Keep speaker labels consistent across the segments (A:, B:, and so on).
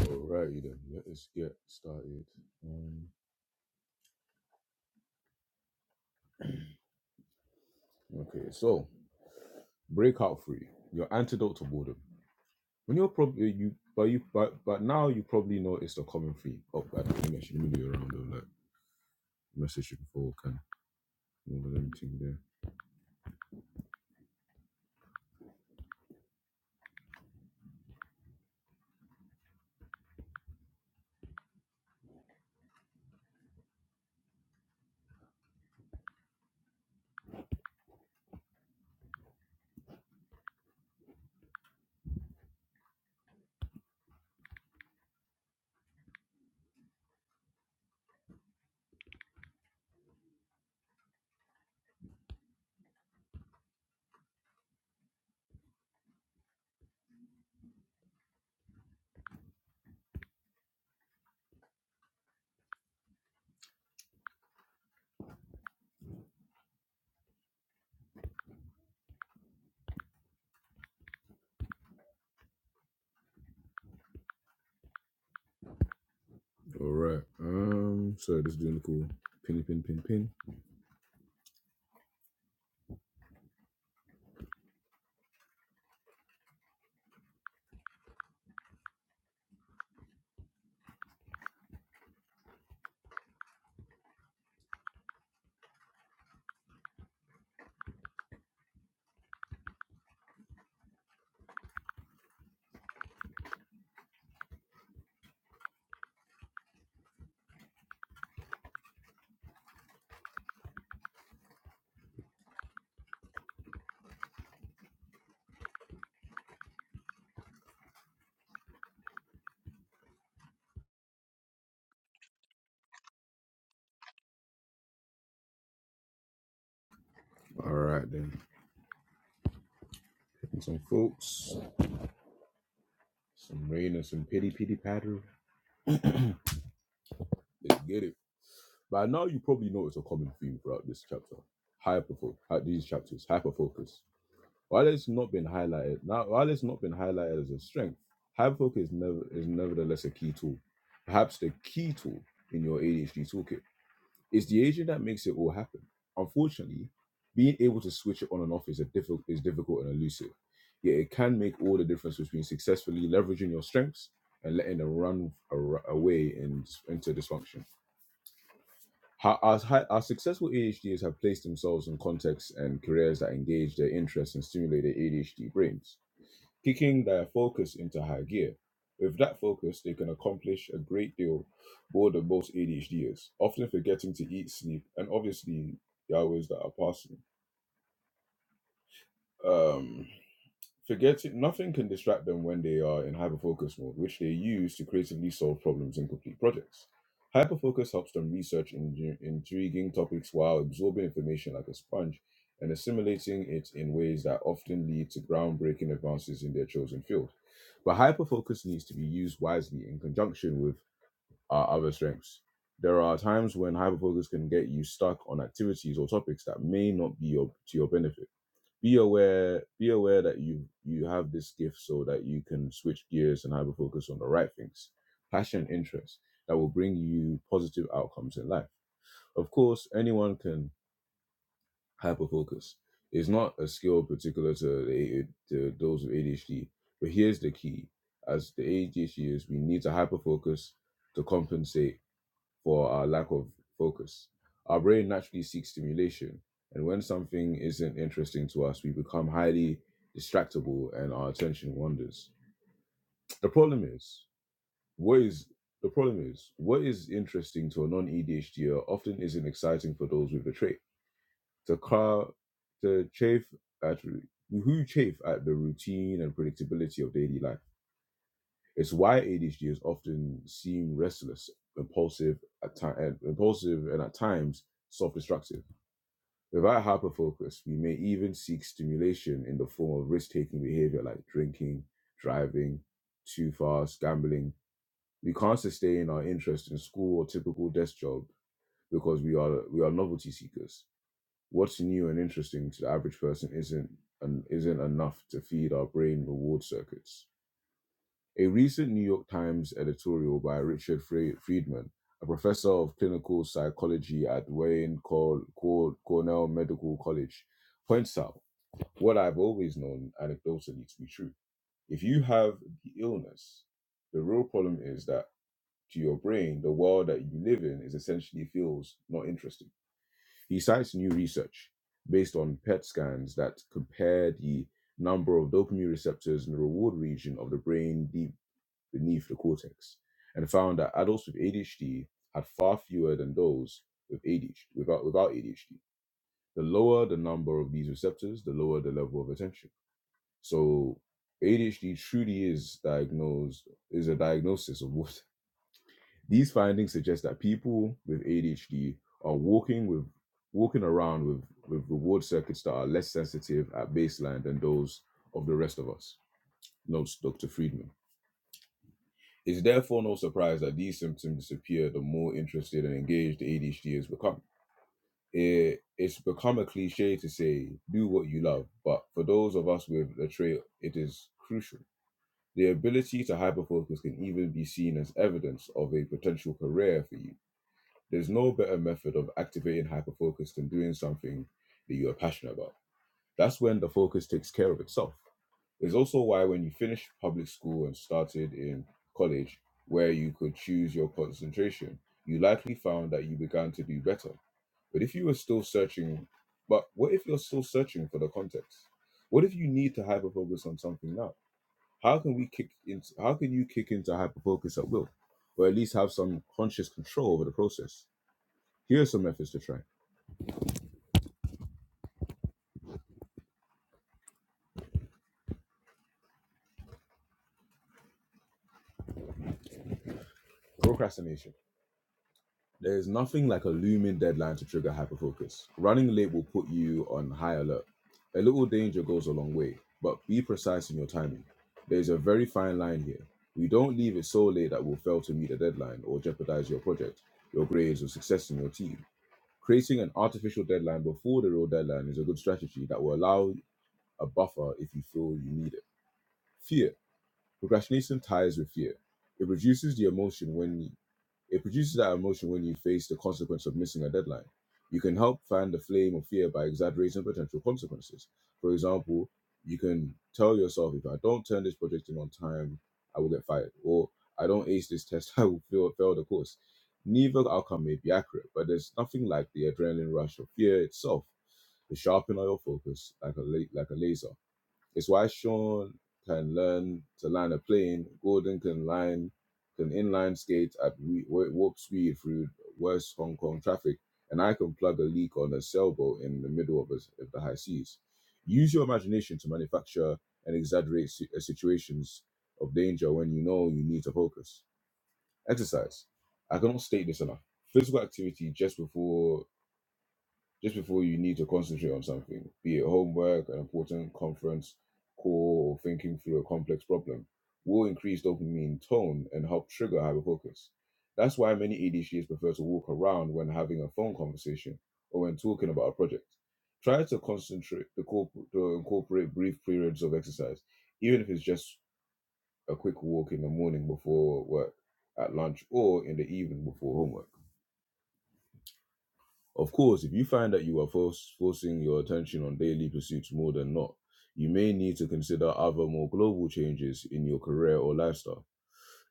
A: Alrighty then, let us get started. Um, okay, so breakout three, your antidote to boredom. When you're probably you, but you, but but now you probably notice the common theme. Oh, I don't think I should really do around though. Like message you before can all of there. All right. Um. So just doing a cool pin, pin, pin, pin. All right then. Picking some folks, some rain and some pity, pity patter. Let's get it. By now, you probably notice a common theme throughout this chapter: hyperfocus. These chapters, hyperfocus. While it's not been highlighted now, while it's not been highlighted as a strength, hyperfocus is never is nevertheless a key tool, perhaps the key tool in your ADHD toolkit. It's the agent that makes it all happen. Unfortunately, being able to switch it on and off is a difficult is difficult and elusive. Yet it can make all the difference between successfully leveraging your strengths and letting them run ar- away in, into dysfunction. How, our, hi- our successful ADHDers have placed themselves in contexts and careers that engage their interests and stimulate their ADHD brains, kicking their focus into high gear. With that focus, they can accomplish a great deal more than most ADHDers, often forgetting to eat, sleep, and obviously the hours that are passing. Um, Forget it, nothing can distract them when they are in hyperfocus mode, which they use to creatively solve problems and complete projects. Hyperfocus helps them research in- intriguing topics while absorbing information like a sponge and assimilating it in ways that often lead to groundbreaking advances in their chosen field. But hyperfocus needs to be used wisely in conjunction with our other strengths. There are times when hyperfocus can get you stuck on activities or topics that may not be your, to your benefit be aware be aware that you you have this gift so that you can switch gears and hyper focus on the right things passion interest that will bring you positive outcomes in life of course anyone can hyper focus it's not a skill particular to, the, to those with adhd but here's the key as the adhd is we need to hyper focus to compensate for our lack of focus. Our brain naturally seeks stimulation, and when something isn't interesting to us, we become highly distractible and our attention wanders. The problem is, what is the problem is what is interesting to a non-ADHDer often isn't exciting for those with the trait. To car to chafe at who chafe at the routine and predictability of daily life. It's why ADHD is often seen restless, impulsive at ti- and impulsive and at times self-destructive. Without hyperfocus, we may even seek stimulation in the form of risk-taking behavior like drinking, driving too fast, gambling. We can't sustain our interest in school or typical desk job because we are we are novelty seekers. What's new and interesting to the average person isn't and isn't enough to feed our brain reward circuits a recent New York Times editorial by Richard Friedman, a professor of clinical psychology at Wayne Cor- Cor- Cornell Medical College, points out what I've always known anecdotally to be true. If you have the illness, the real problem is that to your brain, the world that you live in is essentially feels not interesting. He cites new research based on PET scans that compare the number of dopamine receptors in the reward region of the brain deep beneath the cortex and found that adults with ADHD had far fewer than those with ADHD, without, without ADHD. The lower the number of these receptors, the lower the level of attention. So ADHD truly is diagnosed, is a diagnosis of what these findings suggest that people with ADHD are walking with walking around with, with reward circuits that are less sensitive at baseline than those of the rest of us, notes Dr. Friedman. It's therefore no surprise that these symptoms appear the more interested and engaged the ADHD has become. It, it's become a cliche to say, do what you love, but for those of us with the trait, it is crucial. The ability to hyperfocus can even be seen as evidence of a potential career for you. There's no better method of activating hyperfocus than doing something that you are passionate about. That's when the focus takes care of itself. It's also why when you finished public school and started in college, where you could choose your concentration, you likely found that you began to do better. But if you were still searching, but what if you're still searching for the context? What if you need to hyper focus on something now? How can we kick into how can you kick into hyper focus at will? Or at least have some conscious control over the process? Here are some methods to try. Procrastination. There is nothing like a looming deadline to trigger hyperfocus. Running late will put you on high alert. A little danger goes a long way, but be precise in your timing. There is a very fine line here. We don't leave it so late that we'll fail to meet a deadline or jeopardize your project, your grades, or success in your team. Creating an artificial deadline before the real deadline is a good strategy that will allow a buffer if you feel you need it. Fear. Procrastination ties with fear. It reduces the emotion when you, it produces that emotion when you face the consequence of missing a deadline. You can help fan the flame of fear by exaggerating potential consequences. For example, you can tell yourself, if I don't turn this project in on time, I will get fired, or I don't ace this test, I will fail, fail the course. Neither outcome may be accurate, but there's nothing like the adrenaline rush of fear itself It sharpens your focus like a la- like a laser. It's why Sean can learn to land a plane. Gordon can line can inline skate at whe- warp speed through worse Hong Kong traffic, and I can plug a leak on a sailboat in the middle of, a, of the high seas. Use your imagination to manufacture and exaggerate si- uh, situations of danger when you know you need to focus. Exercise. I cannot state this enough. Physical activity just before just before you need to concentrate on something, be it homework, an important conference call, or thinking through a complex problem, will increase dopamine tone and help trigger hyperfocus. That's why many ADHDs prefer to walk around when having a phone conversation or when talking about a project. Try to concentrate the corp- to incorporate brief periods of exercise, even if it's just a quick walk in the morning before work, at lunch, or in the evening before homework. Of course, if you find that you are force, forcing your attention on daily pursuits more than not, you may need to consider other more global changes in your career or lifestyle.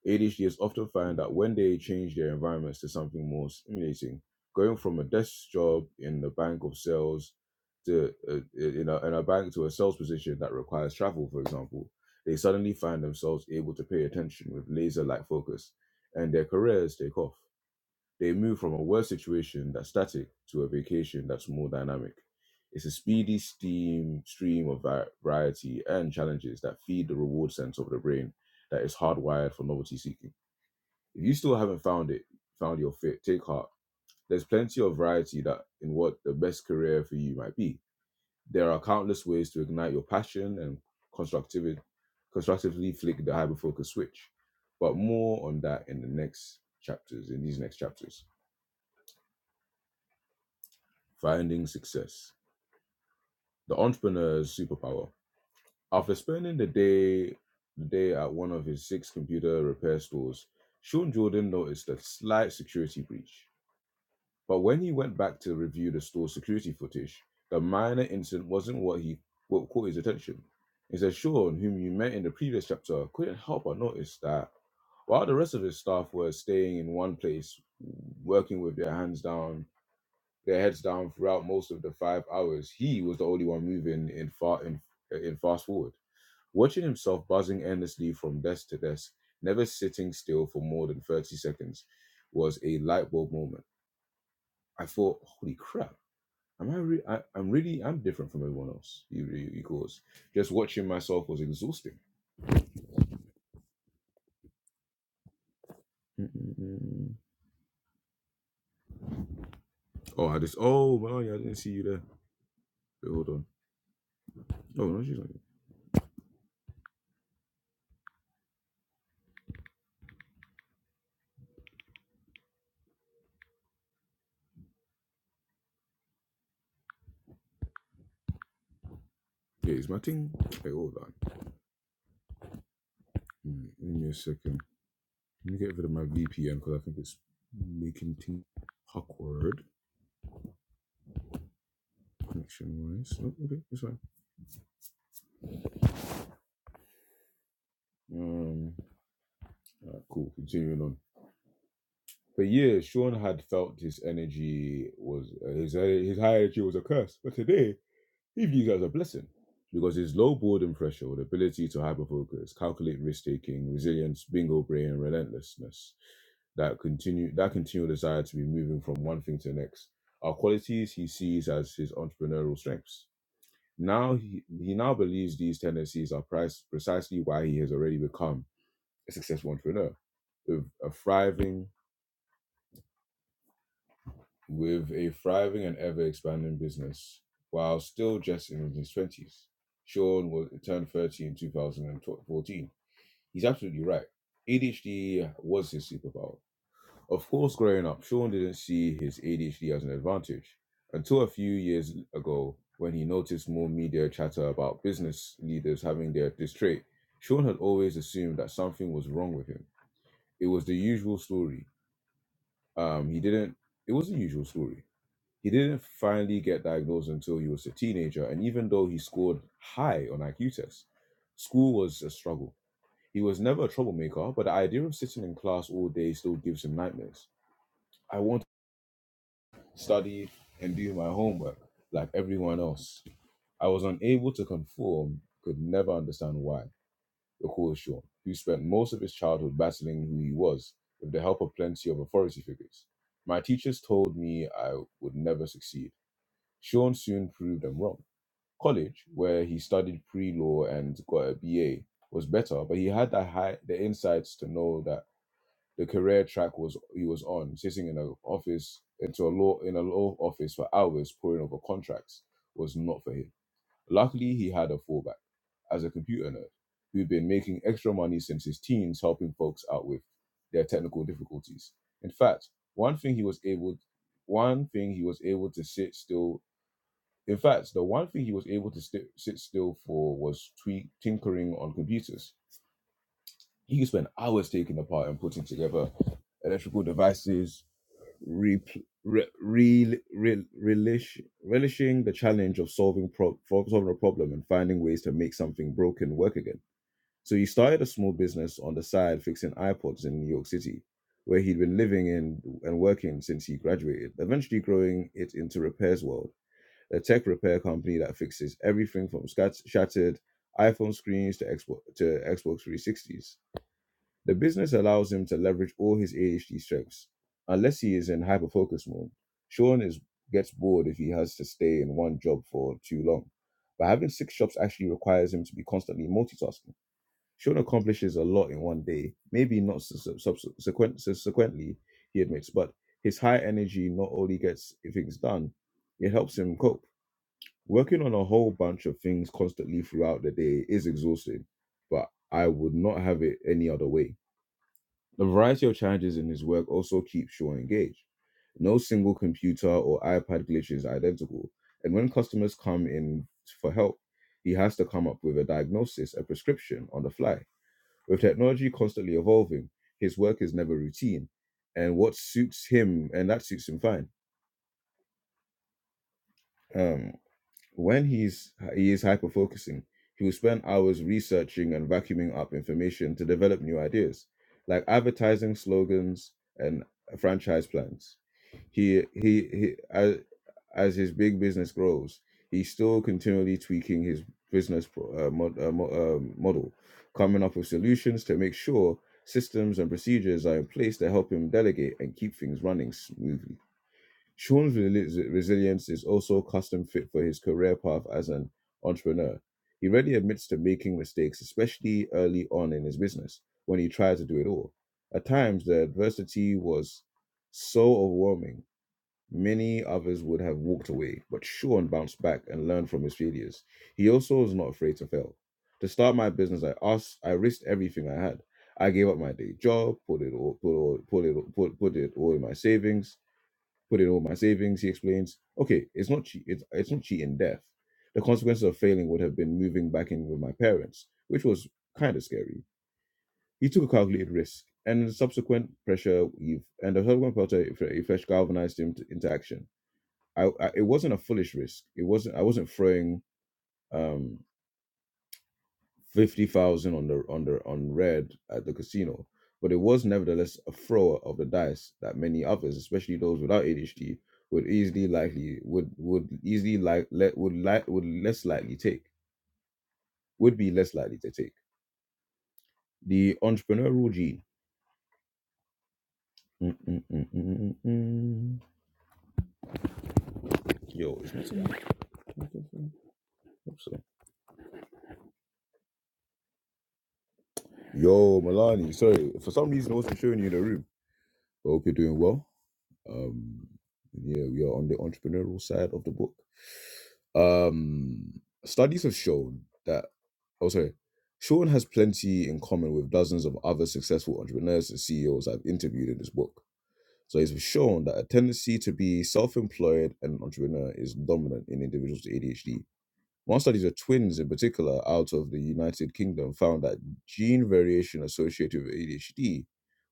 A: ADHDers often find that when they change their environments to something more stimulating, going from a desk job in the bank of sales to uh, in, a, in a bank to a sales position that requires travel, for example, they suddenly find themselves able to pay attention with laser-like focus, and their careers take off. They move from a work situation that's static to a vacation that's more dynamic. It's a speedy steam stream of va- variety and challenges that feed the reward sense of the brain that is hardwired for novelty seeking. If you still haven't found it, found your fit, take heart. There's plenty of variety that in what the best career for you might be. There are countless ways to ignite your passion and constructivity, constructively flick the hyperfocus switch. But more on that in the next chapters, in these next chapters. finding success, the entrepreneur's superpower. After spending the day the day at one of his six computer repair stores, Sean Jordan noticed a slight security breach. But when he went back to review the store's security footage, the minor incident wasn't what he what caught his attention. Instead, Sean, whom you met in the previous chapter, couldn't help but notice that while the rest of his staff were staying in one place, working with their hands down their heads down throughout most of the five hours. He was the only one moving in far in, in fast forward, watching himself buzzing endlessly from desk to desk, never sitting still for more than thirty seconds, was a light bulb moment. I thought, "Holy crap! Am I? Re- I I'm really I'm different from everyone else." He, he, he goes, "Just watching myself was exhausting." Mm-mm-mm. Oh, I just oh well, yeah, I didn't see you there. Wait, hold on. Oh no, she's not. Yeah, is my thing. Wait, hold on. Mm, Give me a second. Let me get rid of my VPN because I think it's making things awkward connection wise. Oh, okay, it's fine. Um, alright, cool. Continuing on. For years, Sean had felt his energy was uh, his uh, his high energy was a curse, but today he views it as a blessing because his low boredom threshold, ability to hyperfocus, calculate risk taking, resilience, bingo brain, and relentlessness that continue that continual desire to be moving from one thing to the next are qualities he sees as his entrepreneurial strengths. Now he, he now believes these tendencies are price, precisely why he has already become a successful entrepreneur with a thriving with a thriving and ever expanding business while still just in his twenties. Sean was turned 30 in 2014. He's absolutely right. ADHD was his superpower. Of course, growing up, Sean didn't see his ADHD as an advantage until a few years ago when he noticed more media chatter about business leaders having their, this trait. Sean had always assumed that something was wrong with him. It was the usual story. Um, he didn't, it was the usual story. He didn't finally get diagnosed until he was a teenager, and even though he scored high on IQ tests, school was a struggle. He was never a troublemaker, but the idea of sitting in class all day still gives him nightmares. I want. study, and do my homework like everyone else. I was unable to conform, could never understand why, recalls Sean, who spent most of his childhood battling who he was with the help of plenty of authority figures. My teachers told me I would never succeed. Sean soon proved them wrong. College, where he studied pre law and got a BA, was better, but he had the, high, the insights to know that the career track was he was on, sitting in an office into a law in a law office for hours poring over contracts was not for him. Luckily, he had a fallback as a computer nerd who'd been making extra money since his teens, helping folks out with their technical difficulties. In fact, one thing he was able one thing he was able to sit still. In fact, the one thing he was able to sti- sit still for was tweak, tinkering on computers he could spend hours taking apart and putting together electrical devices, re, re, re, re, relish, relishing the challenge of solving, pro, solving a problem and finding ways to make something broken work again. So he started a small business on the side fixing iPods in New York City, where he'd been living in and working since he graduated, eventually growing it into Repairs World, a tech repair company that fixes everything from scat- shattered iPhone screens to Xbox, to Xbox 360s. The business allows him to leverage all his ADHD strengths, unless he is in hyper focus mode. Sean is gets bored if he has to stay in one job for too long. But having six shops actually requires him to be constantly multitasking. Sean accomplishes a lot in one day, maybe not subsequent, subsequently, he admits, but his high energy not only gets things done, it helps him cope. Working on a whole bunch of things constantly throughout the day is exhausting, but I would not have it any other way. The variety of challenges in his work also keeps Shaw engaged. No single computer or iPad glitch is identical, and when customers come in for help, he has to come up with a diagnosis, a prescription on the fly. With technology constantly evolving, his work is never routine, and what suits him, and that suits him fine. Um, When he's he is hyper focusing, he will spend hours researching and vacuuming up information to develop new ideas, like advertising slogans and franchise plans. He he, he as, as his big business grows, he's still continually tweaking his business pro, uh, mod, uh, mo, uh, model, coming up with solutions to make sure systems and procedures are in place to help him delegate and keep things running smoothly. Sean's resilience is also custom fit for his career path as an entrepreneur. He readily admits to making mistakes, especially early on in his business when he tried to do it all. At times, the adversity was so overwhelming, many others would have walked away, but Sean bounced back and learned from his failures. He also was not afraid to fail. To start my business, I asked, I risked everything I had. I gave up my day job, put it all, put all, put it, all- put, put it all in my savings put in all my savings. He explains, okay, it's not cheat, it's, it's not cheating death. The consequences of failing would have been moving back in with my parents, which was kind of scary. He took a calculated risk, and the subsequent pressure you've and the subsequent pressure eff- effect galvanized him to, into action. I, I, it wasn't a foolish risk. It wasn't. I wasn't throwing. Um, fifty thousand on the on the on red at the casino, but it was nevertheless a thrower of the dice that many others, especially those without ADHD, would easily likely would would easily like let would like would less likely take would be less likely to take the entrepreneurial gene. Mm, mm, mm, mm, mm, mm. Yo, is Milton so. Yo, Milani, sorry for some reason I wasn't showing you the room. I hope you're doing well. Um, yeah, we are on the entrepreneurial side of the book. Um, studies have shown that, oh, sorry, Sean has plenty in common with dozens of other successful entrepreneurs and CEOs I've interviewed in this book. So it's shown that a tendency to be self employed and an entrepreneur is dominant in individuals with ADHD. One study of twins in particular out of the United Kingdom found that gene variation associated with ADHD,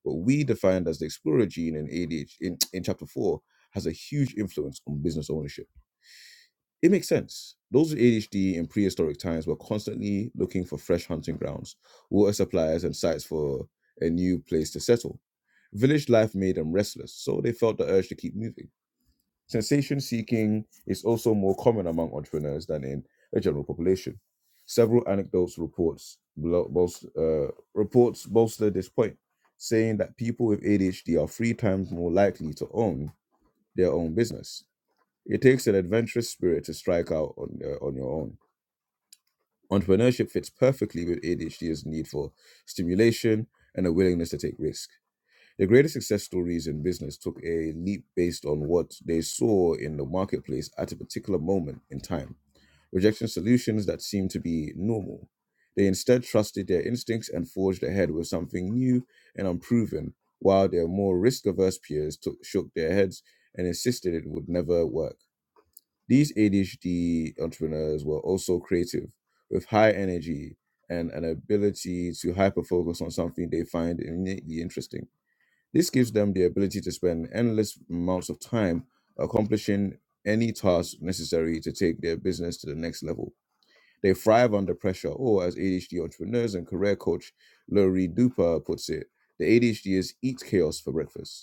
A: what we defined as the explorer gene in ADHD in, in chapter four, has a huge influence on business ownership. It makes sense. Those with ADHD in prehistoric times were constantly looking for fresh hunting grounds, water supplies, and sites for a new place to settle. Village life made them restless, so they felt the urge to keep moving. Sensation seeking is also more common among entrepreneurs than in the general population. Several anecdotes reports blo- bolst- uh, reports bolster this point, saying that people with ADHD are three times more likely to own their own business it takes an adventurous spirit to strike out on, uh, on your own. Entrepreneurship fits perfectly with ADHD's need for stimulation and a willingness to take risk. The greatest success stories in business took a leap based on what they saw in the marketplace at a particular moment in time, rejecting solutions that seemed to be normal. They instead trusted their instincts and forged ahead with something new and unproven, while their more risk averse peers took, shook their heads and insisted it would never work. These ADHD entrepreneurs were also creative, with high energy and an ability to hyper focus on something they find innately interesting. This gives them the ability to spend endless amounts of time accomplishing any task necessary to take their business to the next level. They thrive under pressure, or as ADHD entrepreneurs and career coach Laurie Duper puts it, the ADHD is eat chaos for breakfast.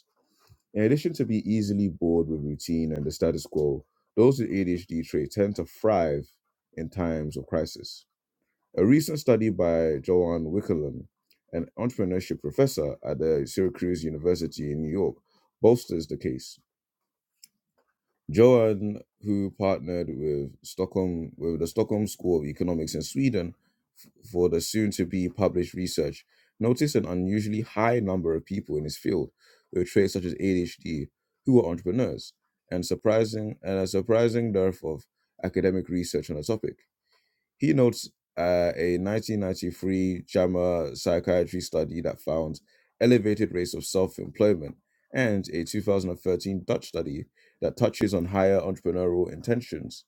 A: In addition to be easily bored with routine and the status quo, those with ADHD traits tend to thrive in times of crisis. A recent study by Joanne Wickelman, an entrepreneurship professor at the Syracuse University in New York, bolsters the case. Johan, who partnered with Stockholm with the Stockholm School of Economics in Sweden f- for the soon-to-be published research, noticed an unusually high number of people in his field with traits such as ADHD who were entrepreneurs, and surprising and a surprising dearth of academic research on the topic. He notes uh, a 1993 JAMA psychiatry study that found elevated rates of self employment and a 2013 Dutch study that touches on higher entrepreneurial intentions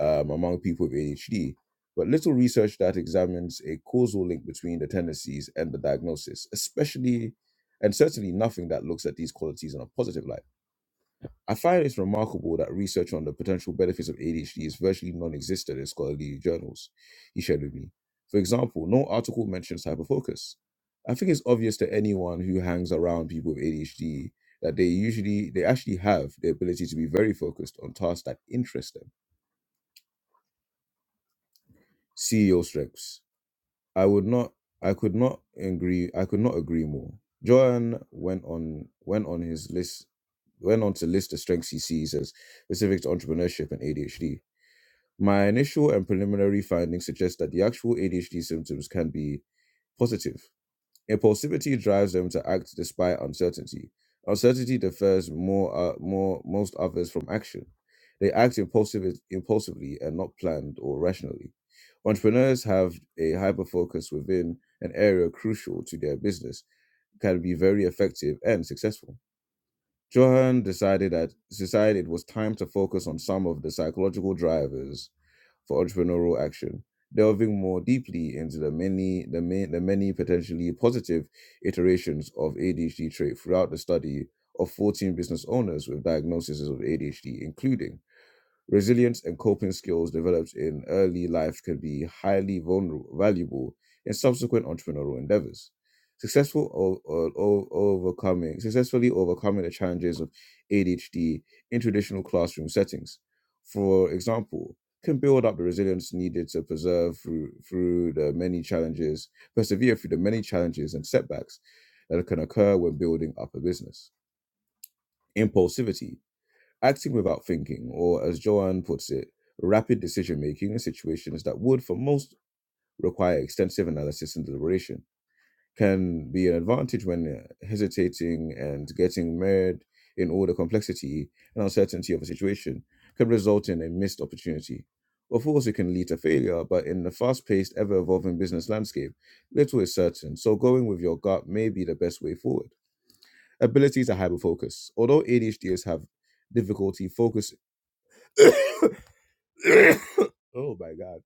A: um, among people with ADHD, but little research that examines a causal link between the tendencies and the diagnosis, especially and certainly nothing that looks at these qualities in a positive light. I find it's remarkable that research on the potential benefits of ADHD is virtually non existent in scholarly journals, he shared with me. For example, no article mentions hyperfocus. I think it's obvious to anyone who hangs around people with ADHD that they usually, they actually have the ability to be very focused on tasks that interest them. CEO strengths. I would not, I could not agree, I could not agree more. Johan went on, went on his list, went on to list the strengths he sees as specific to entrepreneurship and ADHD. My initial and preliminary findings suggest that the actual ADHD symptoms can be positive. Impulsivity drives them to act despite uncertainty. Uncertainty defers more, uh, more most others from action. They act impulsive, impulsively and not planned or rationally. Entrepreneurs have a hyper focus within an area crucial to their business, can be very effective and successful. Johan decided that decided it was time to focus on some of the psychological drivers for entrepreneurial action, delving more deeply into the many the, ma- the many potentially positive iterations of ADHD trait throughout the study of 14 business owners with diagnoses of ADHD, including Resilience and coping skills developed in early life can be highly vulnerable, valuable in subsequent entrepreneurial endeavors. Successful o- o- o- overcoming, successfully overcoming the challenges of ADHD in traditional classroom settings, for example, can build up the resilience needed to preserve through through the many challenges, persevere through the many challenges and setbacks that can occur when building up a business. Impulsivity Acting without thinking, or as Joanne puts it, rapid decision making in situations that would, for most, require extensive analysis and deliberation, can be an advantage when uh, hesitating and getting mired in all the complexity and uncertainty of a situation can result in a missed opportunity. Of course, it can lead to failure, but in the fast paced, ever evolving business landscape, little is certain, so going with your gut may be the best way forward. Ability to hyperfocus. Although ADHDs have difficulty focusing, oh my god.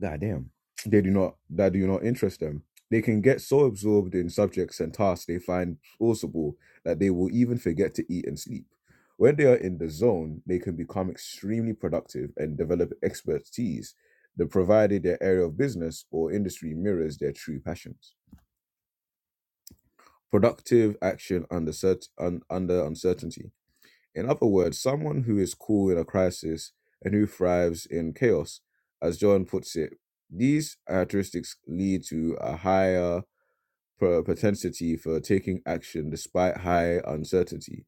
A: Nah, damn. They do not that do not interest them. They can get so absorbed in subjects and tasks they find plausible that they will even forget to eat and sleep. When they are in the zone, they can become extremely productive and develop expertise, the provided their area of business or industry mirrors their true passions. Productive action under cert- un- under uncertainty. In other words, someone who is cool in a crisis and who thrives in chaos. As John puts it, these characteristics lead to a higher propensity for taking action despite high uncertainty.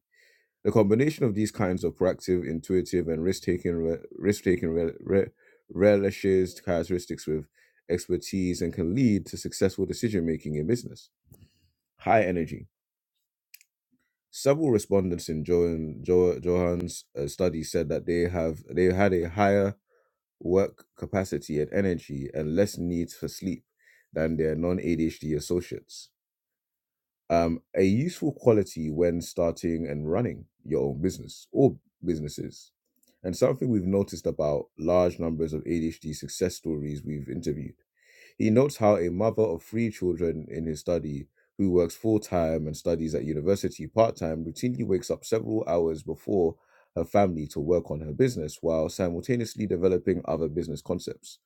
A: The combination of these kinds of proactive, intuitive, and risk-taking re- risk-taking re- re- relishes characteristics with expertise and can lead to successful decision making in business. High energy. Several respondents in Johan, Jo- Johan's uh, study said that they have they had a higher work capacity and energy and less needs for sleep than their non-ADHD associates. Um, a useful quality when starting and running your own business or businesses. And something we've noticed about large numbers of ADHD success stories we've interviewed he notes how a mother of three children in his study, who works full time and studies at university part time, routinely wakes up several hours before her family to work on her business while simultaneously developing other business concepts.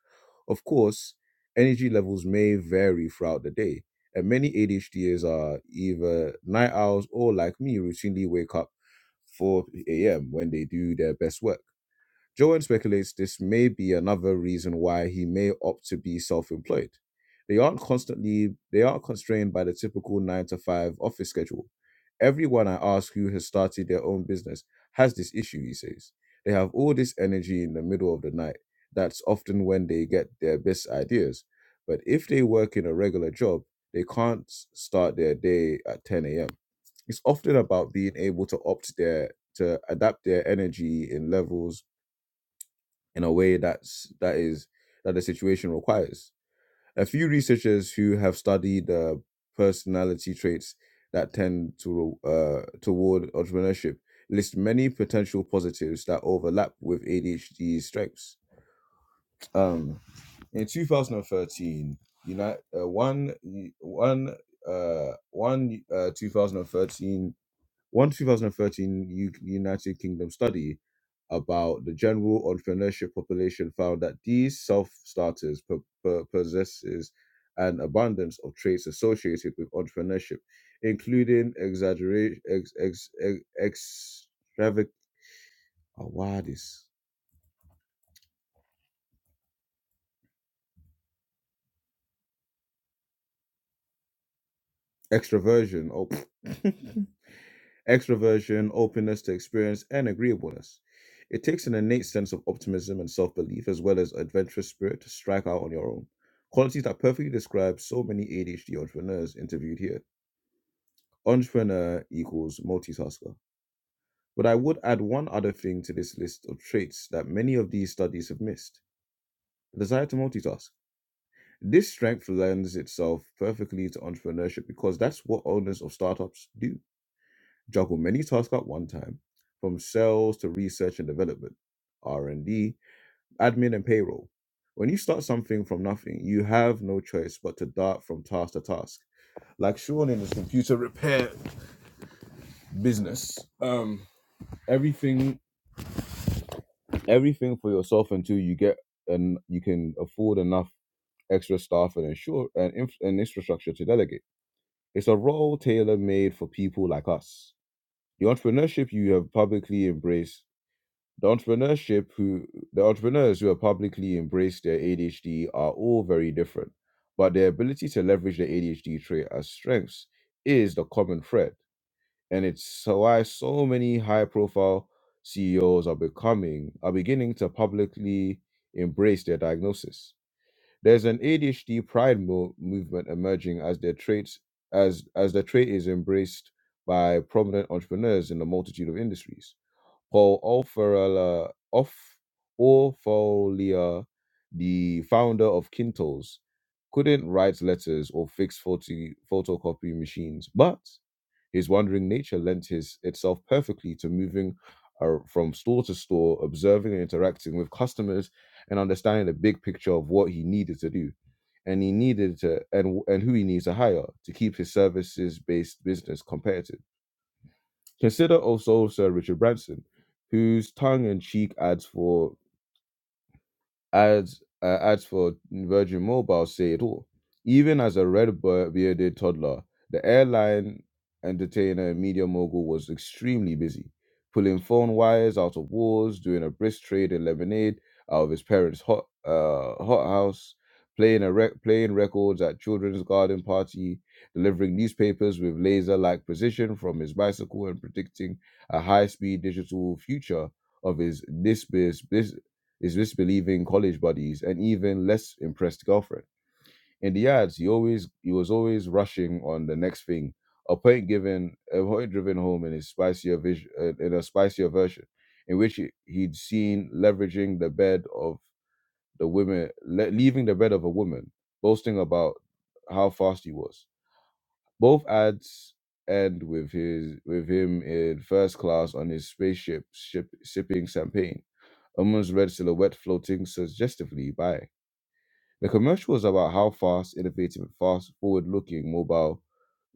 A: Of course, energy levels may vary throughout the day, and many ADHDers are either night owls or, like me, routinely wake up 4 a.m. when they do their best work. Joel speculates this may be another reason why he may opt to be self-employed. They aren't constantly they aren't constrained by the typical nine to five office schedule. Everyone I ask who has started their own business has this issue, he says. They have all this energy in the middle of the night. That's often when they get their best ideas. But if they work in a regular job, they can't start their day at 10 a.m. It's often about being able to opt their to adapt their energy in levels in a way that's that is that the situation requires. A few researchers who have studied uh, personality traits that tend to uh, toward entrepreneurship list many potential positives that overlap with ADHD strengths. Um, in 2013, United uh, one one uh, one uh, 2013 one 2013 U- United Kingdom study about the general entrepreneurship population found that these self-starters po- po- possesses an abundance of traits associated with entrepreneurship, including exaggerate ex, ex, ex, extravac- oh, wow, this extroversion. Oh, extroversion, openness to experience, and agreeableness. It takes an innate sense of optimism and self belief, as well as adventurous spirit, to strike out on your own. Qualities that perfectly describe so many ADHD entrepreneurs interviewed here. Entrepreneur equals multitasker. But I would add one other thing to this list of traits that many of these studies have missed the desire to multitask. This strength lends itself perfectly to entrepreneurship because that's what owners of startups do. juggle many tasks at one time, from sales to research and development, R&D, admin and payroll. When you start something from nothing, you have no choice but to dart from task to task. Like Sean in his computer repair business, um, everything, everything for yourself until you get and you can afford enough extra staff and ensure and, inf- and infrastructure to delegate. It's a role tailor made for people like us. The entrepreneurship you have publicly embraced The entrepreneurship who the entrepreneurs who have publicly embraced their ADHD are all very different, but their ability to leverage their ADHD trait as strengths is the common thread, and it's so why so many high-profile CEOs are becoming are beginning to publicly embrace their diagnosis. There's an ADHD pride mo- movement emerging as their traits as as the trait is embraced by prominent entrepreneurs in a multitude of industries. Opholia, of Opholia, the founder of Kintos, couldn't write letters or fix photo, photocopy machines, but his wandering nature lent his, itself perfectly to moving uh, from store to store, observing and interacting with customers, and understanding the big picture of what he needed to do, and he needed to, and and who he needs to hire to keep his services-based business competitive. Consider also Sir Richard Branson, whose tongue in cheek ads for ads uh, ads for Virgin Mobile say it all. Even as a red-bearded toddler, the airline entertainer and media mogul was extremely busy, pulling phone wires out of walls, doing a brisk trade in lemonade out of his parents' hot uh, hot house, playing a rec- playing records at children's garden party, delivering newspapers with laser-like precision from his bicycle, and predicting a high-speed digital future of his this biz, biz, his disbelieving college buddies, and even less impressed girlfriend. In the ads, he always he was always rushing on the next thing, a point given a point driven home in his spicier vision uh, in a spicier version, in which he- he'd seen leveraging the bed of the women, le- leaving the bed of a woman, boasting about how fast he was both ads end with his with him in first class on his spaceship ship, shipping champagne. Uman's red silhouette floating suggestively by. The commercial was about how fast, innovative, and fast forward looking mobile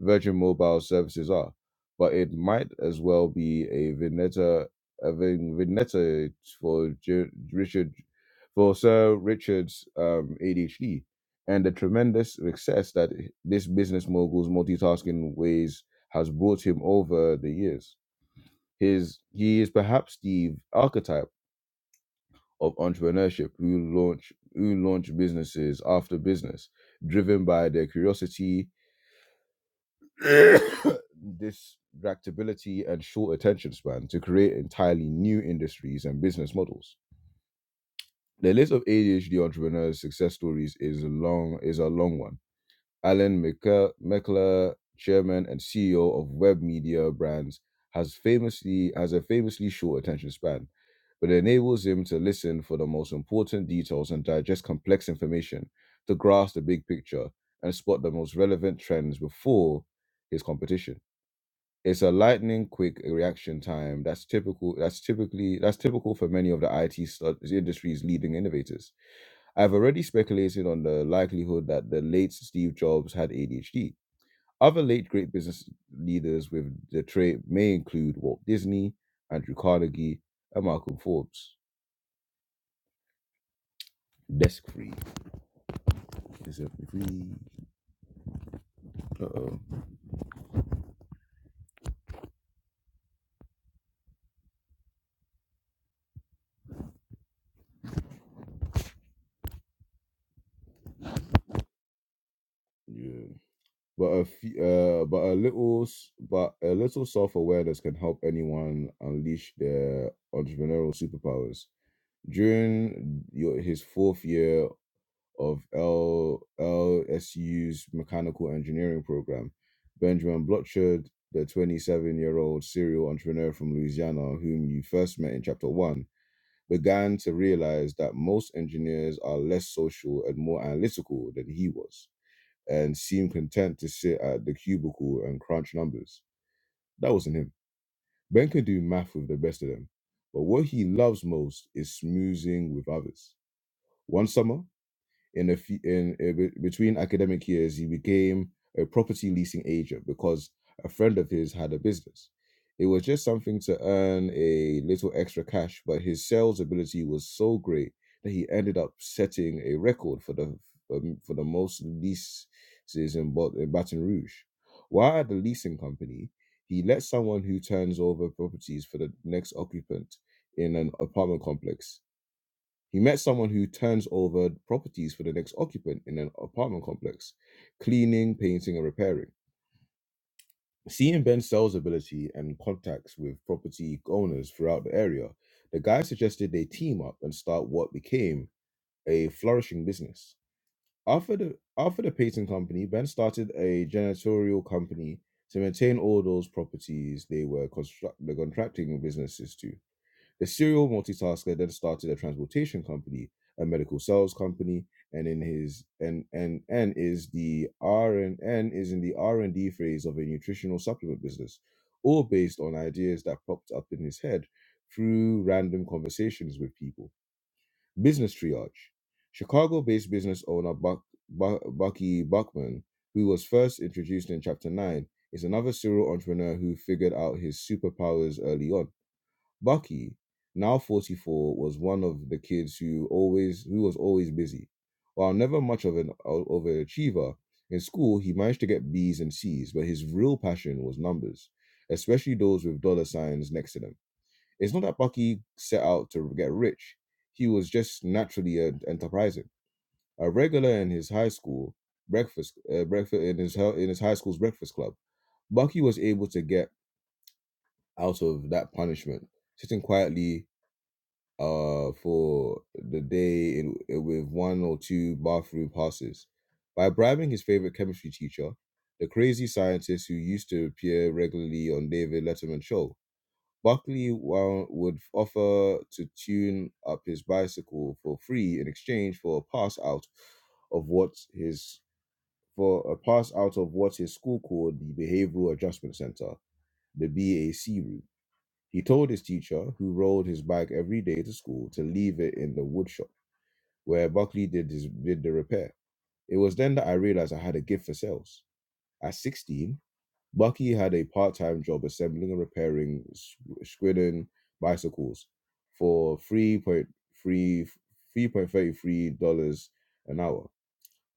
A: Virgin Mobile services are, but it might as well be a vignetta, a vin- vignetta for Ju- Richard, for Sir Richard's um, ADHD, and the tremendous success that this business mogul's multitasking ways has brought him over the years. His he is perhaps the archetype of entrepreneurship who launch who launch businesses after business, driven by their curiosity, distractibility, and short attention span to create entirely new industries and business models. The list of ADHD entrepreneurs' success stories is long is a long one Alan Mekel- Meckler, chairman and CEO of Web Media Brands, has famously has a famously short attention span, but it enables him to listen for the most important details and digest complex information to grasp the big picture and spot the most relevant trends before his competition. It's a lightning quick reaction time that's typical that's typically that's typical for many of the IT stu- industry's leading innovators. I've already speculated on the likelihood that the late Steve Jobs had ADHD. Other late great business leaders with the trait may include Walt Disney, Andrew Carnegie, and Malcolm Forbes. Desk free. Is it free? Uh oh. Yeah. But a few, uh, but a little, but a little self-awareness can help anyone unleash their entrepreneurial superpowers. During your, his fourth year of L- LSU's mechanical engineering program. Benjamin Blotchard, the 27 year old serial entrepreneur from Louisiana, whom you first met in chapter one, began to realize that most engineers are less social and more analytical than he was, and seemed content to sit at the cubicle and crunch numbers. That wasn't him. Ben could do math with the best of them, but what he loves most is smoozing with others. One summer, in a few, in, uh, between academic years, he became a property leasing agent because a friend of his had a business. It was just something to earn a little extra cash, but his sales ability was so great that he ended up setting a record for the um, for the most leases in, Bat- in Baton Rouge. While at the leasing company, he lets someone who turns over properties for the next occupant in an apartment complex he met someone who turns over properties for the next occupant in an apartment complex, cleaning, painting, and repairing. Seeing Ben's sales ability and contacts with property owners throughout the area, the guy suggested they team up and start what became a flourishing business. After the after the painting company, Ben started a janitorial company to maintain all those properties they were construct the contracting businesses to. The serial multitasker then started a transportation company, a medical sales company, and in his and and and is the R and and is in the R and D phase of a nutritional supplement business, all based on ideas that popped up in his head through random conversations with people. Business triage. Chicago-based business owner Buck, Buck, Bucky Buckman, who was first introduced in chapter nine, is another serial entrepreneur who figured out his superpowers early on Bucky, now 44, was one of the kids who always who was always busy. While never much of an overachiever, in school he managed to get B's and C's, but his real passion was numbers, especially those with dollar signs next to them. It's not that Bucky set out to get rich. He was just naturally en- enterprising. A regular in his high school breakfast, uh, breakfast in his hel- in his high school's breakfast club, Bucky was able to get out of that punishment, sitting quietly uh for the day in, with one or two bathroom passes. By bribing his favorite chemistry teacher, the crazy scientist who used to appear regularly on David Letterman's show, Buckley wa- would offer to tune up his bicycle for free in exchange for a pass out of what his for a pass out of what his school called the Behavioral Adjustment Center, the BAC route. He told his teacher, who rode his bike every day to school, to leave it in the woodshop where Buckley did, his, did the repair. It was then that I realized I had a gift for sales. At 16, Bucky had a part time job assembling and repairing s- Squidden bicycles for $3.33 an hour.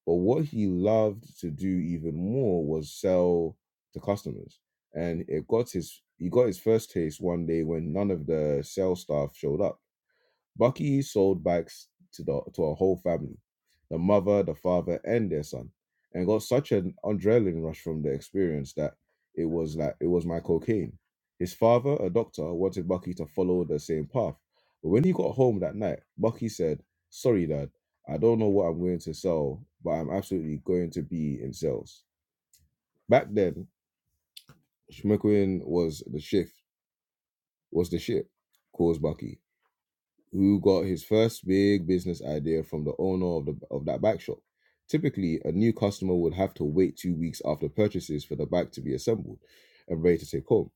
A: But what he loved to do even more was sell to customers. And it got his he got his first taste one day when none of the sales staff showed up Bucky sold bikes to the to her whole family, the mother, the father, and their son, and got such an adrenaline rush from the experience that it was like it was my cocaine. His father, a doctor, wanted Bucky to follow the same path, but when he got home that night, Bucky said, "Sorry, Dad, I don't know what I'm going to sell, but I'm absolutely going to be in sales." Back then, Schmeckling was the shift was the shit, calls Bucky. who got his first big business idea from the owner of the of that bike shop. Typically, a new customer would have to wait two weeks after purchases for the bike to be assembled and ready to take home.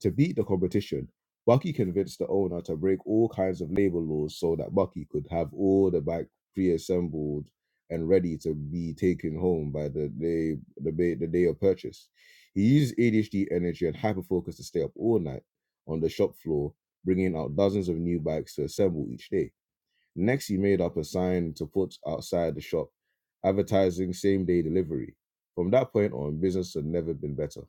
A: To beat the competition, Bucky convinced the owner to break all kinds of labor laws so that Bucky could have all the back pre-assembled and ready to be taken home by the day the day, the day of purchase. He used ADHD energy and hyperfocus to stay up all night on the shop floor, bringing out dozens of new bikes to assemble each day. Next, he made up a sign to put outside the shop, advertising same-day delivery. From that point on, business had never been better.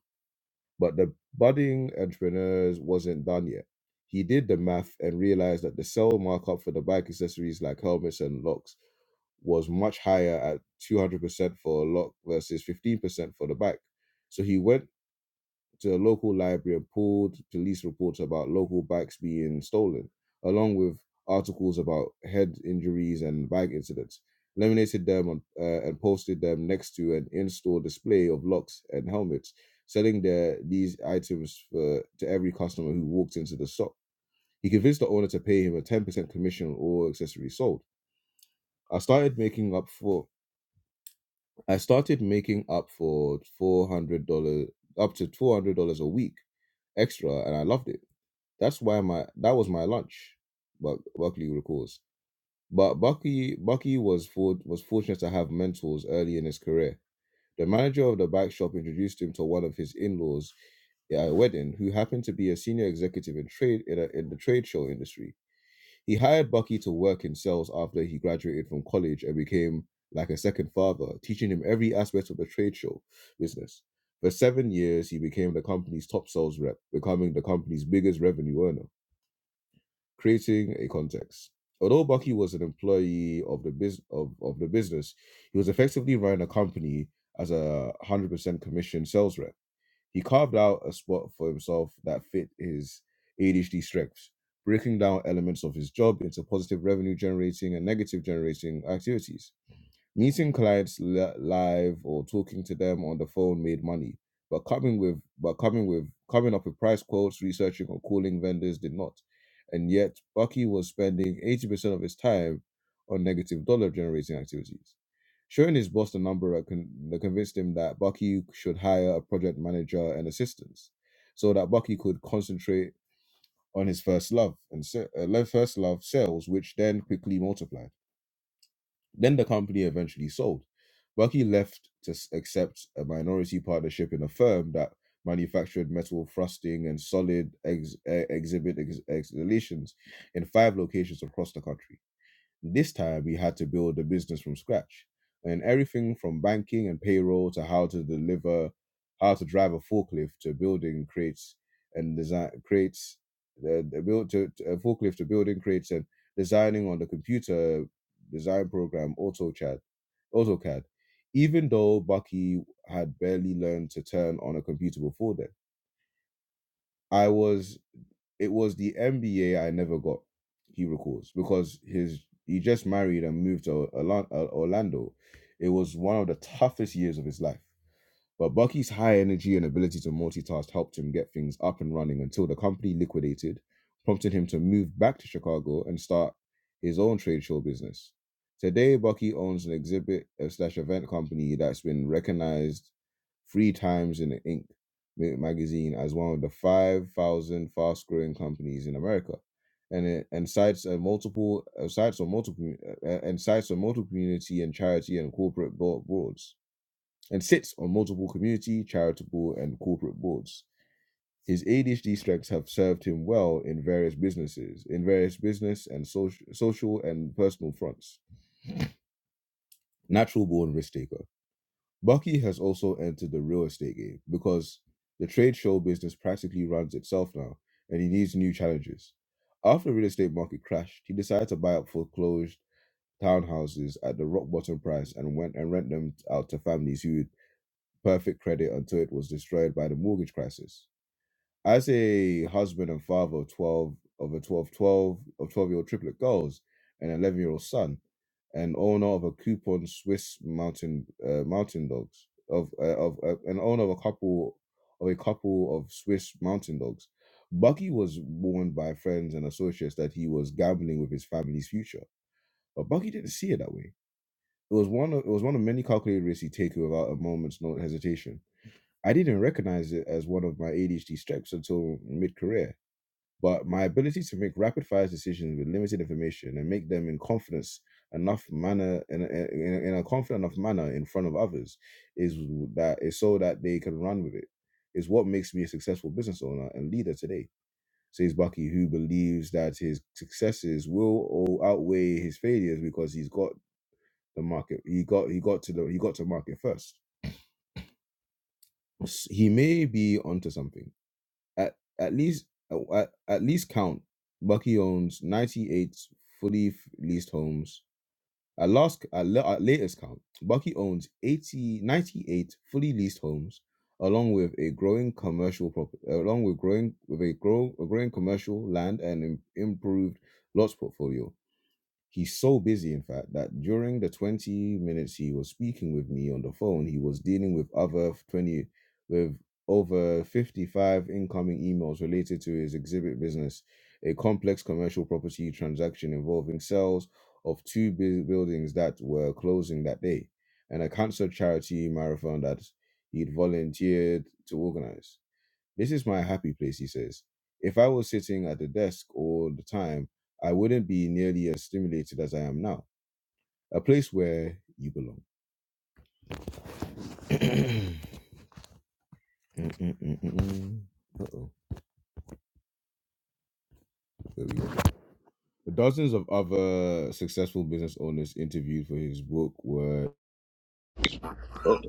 A: But the budding entrepreneurs wasn't done yet. He did the math and realized that the sell markup for the bike accessories like helmets and locks was much higher at 200% for a lock versus 15% for the bike. So he went to a local library pulled police reports about local bikes being stolen, along with articles about head injuries and bike incidents. Laminated them on, uh, and posted them next to an in-store display of locks and helmets, selling their these items for, to every customer who walked into the shop. He convinced the owner to pay him a 10% commission on all accessories sold. I started making up for I started making up for four hundred dollars up to four hundred dollars a week extra, and I loved it. That's why my that was my lunch. But Buckley recalls. But Bucky Bucky was for, was fortunate to have mentors early in his career. The manager of the bike shop introduced him to one of his in-laws at a wedding, who happened to be a senior executive in trade in, a, in the trade show industry. He hired Bucky to work in sales after he graduated from college and became like a second father, teaching him every aspect of the trade show business. For seven years, he became the company's top sales rep, becoming the company's biggest revenue earner creating a context. Although Bucky was an employee of the bus of, of the business, he was effectively running a company as a 100% commission sales rep. He carved out a spot for himself that fit his ADHD strengths, breaking down elements of his job into positive revenue generating and negative generating activities. Meeting clients li- live or talking to them on the phone made money, but coming with but coming with coming up with price quotes, researching or calling vendors did not. And yet, Bucky was spending 80% of his time on negative dollar generating activities. Showing his boss the number that con- that convinced him that Bucky should hire a project manager and assistants so that Bucky could concentrate on his first love and se- uh, first love sales, which then quickly multiplied. Then the company eventually sold. Bucky left to s- accept a minority partnership in a firm that manufactured metal thrusting and solid ex- eh, exhibit ex- installations in five locations across the country. This time he had to build a business from scratch and everything from banking and payroll to how to deliver, how to drive a forklift to building crates and design creates the, the build to, to a forklift to building crates and designing on the computer design program AutoCAD, AutoCAD. Even though Bucky had barely learned to turn on a computer before then, I was it was the MBA I never got, he recalls, because his he just married and moved to Orla- Orlando. It was one of the toughest years of his life. But Bucky's high energy and ability to multitask helped him get things up and running until the company liquidated, prompting him to move back to Chicago and start his own trade show business. Today, Bucky owns an exhibit uh, slash event company that's been recognized three times in the Inc. magazine as one of the 5,000 fast growing companies in America. And it and cites uh, multiple uh, sites on multiple uh, and sites on multiple community and charity and corporate boards and sits on multiple community, charitable, and corporate boards. His ADHD strengths have served him well in various businesses, in various business and social, social and personal fronts. Natural born risk taker. Bucky has also entered the real estate game because the trade show business practically runs itself now, and he needs new challenges. After the real estate market crashed, he decided to buy up foreclosed townhouses at the rock bottom price and went and rent them out to families who perfect credit until it was destroyed by the mortgage crisis. As a husband and father of 12, of a 12 12 of 12 year old triplet girls and 11 year old son, an owner of a coupon Swiss mountain, uh, mountain dogs, of, uh, of uh, an owner of a couple of a couple of Swiss mountain dogs. Bucky was warned by friends and associates that he was gambling with his family's future, but Bucky didn't see it that way. It was one of it was one of many calculated risks he took without a moment's no hesitation. I didn't recognize it as one of my ADHD strengths until mid career, but my ability to make rapid fire decisions with limited information and make them in confidence enough manner in, in, a- in a confident enough manner in front of others is that is so that they can run with it is what makes me a successful business owner and leader today says bucky who believes that his successes will all outweigh his failures because he's got the market he got he got to the he got to market first he may be onto something At at least at, at least count. Bucky owns 98 fully f- leased homes. At last at, la- at latest count, Bucky owns 80 98 fully leased homes, along with a growing commercial property, along with growing with a grow a growing commercial land and im- improved lots portfolio. He's so busy, in fact, that during the 20 minutes he was speaking with me on the phone, he was dealing with other 20, with over 55 incoming emails related to his exhibit business, a complex commercial property transaction involving sales of two bu- buildings that were closing that day, and a cancer charity marathon that he'd volunteered to organize. This is my happy place, he says. If I was sitting at the desk all the time, I wouldn't be nearly as stimulated as I am now. A place where you belong. Mm-mm-mm-mm-mm. Uh-oh. There we go. The Dozens of other successful business owners interviewed for his book were. Oh,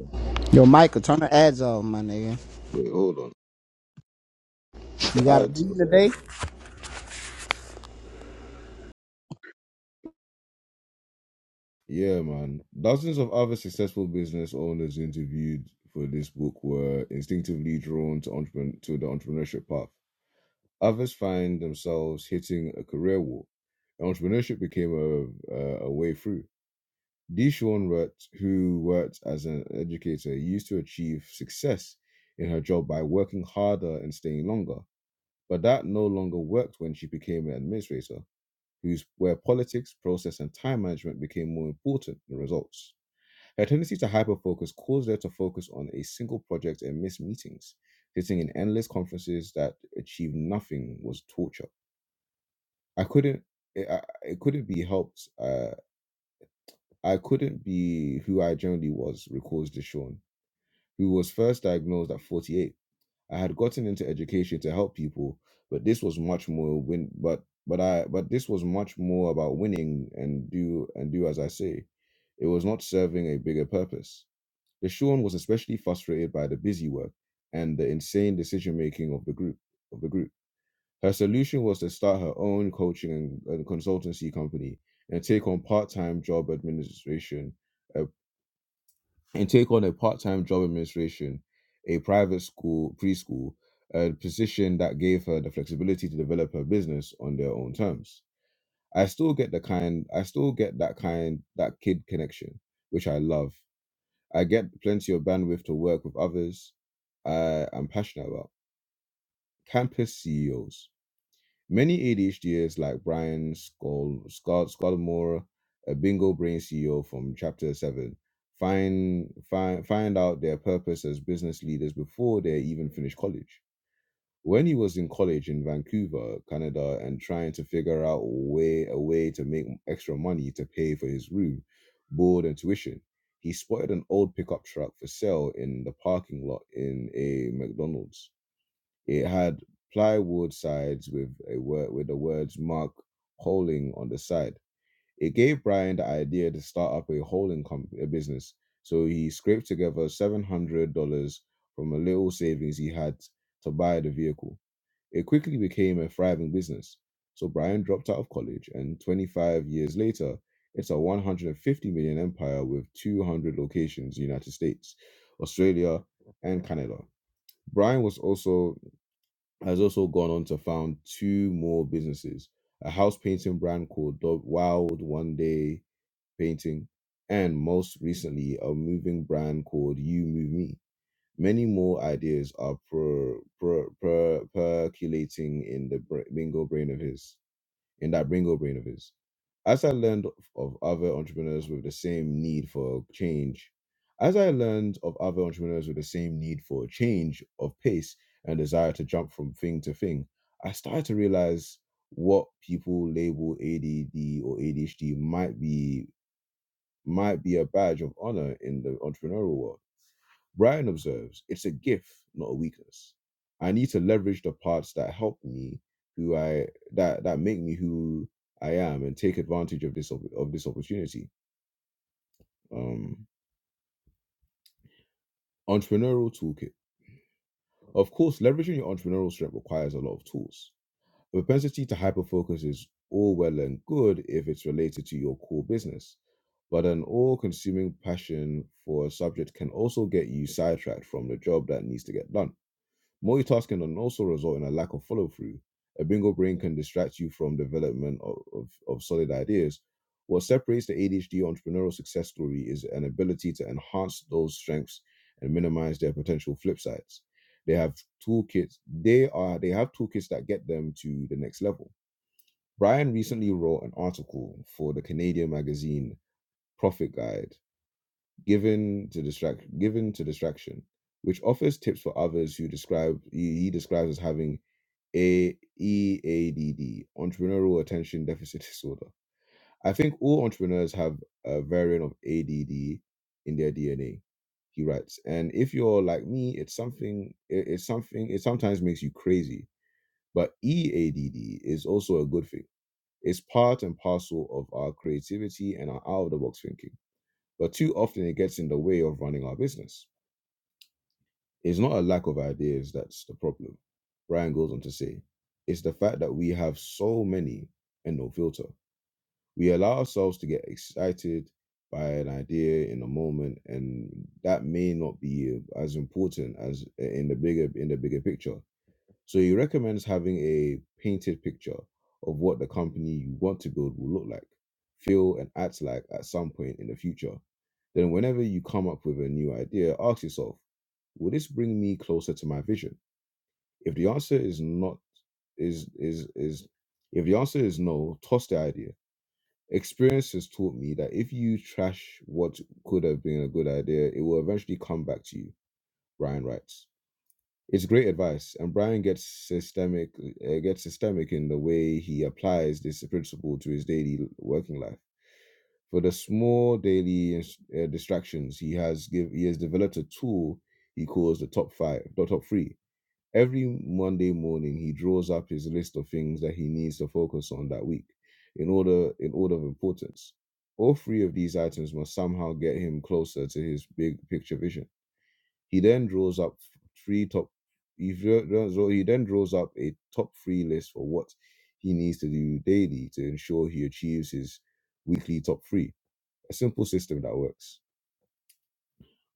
B: Yo, Michael, turn the ads off, my nigga.
A: wait, hold on.
B: You
A: The
B: got a
A: ads.
B: meeting
A: Oh,
B: today?
A: Yeah, man. Dozens of other successful business owners interviewed for this book were instinctively drawn to entrepreneur to the entrepreneurship path. Others find themselves hitting a career wall, and entrepreneurship became a, a, a way through. Deshawn Rutt, who worked as an educator, used to achieve success in her job by working harder and staying longer. But that no longer worked when she became an administrator, whose where politics, process, and time management became more important than results. Her tendency to hyperfocus caused her to focus on a single project and miss meetings. Sitting in endless conferences that achieved nothing was torture. I couldn't. It, I, it couldn't be helped. Uh, I couldn't be who I generally was, recalls Deshawn, who was first diagnosed at 48. I had gotten into education to help people, but this was much more win. But but I but this was much more about winning and do and do as I say. It was not serving a bigger purpose. Deshawn was especially frustrated by the busy work and the insane decision making of the group of the group. Her solution was to start her own coaching and, and consultancy company and take on part-time job administration, uh, and take on a part-time job administration, a private school preschool, a position that gave her the flexibility to develop her business on their own terms. I still get the kind, I still get that kind, that kid connection, which I love. I get plenty of bandwidth to work with others I am passionate about. Campus CEOs. Many ADHDers like Brian Scull, Scott Scudamore, a bingo brain CEO from Chapter 7, find, find, find out their purpose as business leaders before they even finish college. When he was in college in Vancouver, Canada, and trying to figure out a way, a way to make extra money to pay for his room, board, and tuition, he spotted an old pickup truck for sale in the parking lot in a McDonald's. It had plywood sides with a word with the words Mark Holding on the side. It gave Brian the idea to start up a holding comp- a business. So he scraped together seven hundred dollars from a little savings he had to buy the vehicle. It quickly became a thriving business. So Brian dropped out of college, and 25 years later, it's a 150 million empire with 200 locations in the United States, Australia, and Canada. Brian was also has also gone on to found two more businesses a house painting brand called Do- Wild One Day Painting, and most recently, a moving brand called You Move Me. Many more ideas are per, per, per, percolating in the br- bingo brain of his in that bring up brain of his. As I learned of other entrepreneurs with the same need for change, as I learned of other entrepreneurs with the same need for a change of pace and desire to jump from thing to thing, I started to realize what people label ADD or ADHD might be might be a badge of honor in the entrepreneurial world Brian observes, it's a gift, not a weakness. I need to leverage the parts that help me, who I that that make me who I am, and take advantage of this op- of this opportunity. Um, entrepreneurial toolkit. Of course, leveraging your entrepreneurial strength requires a lot of tools. A propensity to hyperfocus is all well and good if it's related to your core business, but an all-consuming passion for a subject can also get you sidetracked from the job that needs to get done Multitasking can also result in a lack of follow through. A bingo brain can distract you from development of, of, of solid ideas. What separates the ADHD entrepreneurial success story is an ability to enhance those strengths and minimize their potential flip sides. They have toolkits. They are they have toolkits that get them to the next level. Brian recently wrote an article for the Canadian magazine Profit Guide, given to distract given to distraction which offers tips for others who describe he he describes as having a E A D D, entrepreneurial attention deficit disorder. I think all entrepreneurs have a variant of ADD in their DNA. He writes, and if you're like me, it's something. It, it's something. It sometimes makes you crazy, but EADD is also a good thing. It's part and parcel of our creativity and our out of the box thinking, but too often it gets in the way of running our business. It's not a lack of ideas that's the problem. Ryan goes on to say, it's the fact that we have so many and no filter. We allow ourselves to get excited by an idea in a moment, and that may not be as important as uh, in the bigger in the bigger picture. So he recommends having a painted picture of what the company you want to build will look like, feel, and act like at some point in the future. Then, whenever you come up with a new idea, ask yourself, will this bring me closer to my vision? If the answer is not, is, is, is, if the answer is no, toss the idea. Experience has taught me that if you trash what could have been a good idea, it will eventually come back to you, Ryan writes. It's great advice, and Brian gets systemic uh, gets systemic in the way he applies this principle to his daily working life. For the small daily uh, distractions, he has give he has developed a tool he calls the top five, the top three. Every Monday morning, he draws up his list of things that he needs to focus on that week, in order in order of importance. All three of these items must somehow get him closer to his big picture vision he then draws up three top. He, then draws up a top three list for what he needs to do daily to ensure he achieves his weekly top three. A simple system that works.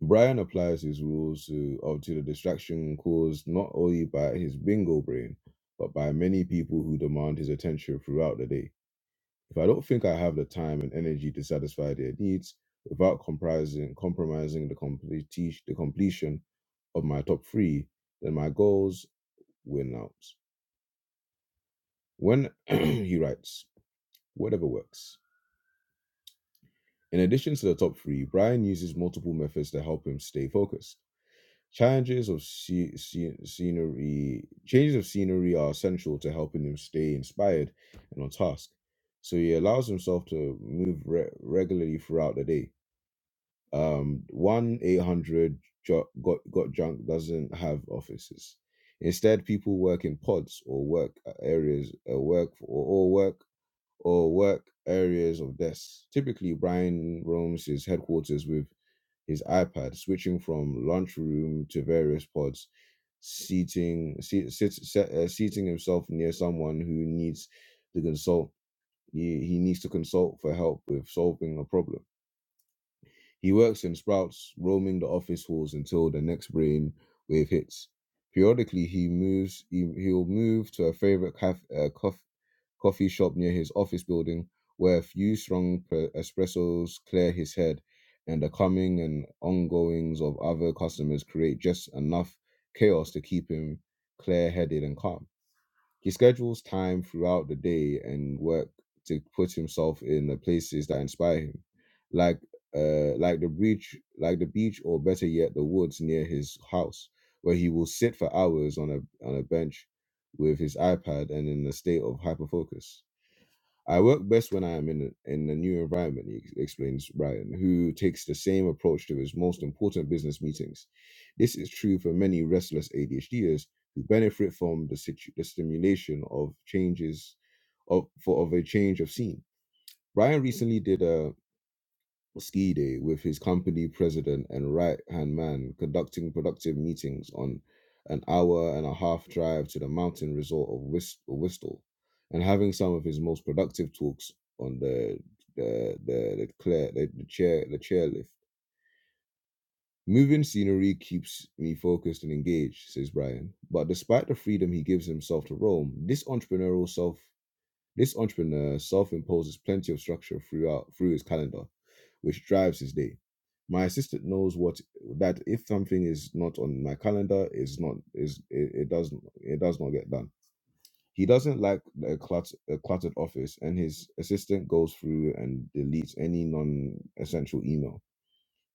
A: Brian applies his rules to, uh, to the distraction caused not only by his bingo brain, but by many people who demand his attention throughout the day. If I don't think I have the time and energy to satisfy their needs without comprising, compromising the, complete, the completion of my top three, then my goals win out. When he writes, whatever works. In addition to the top three, Brian uses multiple methods to help him stay focused. Challenges of sce- sce- scenery, changes of scenery are essential to helping him stay inspired and on task. So he allows himself to move re- regularly throughout the day Um, 1 800 Got Got Junk doesn't have offices. Instead, people work in pods or work uh, areas, uh, work or, or work or work areas of desks. Typically, Brian roams his headquarters with his iPad, switching from lunchroom to various pods, seating seat, sit, set, uh, seating himself near someone who needs to consult. He, he needs to consult for help with solving a problem. He works in sprouts, roaming the office halls until the next brain wave hits. Periodically, he moves. He, he'll move to a favorite caf, uh, cof, coffee shop near his office building, where a few strong pre- espressos clear his head, and the coming and ongoings of other customers create just enough chaos to keep him clear-headed and calm. He schedules time throughout the day and work to put himself in the places that inspire him, like uh, like the beach, like the beach, or better yet, the woods near his house, where he will sit for hours on a on a bench with his iPad and in a state of hyperfocus. I work best when I am in a, in a new environment, he ex- explains Ryan, who takes the same approach to his most important business meetings. This is true for many restless ADHDers who benefit from the, situ- the stimulation of changes of, for, of a change of scene. Ryan recently did a Skide with his company president and right hand man conducting productive meetings on an hour and a half drive to the mountain resort of Whist- Whistler and having some of his most productive talks on the the the the, clear, the, the chair the chairlift. Moving scenery keeps me focused and engaged, says Brian. But despite the freedom he gives himself to roam, this entrepreneurial self this entrepreneur self-imposes plenty of structure throughout through his calendar, which drives his day. My assistant knows what that if something is not on my calendar, is not is it, it doesn't it does not get done. He doesn't like a, clut, a cluttered office, and his assistant goes through and deletes any non-essential email.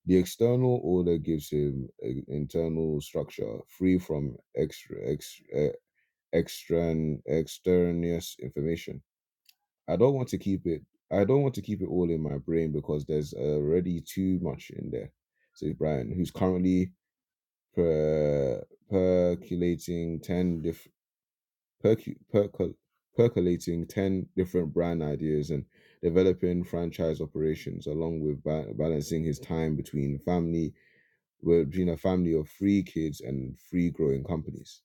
A: The external order gives him an internal structure free from extra, extra, extern, extraneous information I don't want to keep it. I don't want to keep it all in my brain because there's already too much in there," says Brian, who's currently per, percolating ten diff, percu, percol, percolating ten different brand ideas and developing franchise operations, along with ba- balancing his time between family, well, between a family of three kids and three growing companies.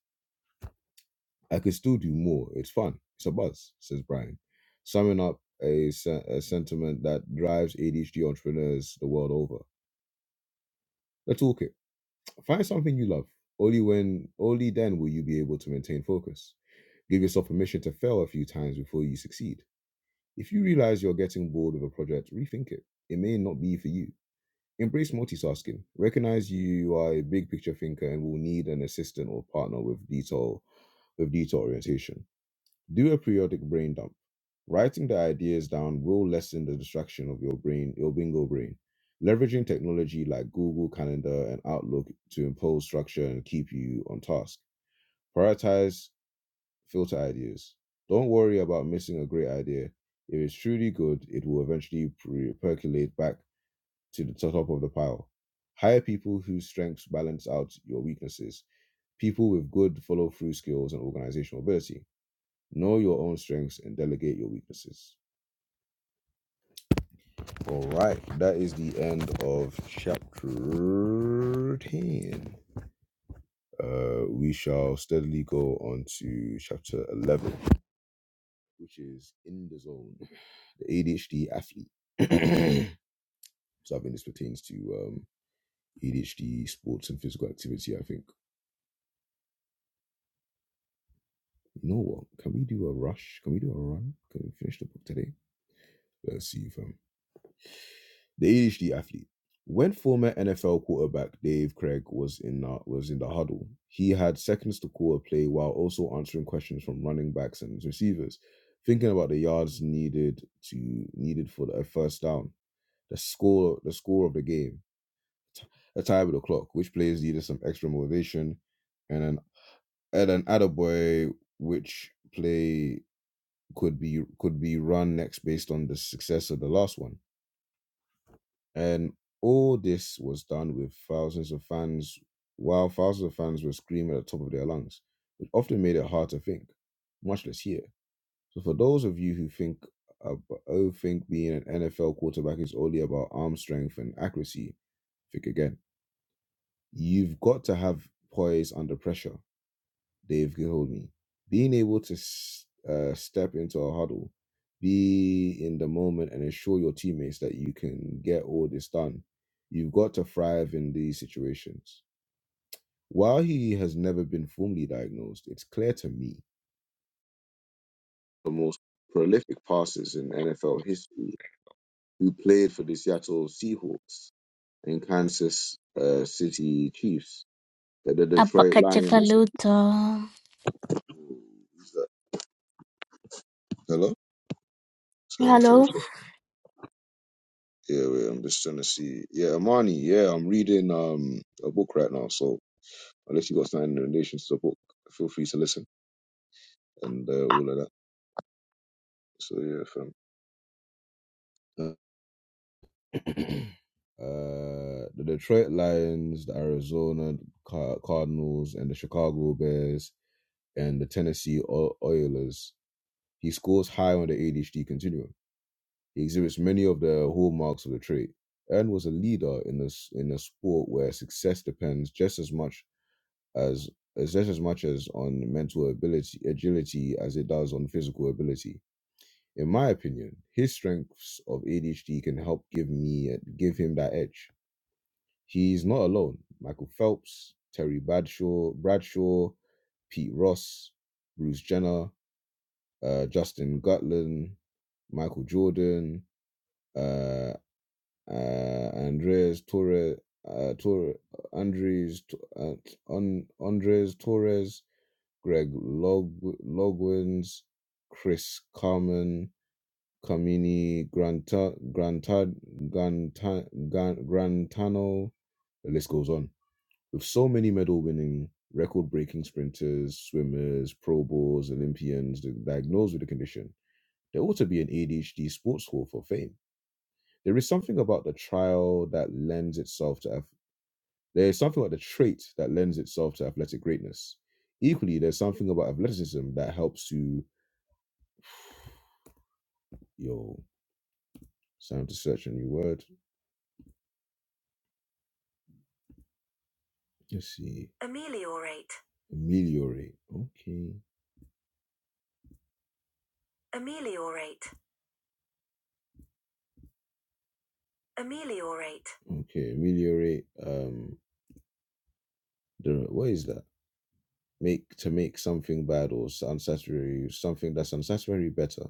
A: I could still do more. It's fun. It's a buzz, says Brian. Summing up a, sen- a sentiment that drives ADHD entrepreneurs the world over. The toolkit. Find something you love. Only when, only then will you be able to maintain focus. Give yourself permission to fail a few times before you succeed. If you realize you're getting bored with a project, rethink it. It may not be for you. Embrace multitasking. Recognize you are a big picture thinker and will need an assistant or partner with detail with detail orientation Do a periodic brain dump. Writing the ideas down will lessen the distraction of your brain, your bingo brain. Leveraging technology like Google Calendar and Outlook to impose structure and keep you on task. Prioritize filter ideas. Don't worry about missing a great idea. If it's truly good, it will eventually pre- percolate back to the top of the pile. Hire people whose strengths balance out your weaknesses. People with good follow through skills and organizational ability Know your own strengths and delegate your weaknesses. All right, that is the end of chapter 10. Uh, we shall steadily go on to chapter 11, which is in the zone, the ADHD athlete. so I think this pertains to um, ADHD, sports, and physical activity. I think, you know what? Can we do a rush? Can we do a run? Can we finish the book today? Let's see, fam. The ADHD athlete. When former NFL quarterback Dave Craig was in the, was in the huddle, he had seconds to call a play while also answering questions from running backs and receivers, thinking about the yards needed to needed for the uh, first down, the score the score of the game, t- a time of the clock, which plays needed some extra motivation, and an and an attaboy which play could be could be run next based on the success of the last one And all this was done with thousands of fans, while thousands of fans were screaming at the top of their lungs, which often made it hard to think, much less hear. So, for those of you who think, ab- oh, think being an NFL quarterback is only about arm strength and accuracy, think again. You've got to have poise under pressure they've told me. Being able to uh, step into a huddle, be in the moment, and assure your teammates that you can get all this done. You've got to thrive in these situations. While he has never been formally diagnosed, it's clear to me the most prolific passers in NFL history who played for the Seattle Seahawks and Kansas uh, City Chiefs, that the Detroit Lions.
C: Apakachakalutha.
A: Hello? Sorry,
C: Hello.
A: sorry. Yeah, wait, I'm just trying to see. Yeah, Amani, yeah, I'm reading um a book right now, so unless you got something in relation to the book, feel free to listen and uh, all of that. So yeah, fam. Uh, uh, the Detroit Lions, the Arizona Car- Cardinals, and the Chicago Bears, and the Tennessee O- Oilers. He scores high on the ADHD continuum. He exhibits many of the hallmarks of the trait and was a leader in this in a sport where success depends just as much as as just as much as on mental ability agility as it does on physical ability. In my opinion, his strengths of ADHD can help give me give him that edge. He's not alone. Michael Phelps, Terry Bradshaw, Bradshaw, Pete Ross, Bruce Jenner, uh, Justin Gatlin, Michael Jordan, uh, uh, Andres Torres, uh, Torres, Andres, uh, on Andres Torres, Greg Log- Logwins, Chris Carmen, Kamini Granta, Granta, Granta, Gran- Grantano. The list goes on. With so many medal winning, record breaking sprinters, swimmers, Pro Bowls, Olympians diagnosed with the condition, there ought to be an ADHD sports hall for fame. There is something about the trial that lends itself to. ath- There is something about the trait that lends itself to athletic greatness. Equally, there's something about athleticism that helps you Yo, sound to search a new word. Let's see. Ameliorate. Ameliorate. Okay. Ameliorate. Ameliorate. Okay, ameliorate. Um, the what is that? Make to make something bad or unsatisfactory, something that's unsatisfactory better.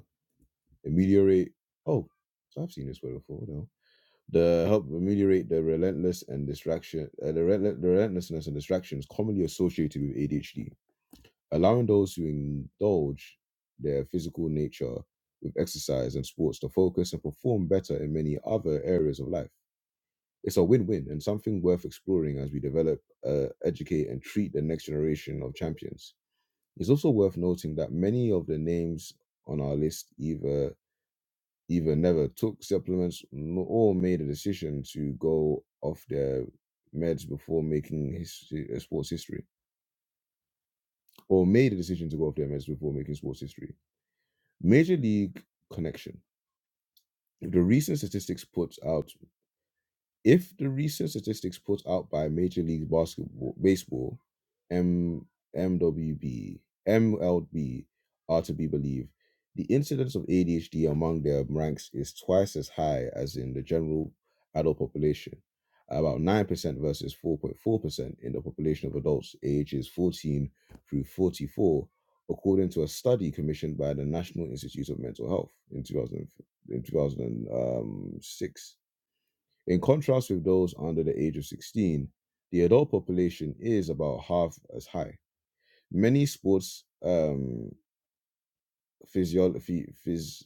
A: Ameliorate. Oh, so I've seen this word before. No, the help ameliorate the relentless and distraction, uh, the, rel- the relentlessness and distractions commonly associated with ADHD allowing those who indulge their physical nature with exercise and sports to focus and perform better in many other areas of life. It's a win win and something worth exploring as we develop, uh, educate, and treat the next generation of champions. It's also worth noting that many of the names on our list either either never took supplements n- or made a decision to go off their meds before making history, uh, sports history, or made a decision to go off their meds before making sports history Major League Connection. The recent statistics put out if the recent statistics put out by Major League Basketball Baseball M MWB MLB are to be believed, the incidence of ADHD among their ranks is twice as high as in the general adult population, about 9% versus 4.4% in the population of adults ages 14 through 44, according to a study commissioned by the National Institute of Mental Health in 2000, in 2006. In contrast with those under the age of 16, the adult population is about half as high. Many sports um, physio- phys-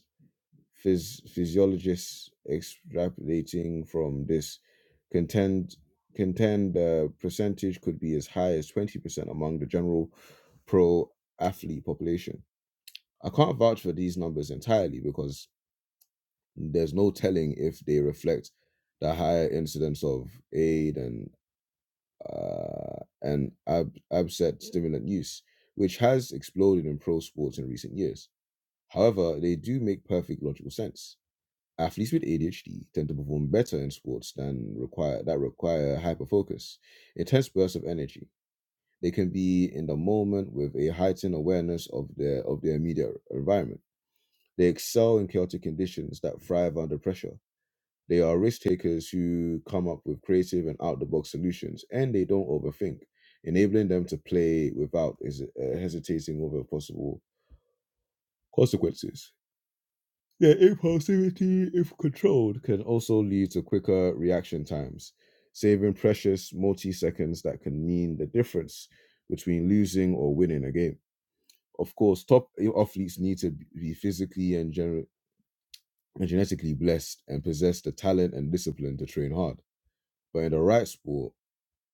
A: phys- physiologists extrapolating from this contend contend the percentage could be as high as 20% among the general pro athlete population. I can't vouch for these numbers entirely because there's no telling if they reflect the higher incidence of aid and. uh, and ab- absent stimulant use, which has exploded in pro sports in recent years. However, they do make perfect logical sense. Athletes with ADHD tend to perform better in sports than require that require hyperfocus, intense bursts of energy. They can be in the moment with a heightened awareness of their of their immediate environment. They excel in chaotic conditions that thrive under pressure, they are risk takers who come up with creative and out the box solutions, and they don't overthink, enabling them to play without is, uh, hesitating over possible consequences. Their impulsivity, if controlled, can also lead to quicker reaction times, saving precious multi seconds that can mean the difference between losing or winning a game. Of course, top athletes need to be physically and gener- and genetically blessed and possess the talent and discipline to train hard. But in the right sport,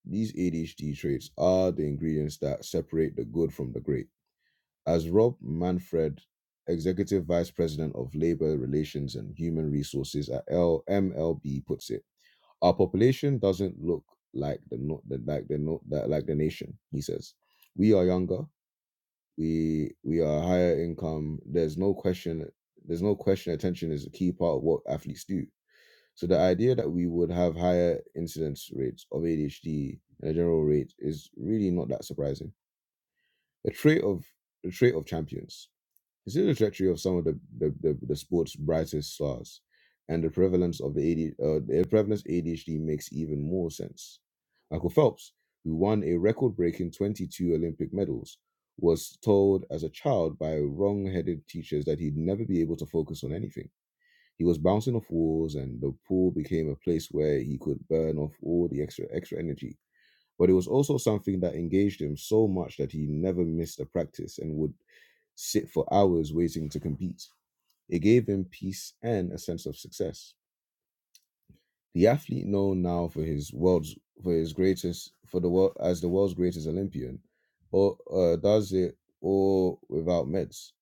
A: These ADHD traits are the ingredients that separate the good from the great. As Rob Manfred, Executive Vice President of Labor Relations and Human Resources at L- MLB, puts it, our population doesn't look like the no- the- like the no- that- like the nation. He says, we are younger, we we are higher income. There's no question. There's no question. Attention is a key part of what athletes do so the idea that we would have higher incidence rates of ADHD in a general rate is really not that surprising. A trait of a trait of champions. Consider the trajectory of some of the, the, the, the sport's brightest stars, and the prevalence of the AD, uh, the prevalence ADHD makes even more sense. Michael Phelps, who won a record-breaking 22 Olympic medals, was told as a child by wrong-headed teachers that he'd never be able to focus on anything he was bouncing off walls, and the pool became a place where he could burn off all the extra extra energy. But it was also something that engaged him so much that he never missed a practice and would sit for hours waiting to compete. It gave him peace and a sense of success. The athlete known now for his world's for his greatest for the world as the world's greatest Olympian, or uh, does it all without meds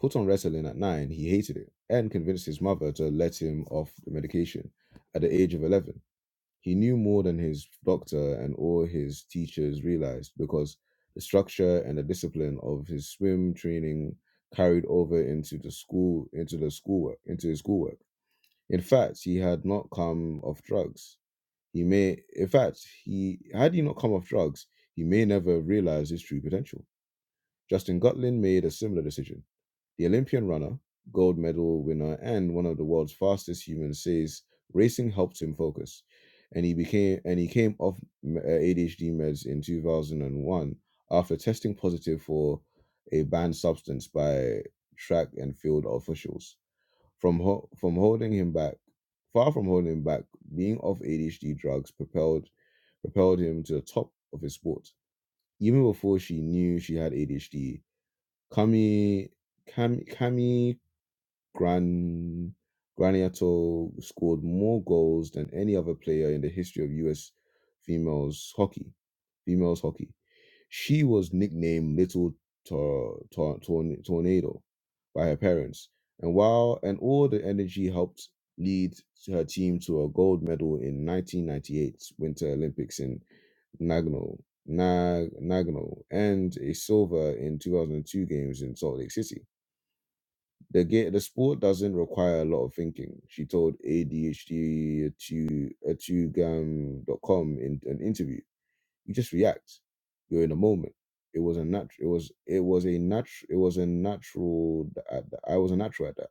A: put on wrestling at nine, he hated it and convinced his mother to let him off the medication at the age of 11. He knew more than his doctor and all his teachers realized because the structure and the discipline of his swim training carried over into the school into the schoolwork into his schoolwork. In fact, he had not come off drugs. He may in fact he had he not come off drugs, he may never have realized his true potential. Justin Gutlin made a similar decision the Olympian runner, gold medal winner, and one of the world's fastest humans, says racing helped him focus, and he became and he came off uh, ADHD meds in 2001 after testing positive for a banned substance by track and field officials. From ho- from holding him back, far from holding him back, being off ADHD drugs propelled propelled him to the top of his sport. Even before she knew she had ADHD, Kami Kami Kami. Gran Graniato scored more goals than any other player in the history of US females hockey. Females hockey. She was nicknamed Little Tor- Tor- Torn- Tornado by her parents, and while and all the energy helped lead her team to a gold medal in 1998 Winter Olympics in Nagano, Nag- Nagano, and a silver in 2002 games in Salt Lake City. The game, the sport doesn't require a lot of thinking, she told ADHD to dot com in an interview. You just react. You're in the moment. It was a natural. It was it was a natural. It was a natural. At th- I was a natural at that.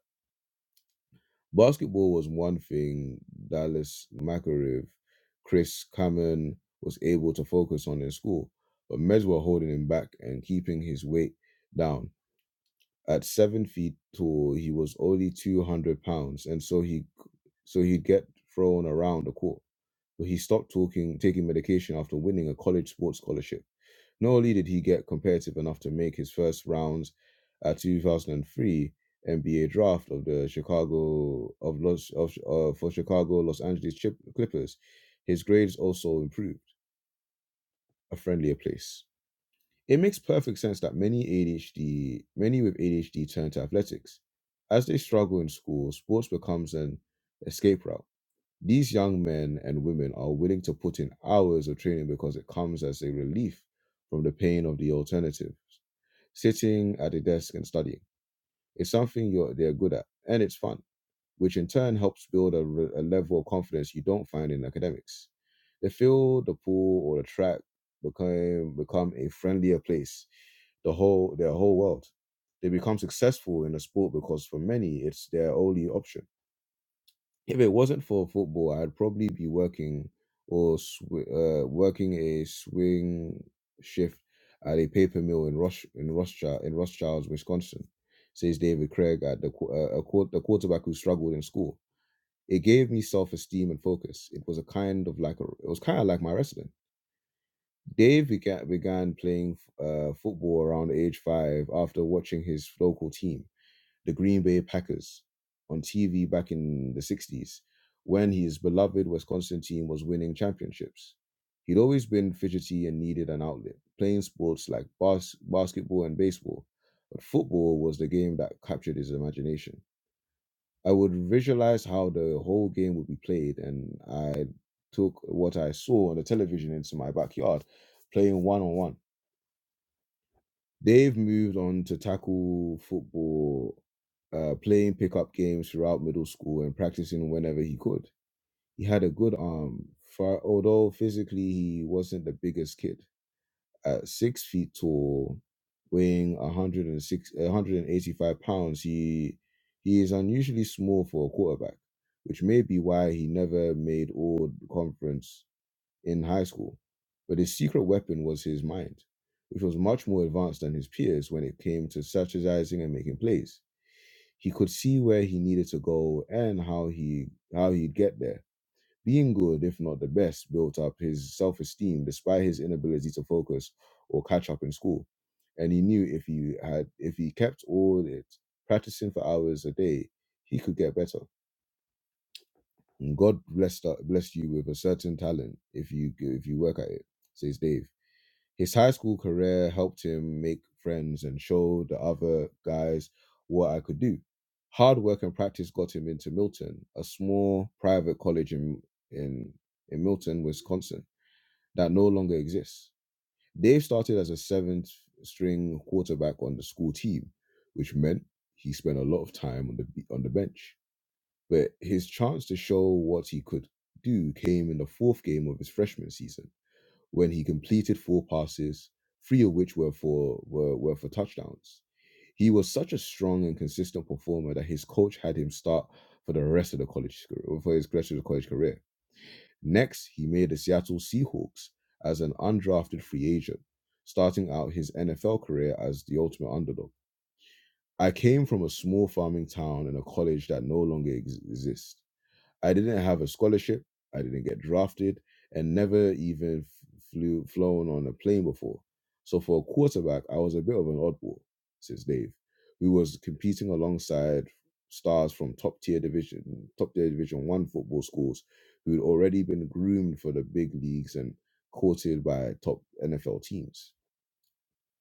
A: Basketball was one thing Dallas Makarev, Chris Cameron was able to focus on in school, but Mez were holding him back and keeping his weight down at seven feet tall, he was only 200 pounds, and so he so he'd get thrown around the court. But he stopped talking, taking medication after winning a college sports scholarship. Not only did he get competitive enough to make his first rounds at 2003 NBA draft of the Chicago of Los of uh, for Chicago Los Angeles Chip, Clippers, his grades also improved. A friendlier place. It makes perfect sense that many ADHD, many with ADHD turn to athletics. As they struggle in school, sports becomes an escape route. These young men and women are willing to put in hours of training because it comes as a relief from the pain of the alternatives. Sitting at a desk and studying. It's something you're, they're good at, and it's fun which in turn helps build a, re- a level of confidence you don't find in academics. The field, the pool, or the track become become a friendlier place. The whole their whole world. They become successful in a sport because for many it's their only option. If it wasn't for football, I'd probably be working or sw- uh, working a swing shift at a paper mill in Rosh in Rothschild in Rothschild's Wisconsin, says David Craig at the qu- uh, a, quar- the quarterback who struggled in school. It gave me self esteem and focus. It was a kind of like a, it was kind of like my wrestling. Dave began, began playing uh, football around age five after watching his local team, the Green Bay Packers, on TV back in the '60s, when his beloved Wisconsin team was winning championships. He'd always been fidgety and needed an outlet, playing sports like bas- basketball and baseball, but football was the game that captured his imagination. I would visualize how the whole game would be played, and I took what I saw on the television into my backyard, playing one on one. They've moved on to tackle football, uh, playing pickup games throughout middle school and practicing whenever he could. He had a good arm, far, although physically he wasn't the biggest kid at six feet tall, weighing 106, 185 pounds, he he is unusually small for a quarterback, which may be why he never made all conference in high school. But his secret weapon was his mind, which was much more advanced than his peers when it came to strategizing and making plays. He could see where he needed to go and how he how he'd get there being good, if not the best, built up his self esteem despite his inability to focus or catch up in school. And he knew if he had if he kept all it practicing for hours a day, he could get better. And God blessed uh, blessed you with a certain talent if you if you work at it, says Dave. His high school career helped him make friends and show the other guys what I could do. Hard work and practice got him into Milton, a small private college in in, in Milton, Wisconsin, that no longer exists. Dave started as a seventh string quarterback on the school team, which meant he spent a lot of time on the on the bench. But his chance to show what he could do came in the fourth game of his freshman season when he completed four passes, three of which were for were, were for touchdowns. He was such a strong and consistent performer that his coach had him start for the rest of the college career, for his rest of the college career. Next, he made the Seattle Seahawks as an undrafted free agent, starting out his NFL career as the ultimate underdog. I came from a small farming town and a college that no longer ex- exists. I didn't have a scholarship. I didn't get drafted and never even f- flew flown on a plane before. So for a quarterback, I was a bit of an oddball, says Dave, who was competing alongside stars from top tier division, top tier division one football schools who'd already been groomed for the big leagues and courted by top NFL teams,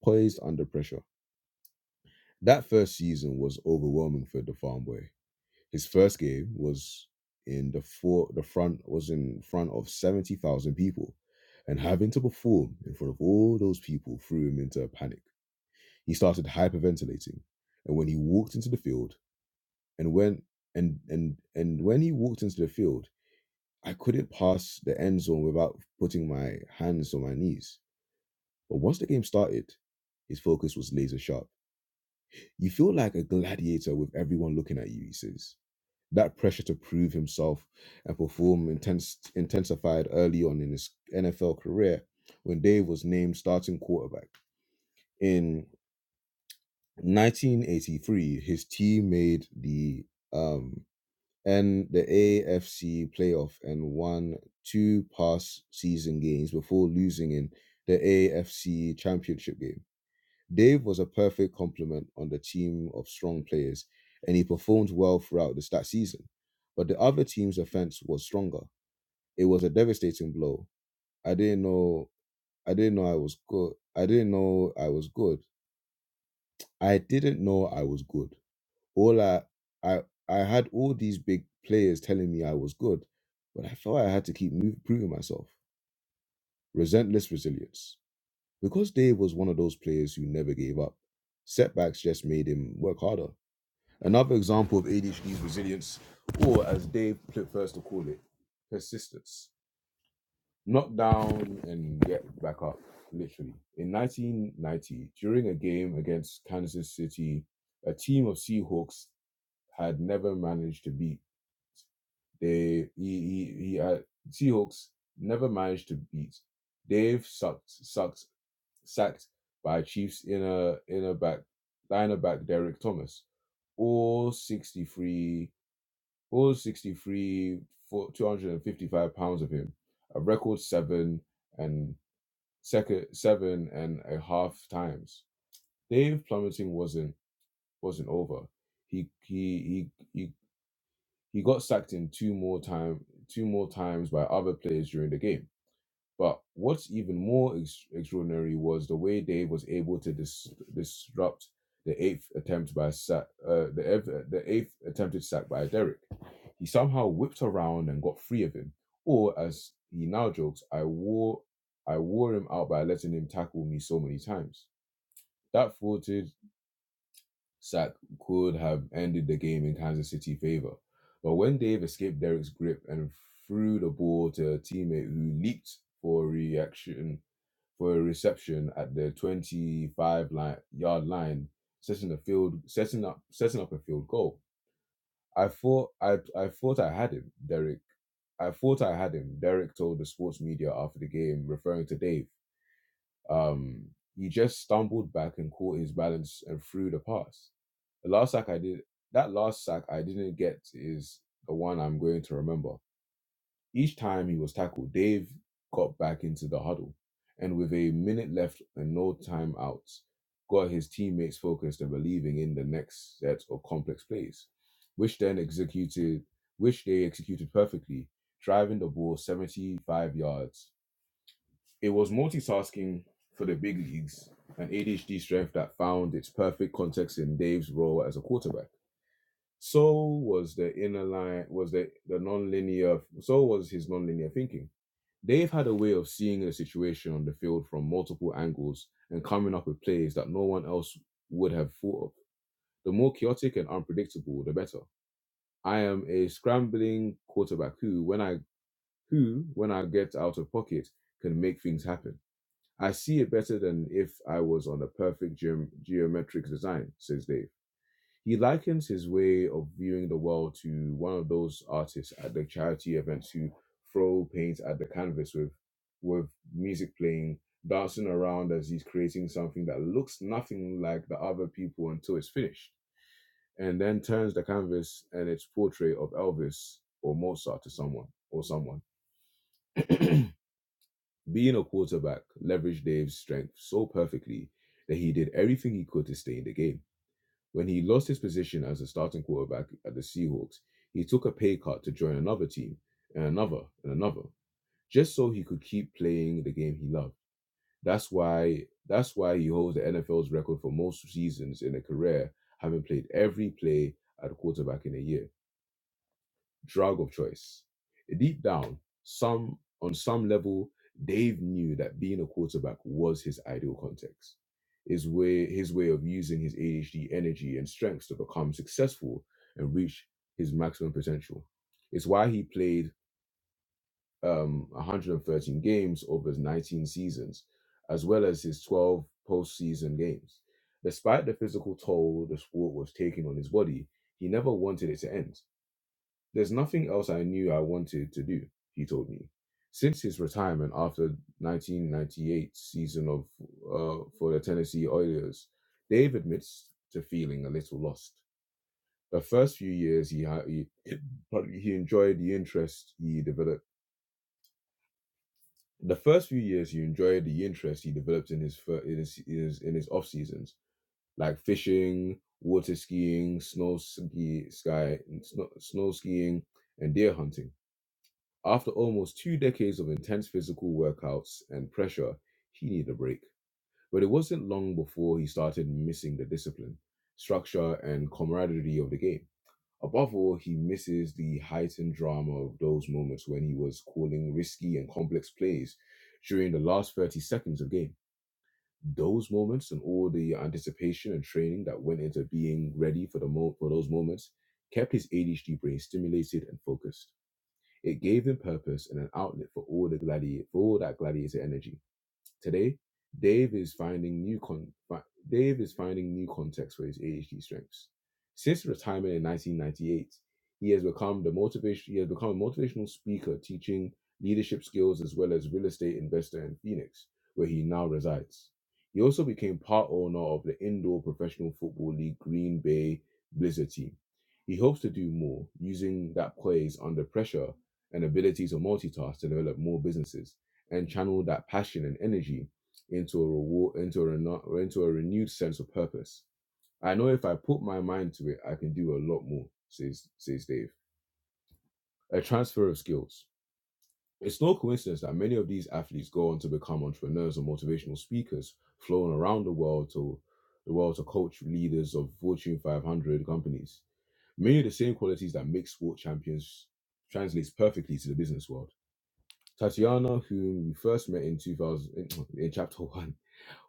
A: poised under pressure. That first season was overwhelming for the farm boy. His first game was in the for the front was in front of seventy thousand people, and having to perform in front of all those people threw him into a panic. He started hyperventilating, and when he walked into the field, and when and and and when he walked into the field, I couldn't pass the end zone without putting my hands on my knees. But once the game started, his focus was laser sharp. You feel like a gladiator with everyone looking at you, he says. That pressure to prove himself and perform intense, intensified early on in his NFL career when Dave was named starting quarterback. In 1983, his team made the um, and the AFC playoff and won two past season games before losing in the AFC championship game. Dave was a perfect complement on the team of strong players, and he performed well throughout the stat season. But the other team's offense was stronger. It was a devastating blow. I didn't know. I didn't know I was good. I didn't know I was good. I didn't know I was good. All I, I, I had all these big players telling me I was good, but I felt I had to keep move, proving myself. Resentless resilience. Because Dave was one of those players who never gave up, setbacks just made him work harder. Another example of ADHD is resilience, or as Dave first to call it, persistence. Knock down and get back up, literally. In 1990, during a game against Kansas City, a team of Seahawks had never managed to beat. They he, he, he had, Seahawks never managed to beat. Dave sucked sucked sacked by Chiefs inner inner back lineback Derek Thomas all 63 All 63 for 255 pounds of him, a record seven and second seven and a half times. Dave plummeting wasn't wasn't over. He he he he, he got sacked in two more time two more times by other players during the game. But what's even more ex- extraordinary was the way Dave was able to dis- disrupt the eighth attempt by sack, uh, the, ev- the eighth attempted sack by Derek. He somehow whipped around and got free of him, or as he now jokes, I wore I wore him out by letting him tackle me so many times. That faulted sack could have ended the game in Kansas City favor, but when Dave escaped Derek's grip and threw the ball to a teammate who leaped for a reaction for a reception at the 25 line, yard line, setting the field, setting up, setting up a field goal. I thought I, I thought I had him, Derek. I thought I had him. Derek told the sports media after the game, referring to Dave. Um, he just stumbled back and caught his balance and threw the pass. The last sack I did, that last sack I didn't get is the one I'm going to remember. Each time he was tackled, Dave got back into the huddle and, with a minute left and no timeouts, got his teammates focused and believing in the next set of complex plays, which then executed, which they executed perfectly, driving the ball 75 yards. It was multitasking for the big leagues, an ADHD strength that found its perfect context in Dave's role as a quarterback. So was the inner line, was the, the non-linear, so was his non-linear thinking They've had a way of seeing a situation on the field from multiple angles and coming up with plays that no one else would have thought of. The more chaotic and unpredictable, the better. I am a scrambling quarterback who, when I who, when I get out of pocket, can make things happen. I see it better than if I was on a perfect geom- geometric design, says Dave. He likens his way of viewing the world to one of those artists at the charity events who throw paint at the canvas with with music playing, dancing around as he's creating something that looks nothing like the other people until it's finished. And then turns the canvas and its portrait of Elvis or Mozart to someone or someone. Being a quarterback leveraged Dave's strength so perfectly that he did everything he could to stay in the game. When he lost his position as a starting quarterback at the Seahawks, he took a pay cut to join another team and another and another, just so he could keep playing the game he loved. That's why that's why he holds the NFL's record for most seasons in a career, having played every play at quarterback in a year drug of choice. Deep down, some on some level, Dave knew that being a quarterback was his ideal context. His way, his way of using his ADHD energy and strengths to become successful and reach his maximum potential. It's why he played um, 113 games over his 19 seasons, as well as his 12 postseason games. Despite the physical toll the sport was taking on his body, he never wanted it to end there's nothing else I knew I wanted to do, he told me. Since his retirement after 1998 season of uh, for the Tennessee Oilers, Dave admits to feeling a little lost. The first few years he, ha- he he enjoyed the interest he developed. The first few years he enjoyed the interest he developed in his fir- in his, in his, in his off seasons, like fishing, water skiing, snow ski, sky, snow, snow skiing, and deer hunting. After almost two decades of intense physical workouts and pressure, he needed a break. But it wasn't long before he started missing the discipline, structure, and camaraderie of the game. Above all, he misses the heightened drama of those moments when he was calling risky and complex plays during the last 30 seconds of game. Those moments and all the anticipation and training that went into being ready for the mo- for those moments kept his ADHD brain stimulated and focused. It gave them purpose and an outlet for all the gladiator, for all that gladiator energy. Today, Dave is finding new con- fi- Dave is finding new context for his ADHD strengths. Since retirement in 1998, he has become the motivation he has become a motivational speaker teaching leadership skills as well as real estate investor in Phoenix, where he now resides. He also became part owner of the indoor professional football league Green Bay Blizzard team. He hopes to do more using that poise under pressure and ability to multitask to develop more businesses and channel that passion and energy into a reward into a reno- into a renewed sense of purpose. I know if I put my mind to it, I can do a lot more, says says Dave. A transfer of skills. It's no coincidence that many of these athletes go on to become entrepreneurs or motivational speakers, flown around the world to the world to coach leaders of Fortune 500 companies. Many of the same qualities that make sport champions translates perfectly to the business world. Tatiana, whom we first met in 2000 in, in chapter 1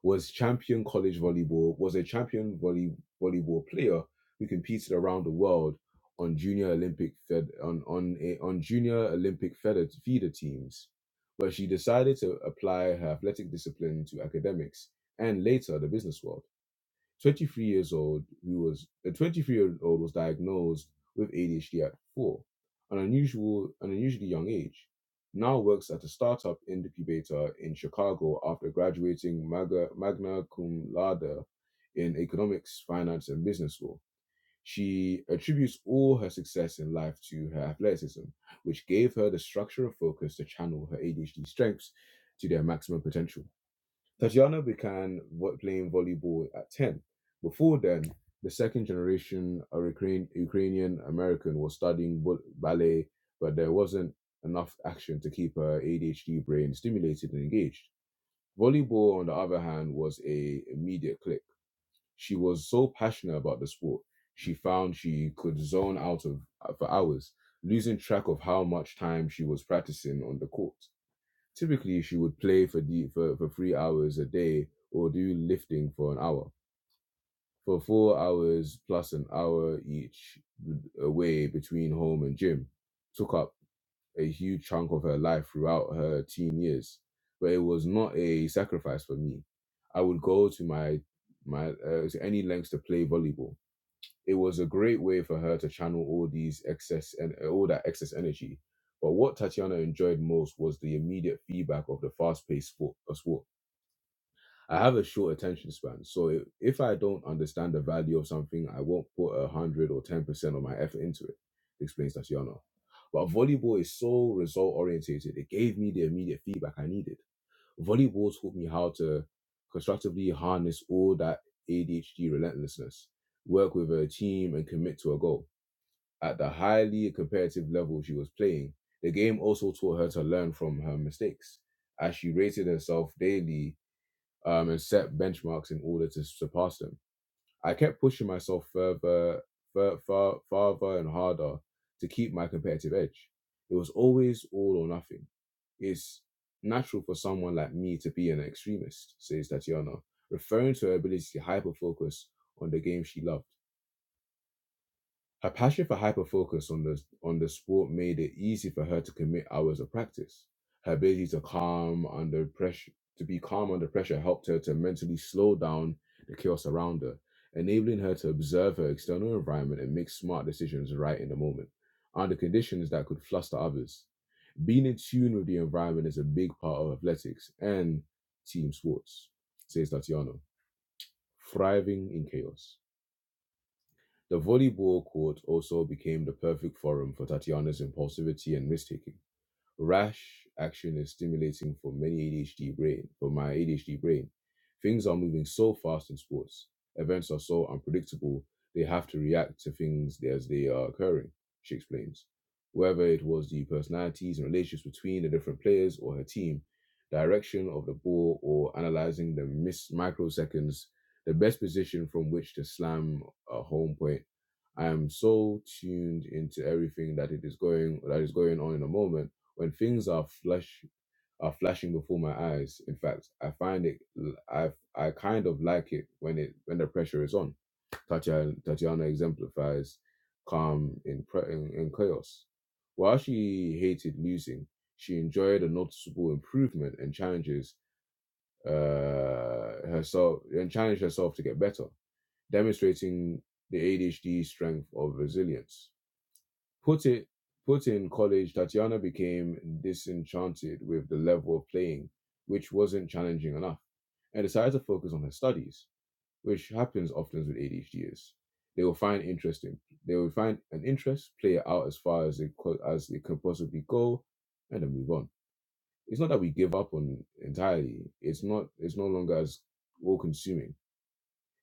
A: was champion college volleyball, was a champion volley, volleyball player who competed around the world on junior Olympic fed on on a, on junior Olympic feeder, feeder teams. But she decided to apply her athletic discipline to academics and later the business world. 23 years old who was a 23 year old was diagnosed with ADHD at four, an unusual an unusually young age. Now works at a startup incubator in Chicago after graduating magna, magna cum laude in economics, finance, and business law. She attributes all her success in life to her athleticism, which gave her the structure and focus to channel her ADHD strengths to their maximum potential. Tatiana began vo- playing volleyball at 10. Before then, the second generation a Ukraine, Ukrainian American was studying bu- ballet, but there wasn't enough action to keep her ADHD brain stimulated and engaged. Volleyball, on the other hand, was a immediate click. She was so passionate about the sport, she found she could zone out of for hours, losing track of how much time she was practicing on the court. Typically, she would play for, the, for, for three hours a day or do lifting for an hour. For four hours plus an hour each away between home and gym took up a huge chunk of her life throughout her teen years. But it was not a sacrifice for me. I would go to my my uh, to any lengths to play volleyball it was a great way for her to channel all these excess and all that excess energy. But what Tatiana enjoyed most was the immediate feedback of the fast-paced sport. Of sport. I have a short attention span, so if, if I don't understand the value of something, I won't put a hundred or ten percent of my effort into it. Explains Tatiana. But volleyball is so result oriented it gave me the immediate feedback I needed. Volleyball taught me how to constructively harness all that ADHD relentlessness, work with a team, and commit to a goal. At the highly competitive level she was playing, the game also taught her to learn from her mistakes as she rated herself daily um, and set benchmarks in order to surpass them. I kept pushing myself further, fur, far, farther and harder to keep my competitive edge. It was always all or nothing. It's natural for someone like me to be an extremist, says Tatiana, referring to her ability to hyper focus on the game she loved. Her passion for hyperfocus on the on the sport made it easy for her to commit hours of practice. Her ability to calm under pressure to be calm under pressure helped her to mentally slow down the chaos around her, enabling her to observe her external environment and make smart decisions right in the moment, under conditions that could fluster others. Being in tune with the environment is a big part of athletics and team sports, says Tatiana. Thriving in chaos. The volleyball court also became the perfect forum for Tatiana's impulsivity and risk taking. Rash action is stimulating for many ADHD brain, for my ADHD brain. Things are moving so fast in sports. Events are so unpredictable, they have to react to things as they are occurring, she explains. Whether it was the personalities and relationships between the different players or her team, direction of the ball, or analyzing the miss microseconds, the best position from which to slam a home point, I am so tuned into everything that it is going that is going on in the moment when things are flash are flashing before my eyes, in fact, I find it I I kind of like it when it when the pressure is on. Tatiana, Tatiana exemplifies calm in, pre- in in chaos. While she hated losing, she enjoyed a noticeable improvement and challenges uh, herself and challenged herself to get better, demonstrating the ADHD strength of resilience. Put it put in college, Tatiana became disenchanted with the level of playing, which wasn't challenging enough, and decided to focus on her studies, which happens often with ADHDers. They will find interesting. They will find an interest, play it out as far as it co- as it can possibly go, and then move on. It's not that we give up on entirely. It's not. It's no longer as all consuming.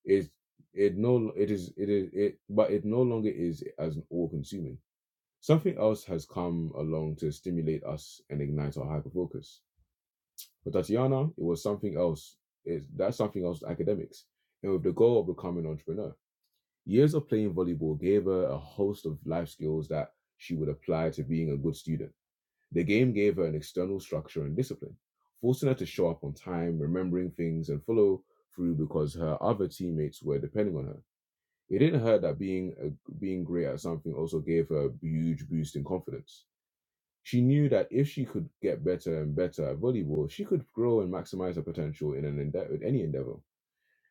A: It's it no. It is. It is. It. But it no longer is as all consuming Something else has come along to stimulate us and ignite our hyperfocus. For Tatiana, it was something else. It, that's something else academics, and with the goal of becoming an entrepreneur. Years of playing volleyball gave her a host of life skills that she would apply to being a good student. The game gave her an external structure and discipline, forcing her to show up on time, remembering things, and follow through because her other teammates were depending on her. It didn't hurt that being a, being great at something also gave her a huge boost in confidence she knew that if she could get better and better at volleyball, she could grow and maximize her potential in an endeavor, in any endeavor.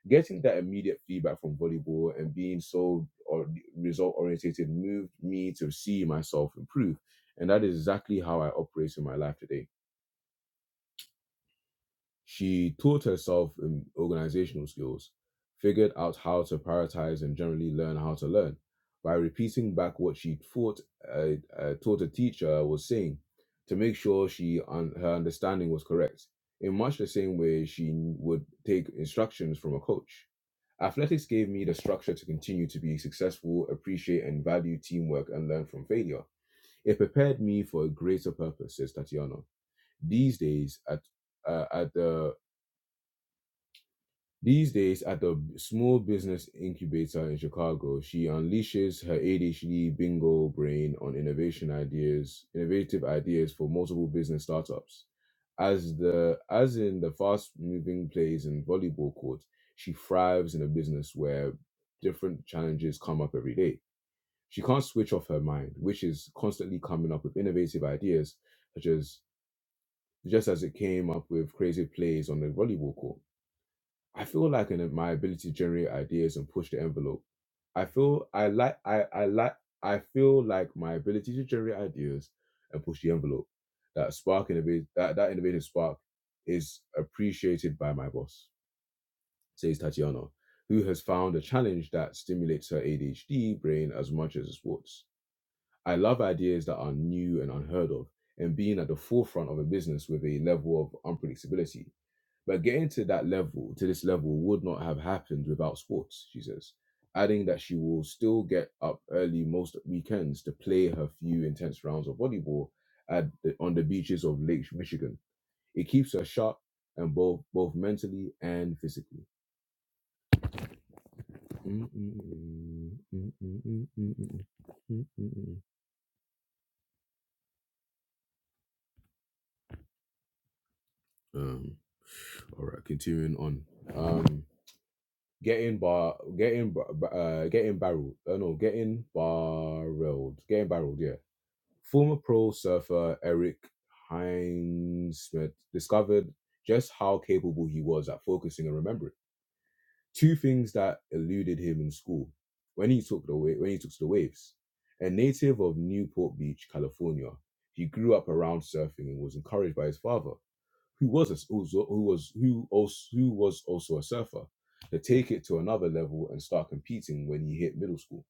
A: Getting that immediate feedback from volleyball and being so or result oriented moved me to see myself improve, and that is exactly how I operate in my life today. She taught herself um, organizational skills, figured out how to prioritize and generally learn how to learn by repeating back what she thought uh, uh, taught a teacher was saying to make sure she un- her understanding was correct. In much the same way she would take instructions from a coach. Athletics gave me the structure to continue to be successful, appreciate and value teamwork, and learn from failure. It prepared me for a greater purpose, says Tatiana. These days, at uh, at the these days, at the small business incubator in Chicago, she unleashes her ADHD bingo brain on innovation ideas, innovative ideas for multiple business startups. As the as in the fast-moving plays and volleyball court, she thrives in a business where different challenges come up every day. She can't switch off her mind, which is constantly coming up with innovative ideas, such as just as it came up with crazy plays on the volleyball court. I feel like in my ability to generate ideas and push the envelope. I feel I like I I like I feel like my ability to generate ideas and push the envelope, that spark innovate that, that innovative spark is appreciated by my boss, says Tatiana, who has found a challenge that stimulates her ADHD brain as much as sports. I love ideas that are new and unheard of, and being at the forefront of a business with a level of unpredictability. But getting to that level, to this level, would not have happened without sports, she says, adding that she will still get up early most weekends to play her few intense rounds of volleyball at the, on the beaches of Lake Michigan. It keeps her sharp and both both mentally and physically. Mm-mm-mm, mm-mm-mm, mm-mm-mm, mm-mm-mm. Um, all right, continuing on. Um, getting bar, getting bar- uh, getting barreled. Uh, no, getting barreled, getting barreled. Yeah. Former pro surfer Eric Heinsmith discovered just how capable he was at focusing and remembering. Two things that eluded him in school when he took the wa- when he took to the waves. A native of Newport Beach, California, he grew up around surfing and was encouraged by his father who was a, who was who was who also who was also a surfer, to take it to another level and start competing when you hit middle school.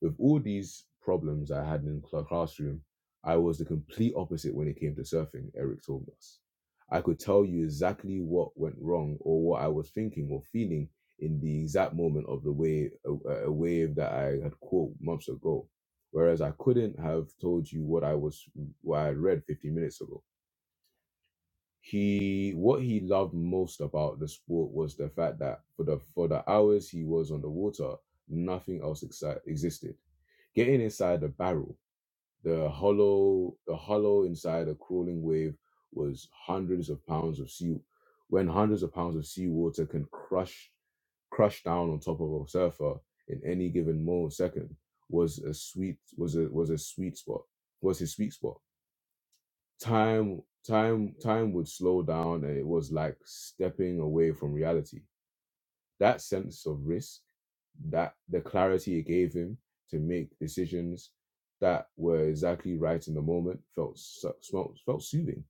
A: With all these problems I had in the classroom, I was the complete opposite when it came to surfing. Eric told us. I could tell you exactly what went wrong or what I was thinking or feeling in the exact moment of the wave, a, a wave that I had caught months ago, whereas I couldn't have told you what I was, what I read 15 minutes ago he what he loved most about the sport was the fact that for the for the hours he was on the water, nothing else exi- existed. Getting inside the barrel, the hollow the hollow inside a crawling wave was hundreds of pounds of sea. When hundreds of pounds of seawater can crush crush down on top of a surfer in any given moment second was a sweet was a was a sweet spot was his sweet spot time time time would slow down and it was like stepping away from reality that sense of risk that the clarity it gave him to make decisions that were exactly right in the moment felt so- smelt, felt soothing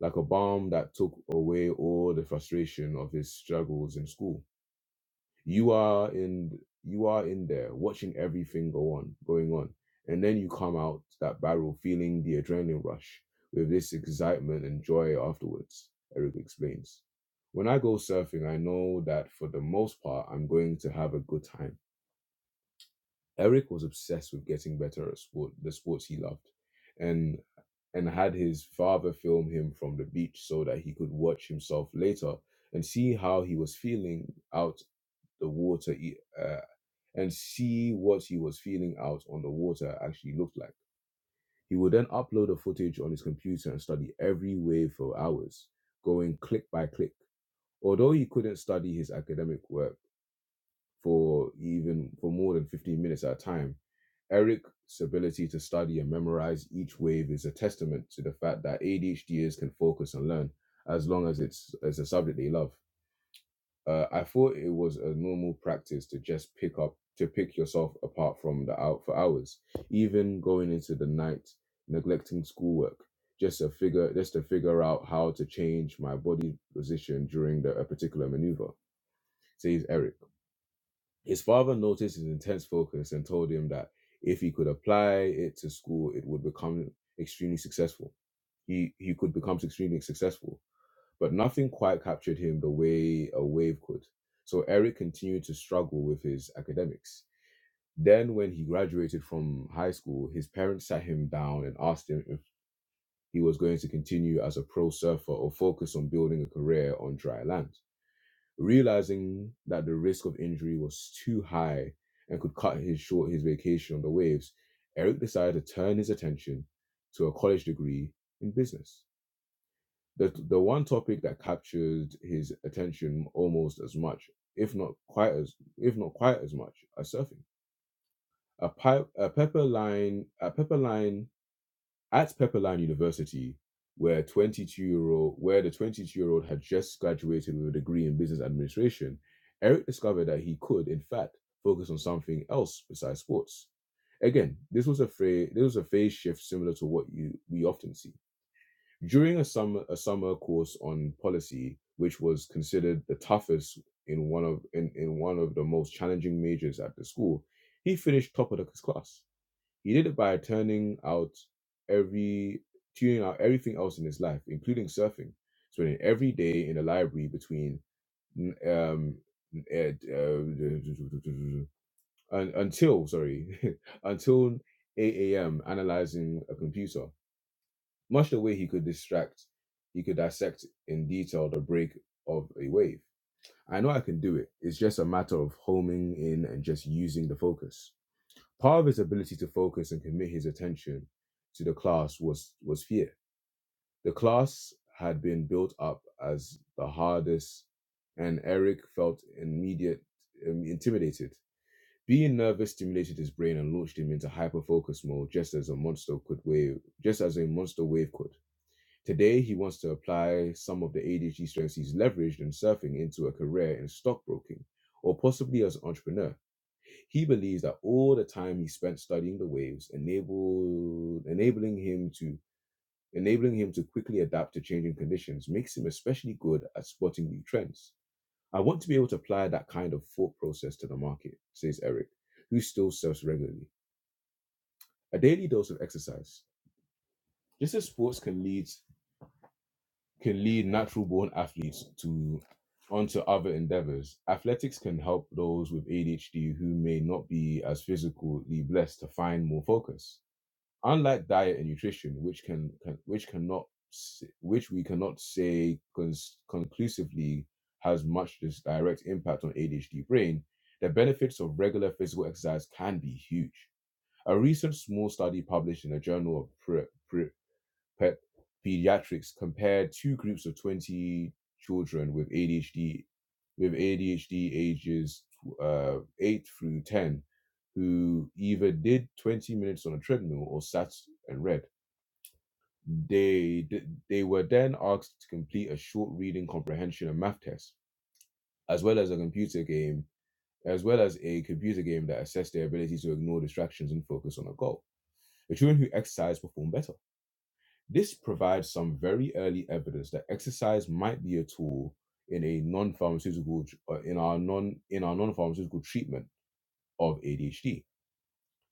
A: like a balm that took away all the frustration of his struggles in school you are in you are in there watching everything go on going on and then you come out that barrel feeling the adrenaline rush with this excitement and joy afterwards eric explains when i go surfing i know that for the most part i'm going to have a good time eric was obsessed with getting better at sport the sports he loved and and had his father film him from the beach so that he could watch himself later and see how he was feeling out the water e, uh, and see what he was feeling out on the water actually looked like. He would then upload the footage on his computer and study every wave for hours, going click by click. Although he couldn't study his academic work for even for more than 15 minutes at a time, Eric's ability to study and memorize each wave is a testament to the fact that ADHDers can focus and learn as long as it's as a subject they love. Uh, I thought it was a normal practice to just pick up to pick yourself apart from the out for hours, even going into the night, neglecting schoolwork, just to figure just to figure out how to change my body position during the, a particular maneuver. Says Eric. His father noticed his intense focus and told him that if he could apply it to school, it would become extremely successful. He he could become extremely successful but nothing quite captured him the way a wave could. So Eric continued to struggle with his academics. Then, when he graduated from high school, his parents sat him down and asked him if he was going to continue as a pro surfer or focus on building a career on dry land. Realizing that the risk of injury was too high and could cut his short his vacation on the waves, Eric decided to turn his attention to a college degree in business the the one topic that captured his attention almost as much, if not quite as if not quite as much, as surfing. A pipe a Pepperline a Pepperline at Pepperline University, where twenty two year old where the twenty two year old had just graduated with a degree in business administration, Eric discovered that he could, in fact, focus on something else besides sports. Again, this was a phrase this was a phase shift similar to what you we often see. During a summer a summer course on policy, which was considered the toughest in one of in, in one of the most challenging majors at the school, he finished top of his class. He did it by turning out every tuning out everything else in his life, including surfing, spending every day in the library between um at, uh, un- until sorry until 8 a.m. analyzing a computer. Much the way he could distract, he could dissect in detail the break of a wave. I know I can do it. It's just a matter of homing in and just using the focus. Part of his ability to focus and commit his attention to the class was, was fear. The class had been built up as the hardest, and Eric felt immediate um, intimidated. Being nervous stimulated his brain and launched him into hyper focus mode, just as a monster could wave, just as a monster wave could. Today, he wants to apply some of the ADHD strengths he's leveraged in surfing into a career in stockbroking or possibly as an entrepreneur. He believes that all the time he spent studying the waves enabled enabling him to enabling him to quickly adapt to changing conditions makes him especially good at spotting new trends. I want to be able to apply that kind of thought process to the market, says Eric, who still surfs regularly. A daily dose of exercise. Just as sports can lead can lead natural born athletes to onto other endeavors. Athletics can help those with ADHD who may not be as physically blessed to find more focus. Unlike diet and nutrition, which can, can which cannot s- which we cannot say cons- conclusively has much this direct impact on ADHD brain, the benefits of regular physical exercise can be huge. A recent small study published in the Journal of pre Pre- pe- pediatrics compared two groups of 20 children with ADHD with ADHD ages uh, 8 through 10 who either did 20 minutes on a treadmill or sat and read. They they were then asked to complete a short reading comprehension and math test, as well as a computer game, as well as a computer game that assessed their ability to ignore distractions and focus on a goal. The children who exercised performed better This provides some very early evidence that exercise might be a tool in a non-pharmaceutical tr- uh, in our non in our non-pharmaceutical treatment of ADHD.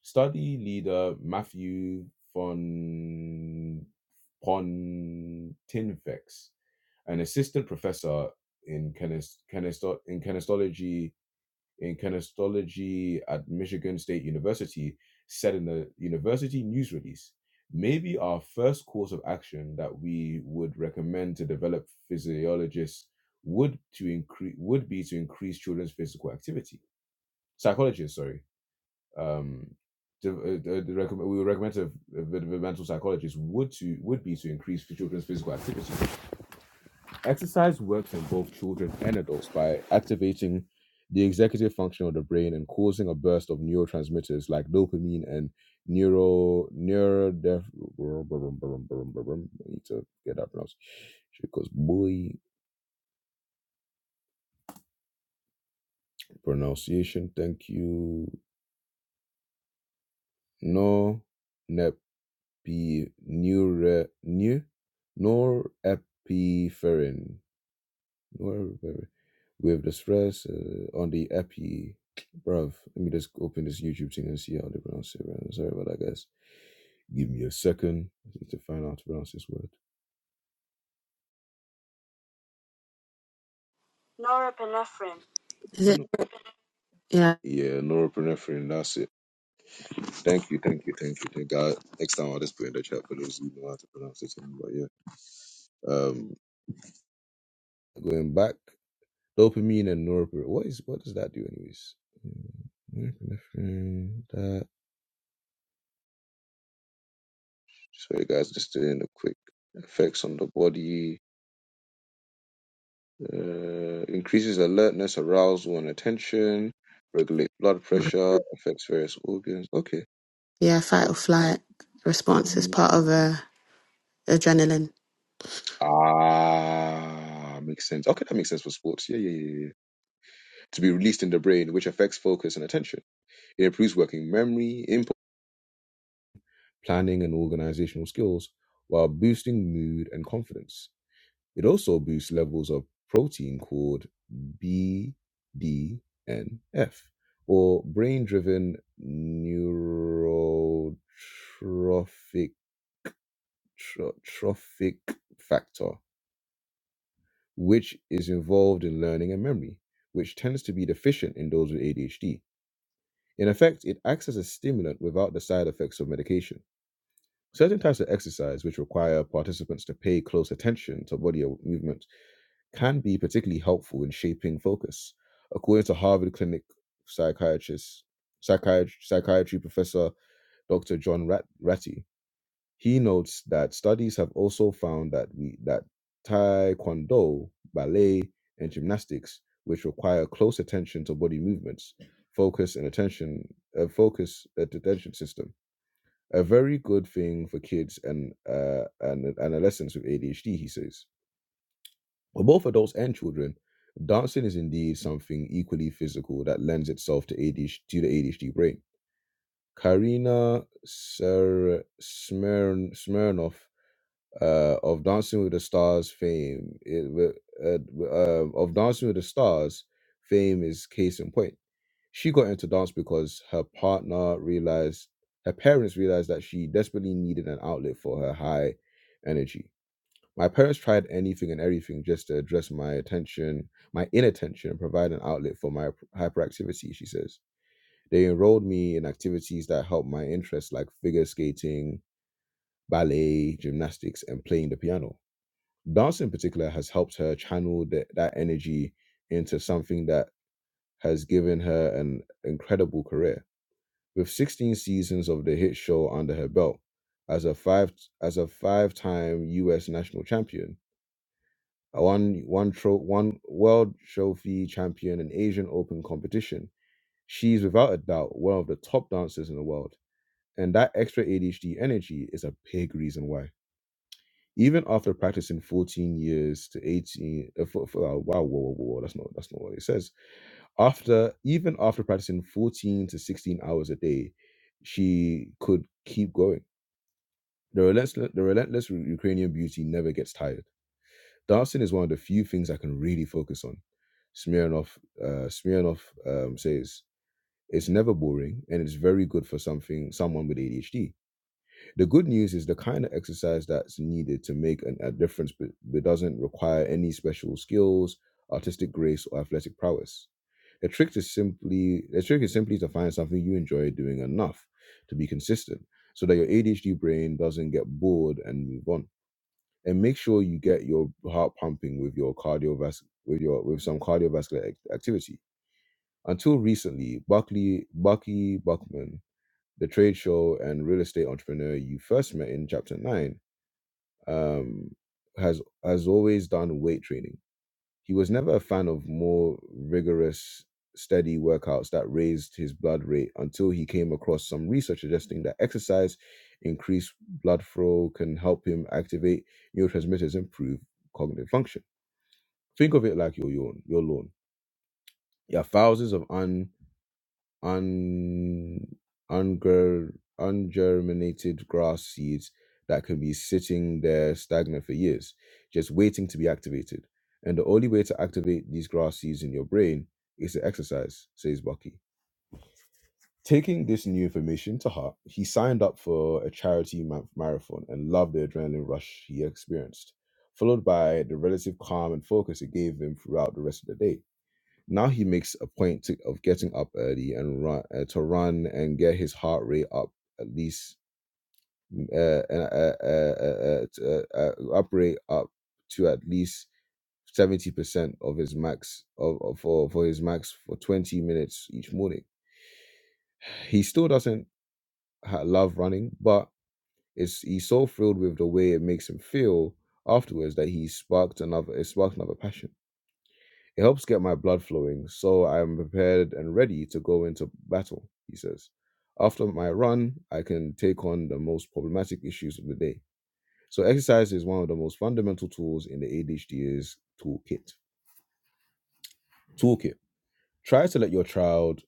A: Study leader Matthew von Pontinvex, an assistant professor in kinest- kinesto- in kinestology in kinesiology at Michigan State University said in the university news release, maybe our first course of action that we would recommend to develop physiologists would to increase would be to increase children's physical activity. Psychologists, sorry, um, to, uh, uh, recommend, we would recommend to developmental psychologists would to would be to increase children's physical activity Exercise works in both children and adults by activating the executive function of the brain and causing a burst of neurotransmitters like dopamine and neuro neurodef. I need to get that pronounced because boy pronunciation. Thank you. No, nepi Neuro neu norepinephrine. Where- where- With the stress uh, on the epi, bruv. Let me just open this YouTube thing and see how they pronounce it. Man. Sorry about that, guys. Give me a second to find out how to pronounce this word. Norepinephrine.
D: Is it?
A: No.
D: Yeah,
A: Yeah, norepinephrine. That's it. Thank you, thank you, thank you, thank God. Next time I'll just put in the chat for those who know how to pronounce it. But yeah, um, going back, dopamine and norepinephrine. What is what does that do, anyways? Mm, Norepinephrine. That. So you guys, just doing a quick effects on the body. Uh, increases alertness, arousal, and attention. Regulate blood pressure. Affects various organs. Okay.
D: yeah. Fight or flight response is part
A: Mhm.
D: of a adrenaline.
A: Ah, makes sense. Okay, that makes sense for sports. Yeah, yeah, yeah, yeah. yeah. To be released in the brain, which affects focus and attention. It improves working memory, impulse, planning, and organizational skills while boosting mood and confidence. It also boosts levels of protein called BDNF, or brain driven neurotrophic trophic factor, which is involved in learning and memory, which tends to be deficient in those with ADHD. In effect, it acts as a stimulant without the side effects of medication. Certain types of exercise, which require participants to pay close attention to body movement can be particularly helpful in shaping focus. According to Harvard Clinic psychiatrist, psychiatry, psychiatry professor Dr. John Rat- Ratty, he notes that studies have also found that we that taekwondo, ballet, and gymnastics, which require close attention to body movements, focus and attention, uh, focus at attention system, a very good thing for kids and uh, and adolescents with ADHD, he says for both adults and children, dancing is indeed something equally physical that lends itself to ADHD to the ADHD brain. Karina Ser- Smyrn- Smirnov uh, of Dancing with the Stars fame it, wi- uh, wi- uh, of Dancing with the Stars fame is case in point. She got into dance because her partner realized her parents realized that she desperately needed an outlet for her high energy my parents tried anything and everything just to address my attention, my inattention, and provide an outlet for my hyperactivity, she says. They enrolled me in activities that helped my interests like figure skating, ballet, gymnastics, and playing the piano. Dance in particular has helped her channel th- that energy into something that has given her an incredible career. With 16 seasons of the hit show under her belt, as a five as a five-time US national champion, a one one tro- one world trophy champion in Asian Open competition. She's without a doubt one of the top dancers in the world, and that extra ADHD energy is a big reason why. Even after practicing 14 years to 18, uh, for, for, uh, wow, whoa, whoa, whoa, that's not that's not what it says. After even after practicing 14 to 16 hours a day, she could keep going. The relentless, the relentless Ukrainian beauty never gets tired. Dancing is one of the few things I can really focus on. Smirnoff, uh, Smirnoff um, says it's never boring and it's very good for something someone with ADHD. The good news is the kind of exercise that's needed to make an, a difference, but, but doesn't require any special skills, artistic grace, or athletic prowess. The trick is simply the trick is simply to find something you enjoy doing enough to be consistent, so that your ADHD brain doesn't get bored and move on and make sure you get your heart pumping with your cardiovascular with your with some cardiovascular ac- activity. Until recently, Buckley Bucky Buckman, the trade show and real estate entrepreneur you first met in chapter nine, um, has has always done weight training he was never a fan of more rigorous, steady workouts that raised his blood rate until he came across some research suggesting that exercise increased blood flow can help him activate neurotransmitters and improve cognitive function. Think of it like your yawn, your lawn. You have thousands of un un, ungur, ungerminated grass seeds that could be sitting there stagnant for years, just waiting to be activated. And the only way to activate these grass seeds in your brain is to exercise, says Bucky. Taking this new information to heart, he signed up for a charity ma- marathon and loved the adrenaline rush he experienced, followed by the relative calm and focus it gave him throughout the rest of the day. Now he makes a point to, of getting up early and run uh, to run and get his heart rate up at least mm, uh, uh, uh, uh, uh, uh, t- uh, uh, up rate up to at least seventy percent of his max of, of for for his max for twenty minutes each morning. He still doesn't ha- love running, but it's he's so thrilled with the way it makes him feel afterwards that he sparked another it sparked another passion It helps get my blood flowing so I am prepared and ready to go into battle, he says. After my run, I can take on the most problematic issues of the day. So, exercise is one of the most fundamental tools in the ADHD's toolkit. Toolkit. Try to let your child,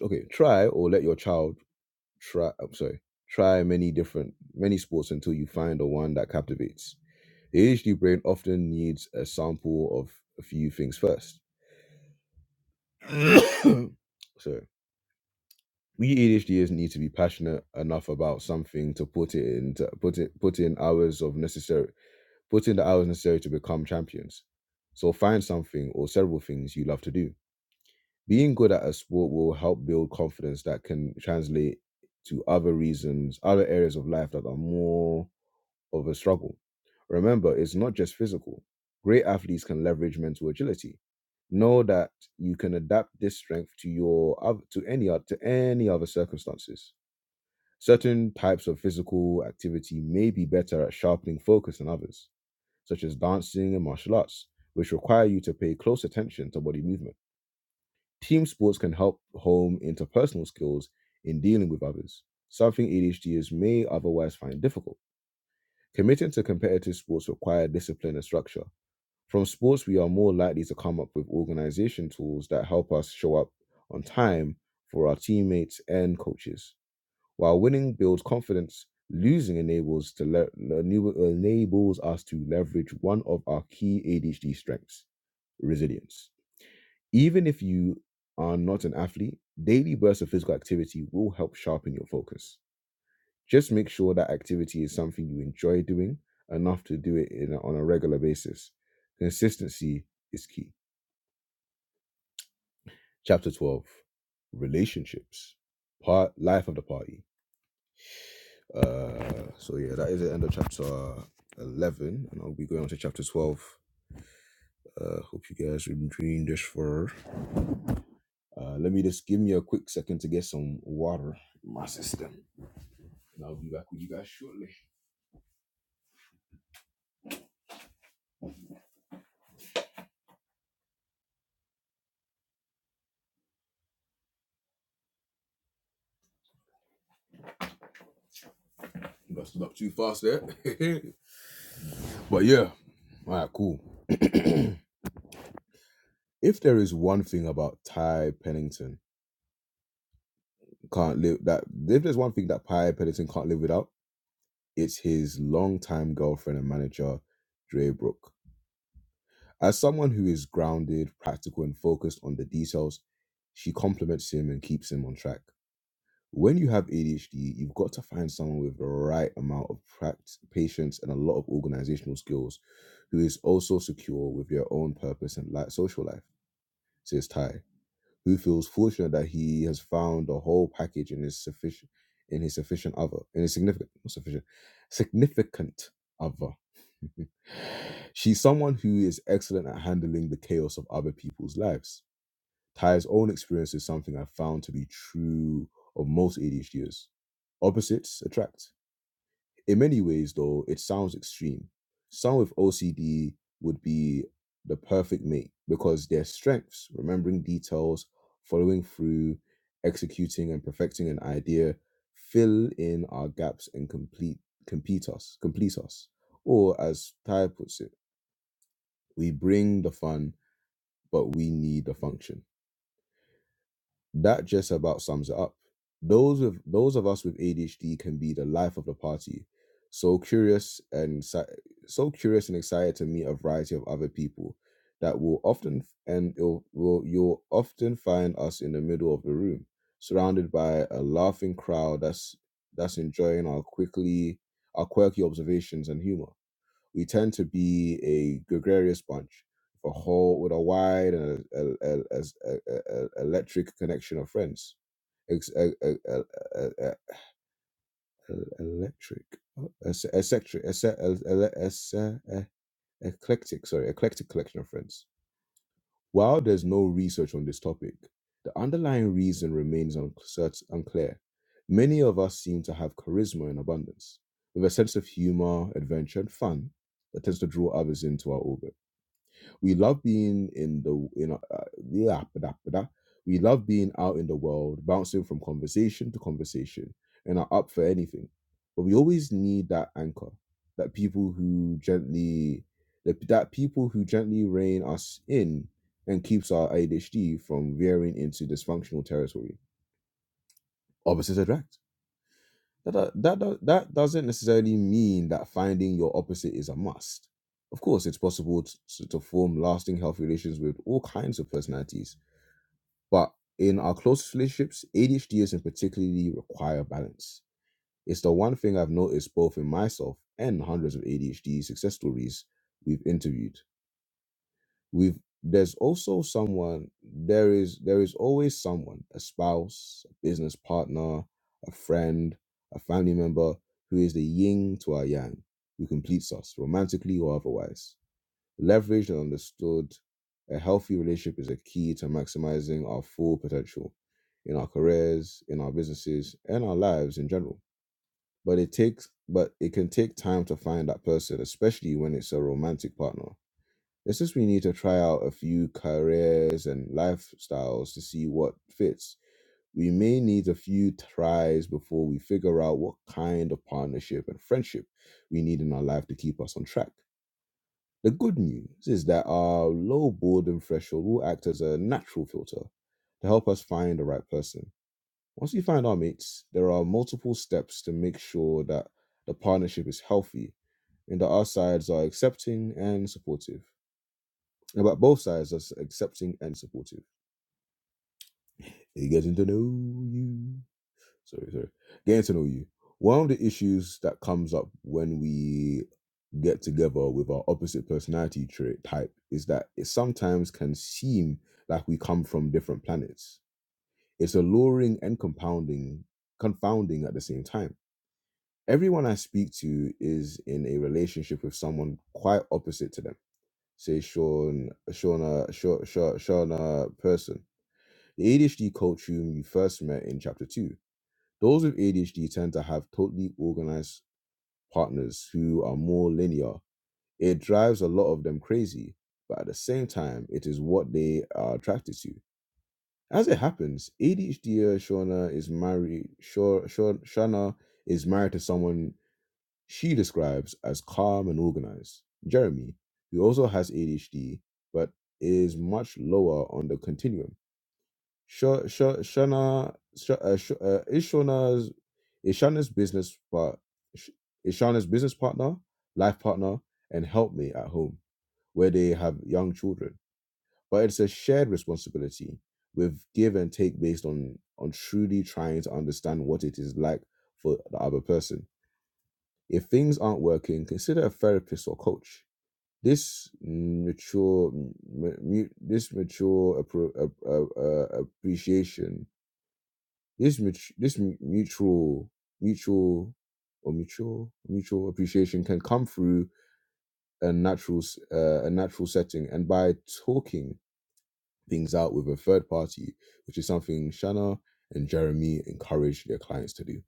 A: okay, try or let your child try, I'm sorry, try many different, many sports until you find the one that captivates. The ADHD brain often needs a sample of a few things first. sorry we ADHDers need to be passionate enough about something to put it in to put it put in hours of necessary put in the hours necessary to become champions. So find something or several things you love to do. Being good at a sport will help build confidence that can translate to other reasons, other areas of life that are more of a struggle. Remember, it's not just physical. Great athletes can leverage mental agility. Know that you can adapt this strength to your oth- to any oth- to any other circumstances Certain types of physical activity may be better at sharpening focus than others, such as dancing and martial arts, which require you to pay close attention to body movement. Team sports can help hone interpersonal skills in dealing with others, something ADHDers may otherwise find difficult. Committing to competitive sports require discipline and structure. From sports, we are more likely to come up with organization tools that help us show up on time for our teammates and coaches. While winning builds confidence, losing enables to le- enables us to leverage one of our key ADHD strengths, resilience. Even if you are not an athlete, daily bursts of physical activity will help sharpen your focus. Just make sure that activity is something you enjoy doing enough to do it in a, on a regular basis. Consistency is key. Chapter 12 Relationships Part Life of the Party Uh, so yeah, that is the end of chapter eleven, and I'll be going on to chapter twelve. Uh, hope you guys are enjoying this for. Uh, let me just give me a quick second to get some water in my system, and I'll be back with you guys shortly. You got stood up too fast there, but yeah, all right, cool. if there is one thing about Ty Pennington can't live that, if there's one thing that Ty Pennington can't live without, it's his longtime girlfriend and manager, Dre Brooke. As someone who is grounded, practical, and focused on the details, she compliments him and keeps him on track. When you have ADHD, you've got to find someone with the right amount of practice, patience, and a lot of organizational skills who is also secure with their own purpose and li- social life, says Ty who feels fortunate that he has found the whole package in his sufficient in his sufficient other in his significant not sufficient significant other she's someone who is excellent at handling the chaos of other people's lives ty's own experience is something i've found to be true of most adhders opposites attract in many ways, though, it sounds extreme. Someone with OCD would be the perfect mate because their strengths, remembering details, following through, executing and perfecting an idea, fill in our gaps and complete complete us, complete us. Or as Ty puts it, we bring the fun, but we need the function. That just about sums it up. Those with those of us with ADHD can be the life of the party. So curious and si- so curious and excited to meet a variety of other people that will often and it'll, will you'll often find us in the middle of the room, surrounded by a laughing crowd that's that's enjoying our quickly our quirky observations and humor we tend to be a gregarious bunch, a whole with a wide and a, a, a, as- a, a- a- electric connection of friends. Ex- a, a, a, a, a, a- electric, es- eccentric, esse- el- ele- esse- eh, eclectic, sorry, eclectic collection of friends. While there's no research on this topic, the underlying reason remains uncert- unclear. Many of us seem to have charisma in abundance, with a sense of humor, adventure, and fun that tends to draw others into our orbit. We love being in the in uh, yeah, ba-da, ba-da. we love being out in the world, bouncing from conversation to conversation, and are up for anything. But we always need that anchor, that people who gently that, that people who gently rein us in and keeps our ADHD from veering into dysfunctional territory. Opposites attract that do- that do- that doesn't necessarily mean that finding your opposite is a must. Of course, it's possible to, to form lasting healthy relations with all kinds of personalities, but in our closest relationships, ADHDs in particularly require balance. It's the one thing I've noticed both in myself and hundreds of ADHD success stories we've interviewed we've there's also someone there is there is always someone a spouse a business partner a friend a family member who is the yin to our yang who completes us romantically or otherwise leveraged and understood a healthy relationship is a key to maximizing our full potential in our careers in our businesses and our lives in general but it takes but it can take time to find that person especially when it's a romantic partner it's just we need to try out a few careers and lifestyles to see what fits. We may need a few tries before we figure out what kind of partnership and friendship we need in our life to keep us on track. The good news is that our low boredom threshold will act as a natural filter to help us find the right person. Once we find our mates, there are multiple steps to make sure that the partnership is healthy and that our sides are accepting and supportive about both sides as accepting and supportive. It getting to know you. Sorry, sorry. Getting to know you. One of the issues that comes up when we get together with our opposite personality trait type is that it sometimes can seem like we come from different planets. It's alluring and compounding, confounding at the same time. Everyone I speak to is in a relationship with someone quite opposite to them. Say Sean, Shauna, Shauna, Shauna person The ADHD coach whom you first met in chapter two. Those with ADHD tend to have totally organized partners who are more linear. It drives a lot of them crazy, but at the same time, it is what they are attracted to. As it happens, ADHD Shauna is married. Sha- Sha- Shauna is married to someone she describes as calm and organized, Jeremy, who also has ADHD but is much lower on the continuum. Sh- Shana, Sh- uh, Sh- uh, Ishana's, Ishana's business part, Sh- Ishana's business partner, life partner, and help me at home where they have young children. But it's a shared responsibility with give and take based on on truly trying to understand what it is like for the other person. If things aren't working, consider a therapist or coach. This mature, m- mu- this mature appro- uh, uh, uh, appreciation this mut- this mu- mutual mutual or mutual mutual appreciation can come through a natural s- uh, a natural setting and by talking things out with a third party which is something Shanna and Jeremy encourage their clients to do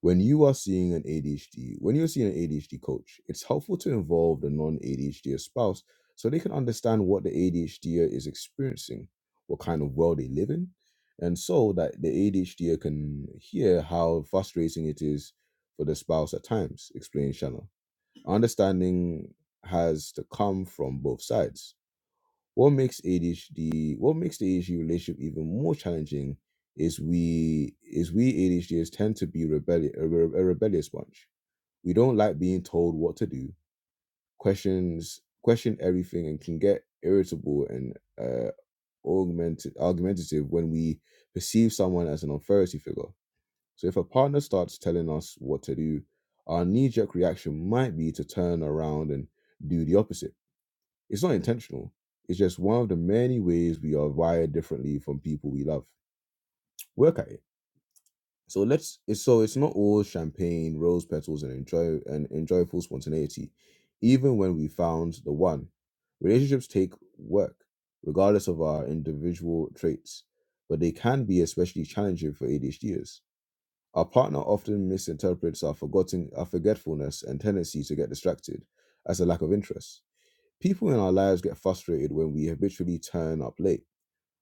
A: when you are seeing an ADHD, when you're seeing an ADHD coach, it's helpful to involve the non ADHD spouse so they can understand what the ADHD is experiencing, what kind of world they live in, and so that the ADHD can hear how frustrating it is for the spouse at times, explained Shanna. Understanding has to come from both sides what makes ADHD what makes the ADHD relationship even more challenging is we is we ADHDers tend to be rebellious a, re- a rebellious bunch. We don't like being told what to do, questions question everything, and can get irritable and uh, augmented, argumentative when we perceive someone as an authority figure. So if a partner starts telling us what to do, our knee-jerk reaction might be to turn around and do the opposite it's not intentional. It's just one of the many ways we are wired differently from people we love. Work at it. So let's. It's, so it's not all champagne, rose petals, and enjoy and enjoyable spontaneity. Even when we found the one, relationships take work, regardless of our individual traits, but they can be especially challenging for ADHDers. Our partner often misinterprets our forgotten, our forgetfulness, and tendency to get distracted as a lack of interest. People in our lives get frustrated when we habitually turn up late,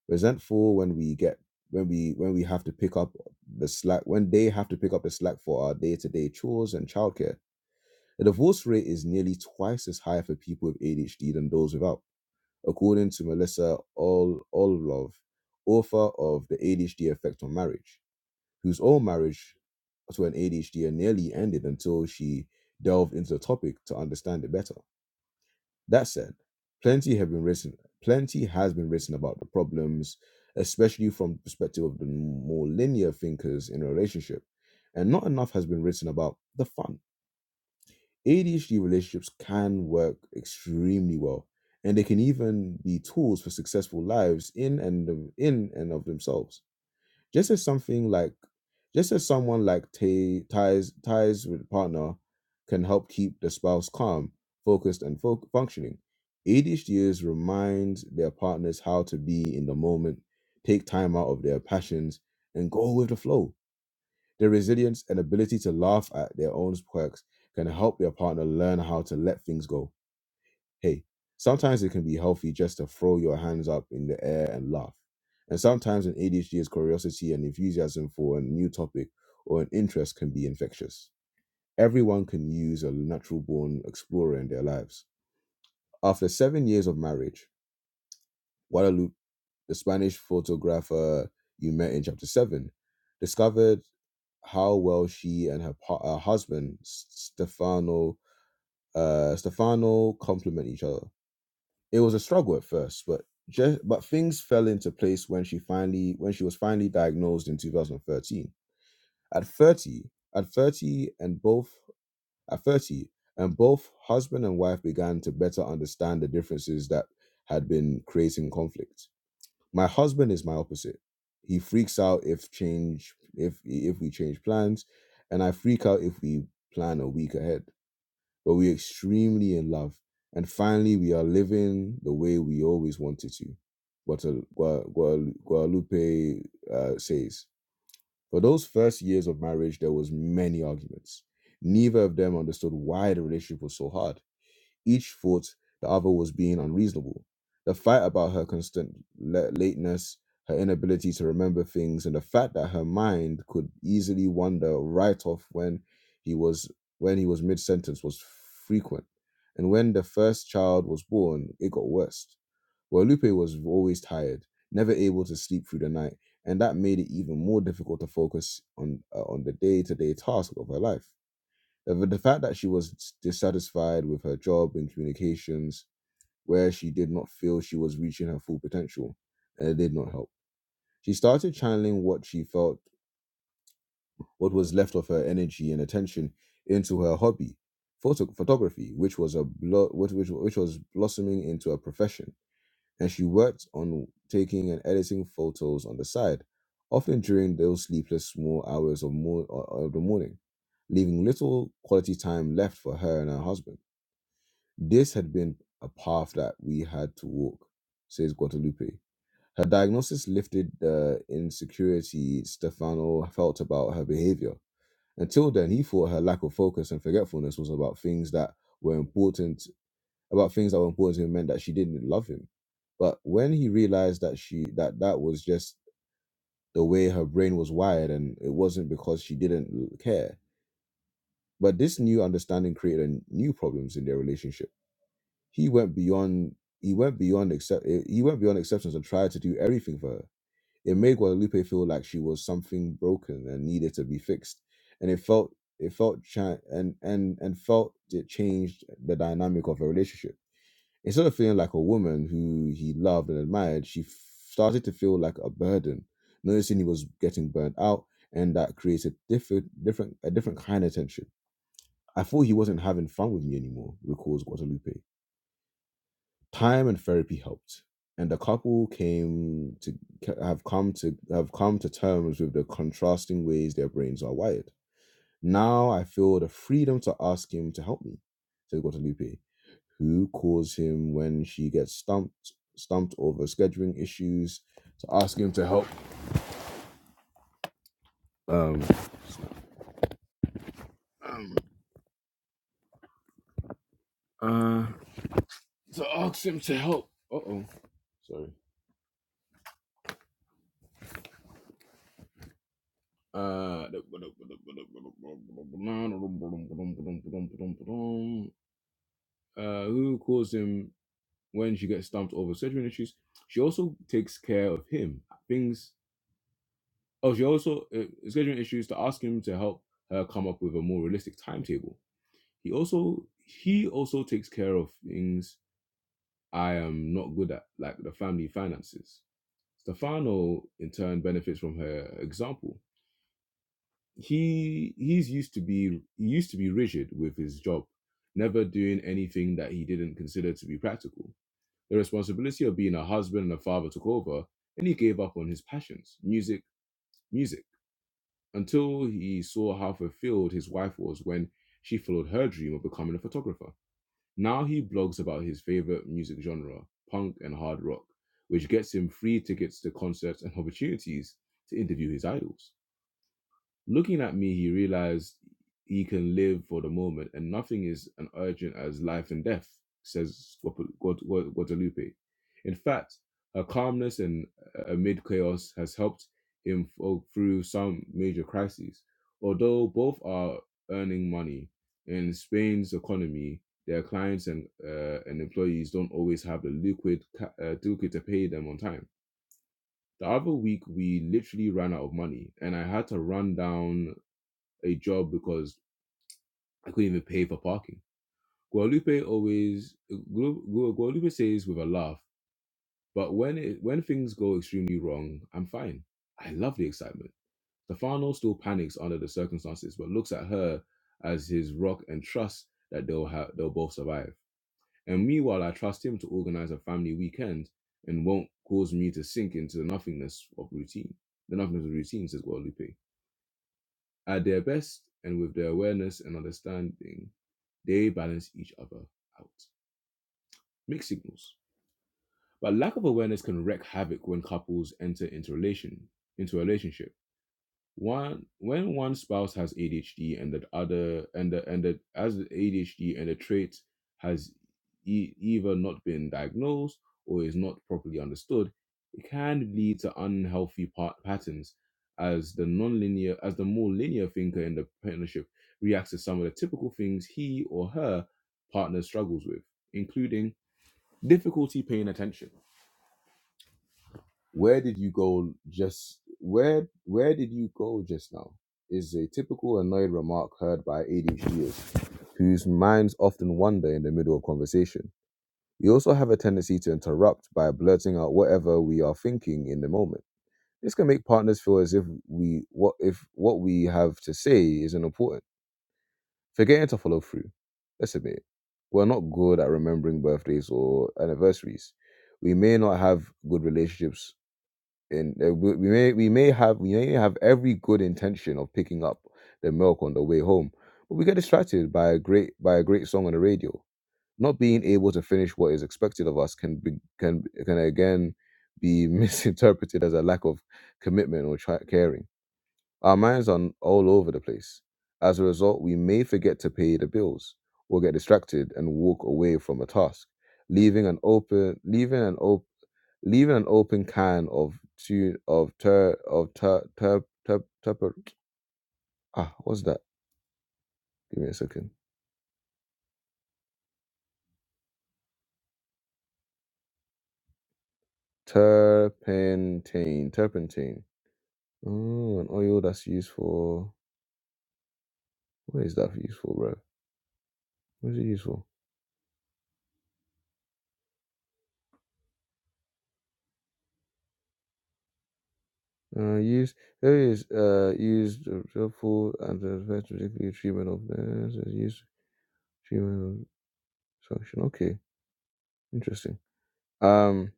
A: resentful when we get when we when we have to pick up the slack when they have to pick up the slack for our day-to-day chores and childcare. The divorce rate is nearly twice as high for people with ADHD than those without, according to Melissa All Allove, author of The ADHD Effect on Marriage, whose own marriage to an ADHD nearly ended until she delved into the topic to understand it better. That said, plenty have been written. Plenty has been written about the problems, especially from the perspective of the more linear thinkers in a relationship, and not enough has been written about the fun. ADHD relationships can work extremely well, and they can even be tools for successful lives in and of, in and of themselves just as something like just as someone like t- ties ties with a partner can help keep the spouse calm focused and fo- functioning adhds reminds their partners how to be in the moment take time out of their passions and go with the flow their resilience and ability to laugh at their own quirks can help their partner learn how to let things go Hey, sometimes it can be healthy just to throw your hands up in the air and laugh. And sometimes an ADHD is curiosity and enthusiasm for a new topic or an interest can be infectious. Everyone can use a natural born explorer in their lives. After seven years of marriage, Guadalupe, the Spanish photographer you met in chapter 7, discovered how well she and her, pa- her husband, S- Stefano, uh, Stefano complement each other. It was a struggle at first, but just, but things fell into place when she finally when she was finally diagnosed in 2013. At 30, at 30 and both at 30 and both husband and wife began to better understand the differences that had been creating conflict. My husband is my opposite. He freaks out if change if if we change plans and I freak out if we plan a week ahead but we're extremely in love. And finally, we are living the way we always wanted to. Guata- Gua- Gua- Guadalupe uh, says, for those first years of marriage, there was many arguments. Neither of them understood why the relationship was so hard each thought the other was being unreasonable. The fight about her constant la- lateness, her inability to remember things, and the fact that her mind could easily wander right off when he was when he was mid sentence was frequent. And when the first child was born, it got worse. Guadalupe was always tired, never able to sleep through the night, and that made it even more difficult to focus on uh, on the day to day task of her life. The, the fact that she was dissatisfied with her job in communications, where she did not feel she was reaching her full potential, and it did not help. She started channeling what she felt, what was left of her energy and attention, into her hobby, photo- photography, which was a blo- which, which which was blossoming into a profession. And she worked on taking and editing photos on the side, often during those sleepless small hours of, mo- of the morning leaving little quality time left for her and her husband. This had been a path that we had to walk, says Guadalupe. Her diagnosis lifted the insecurity Stefano felt about her behavior. Until then, he thought her lack of focus and forgetfulness was about things that were important, about things that were important to him meant that she didn't love him. But when he realized that she that that was just the way her brain was wired, and it wasn't because she didn't care. But this new understanding created new problems in their relationship He went beyond. He went beyond accept. He went beyond acceptance and tried to do everything for her. It made Guadalupe feel like she was something broken and needed to be fixed, and it felt it felt cha- and and and felt it changed the dynamic of her relationship. Instead of feeling like a woman who he loved and admired, she f- started to feel like a burden. Noticing he was getting burnt out, and that created different different a different kind of tension. I thought he wasn't having fun with me anymore, recalls Guadalupe. Time and therapy helped, and the couple came to have come to have come to terms with the contrasting ways their brains are wired. Now I feel the freedom to ask him to help me, said Guadalupe, who calls him when she gets stumped stumped over scheduling issues to ask him to help um, um uh to ask him to help uh oh sorry uh uh, who calls him when she gets stumped over scheduling issues. She also takes care of him. Things. Oh, she also uh, scheduling issues to ask him to help her come up with a more realistic timetable. He also he also takes care of things I am not good at, like the family finances. Stefano, in turn, benefits from her example. He he's used to be he used to be rigid with his job, never doing anything that he didn't consider to be practical The responsibility of being a husband and a father took over, and he gave up on his passions, music, music, until he saw how fulfilled his wife was when she followed her dream of becoming a photographer. Now he blogs about his favorite music genre, punk and hard rock, which gets him free tickets to concerts and opportunities to interview his idols. Looking at me, he realized he can live for the moment and nothing is as urgent as life and death, says Guapa- Guad- Guad- Guadalupe. In fact, her calmness and uh, amid chaos has helped him fo- through some major crises. Although both are earning money, in Spain's economy, their clients and, uh, and employees don't always have the liquid, ca- uh, liquid to pay them on time. The other week, we literally ran out of money, and I had to run down a job because I couldn't even pay for parking. Guadalupe always Gu- Gu- Guadalupe says with a laugh, but when it, when things go extremely wrong, I'm fine. I love the excitement. Stefano still panics under the circumstances, but looks at her as his rock and trusts that they'll have they'll both survive. And meanwhile, I trust him to organize a family weekend and won't cause me to sink into the nothingness of routine. The nothingness of routine, says Guadalupe. At their best and with their awareness and understanding, They balance each other out. Mixed signals. But lack of awareness can wreak havoc when couples enter into relation into a relationship one when one spouse has ADHD and the other and the and the as the ADHD and the trait has e- either not been diagnosed or is not properly understood, it can lead to unhealthy pa- patterns as the non-linear as the more linear thinker in the partnership reacts to some of the typical things he or her partner struggles with, including difficulty paying attention where did you go just where where did you go just now? Is a typical annoyed remark heard by ADHDers whose minds often wander in the middle of conversation. We also have a tendency to interrupt by blurting out whatever we are thinking in the moment. This can make partners feel as if we what if what we have to say isn't important, forgetting to follow through. Let's admit it. We're not good at remembering birthdays or anniversaries. We may not have good relationships and uh, we we may we may have we may have every good intention of picking up the milk on the way home, but we get distracted by a great by a great song on the radio. Not being able to finish what is expected of us can be, can can again be misinterpreted as a lack of commitment or tri- caring. Our minds are all over the place. As a result, we may forget to pay the bills or get distracted and walk away from a task, leaving an open leaving an open leaving an open can of tu of ter of ter ter ter, terper ah what's that? Give me a second. Turpentine, turpentine. Oh, an oil that's used for what is that used for, bro? What is it used for? Uh, use there is uh used uh, helpful and advice particularly treatment of the use treatment of function. Okay, interesting. Um,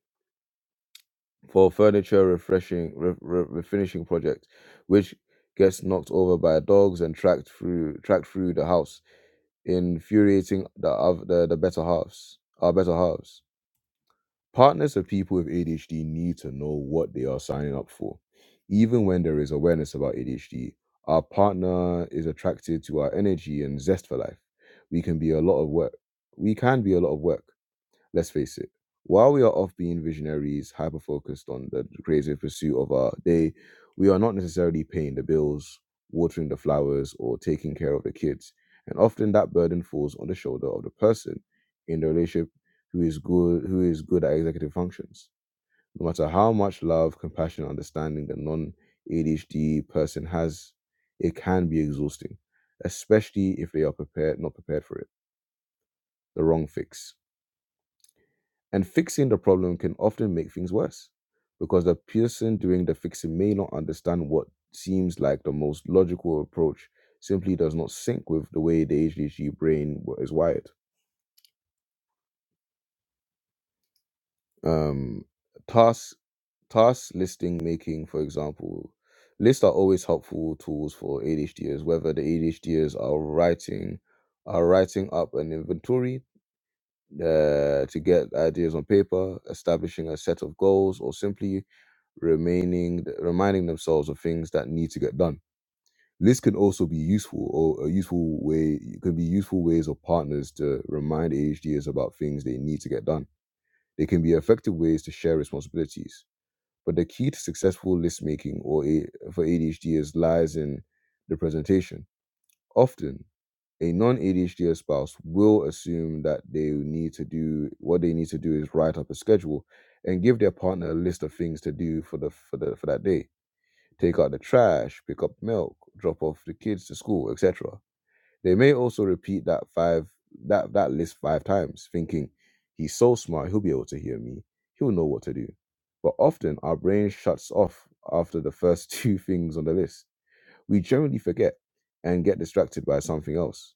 A: for furniture refreshing re- re- refinishing project, which gets knocked over by dogs and tracked through tracked through the house, infuriating the other the, the better halves. Our better halves. Partners of people with ADHD need to know what they are signing up for. Even when there is awareness about ADHD, our partner is attracted to our energy and zest for life. We can be a lot of work. We can be a lot of work. Let's face it. While we are off being visionaries, hyper focused on the creative pursuit of our day, we are not necessarily paying the bills, watering the flowers, or taking care of the kids. And often that burden falls on the shoulder of the person in the relationship who is good who is good at executive functions. No matter how much love, compassion, and understanding the non ADHD person has, it can be exhausting, especially if they are prepared not prepared for it. The wrong fix. And fixing the problem can often make things worse because the person doing the fixing may not understand what seems like the most logical approach simply does not sync with the way the ADHD brain w- is wired. Um, task, task listing making, for example, lists are always helpful tools for ADHDers, whether the ADHDers are writing are writing up an inventory uh, to get ideas on paper, establishing a set of goals, or simply remaining reminding themselves of things that need to get done. Lists can also be useful, or a useful way can be useful ways of partners to remind AHDs about things they need to get done. They can be effective ways to share responsibilities. But the key to successful list making or a, for ADHDs lies in the presentation. Often, a non-ADHD spouse will assume that they need to do what they need to do is write up a schedule and give their partner a list of things to do for the for the for that day. Take out the trash, pick up milk, drop off the kids to school, etc. They may also repeat that five that that list five times, thinking he's so smart, he'll be able to hear me. He'll know what to do. But often our brain shuts off after the first two things on the list we generally forget and get distracted by something else.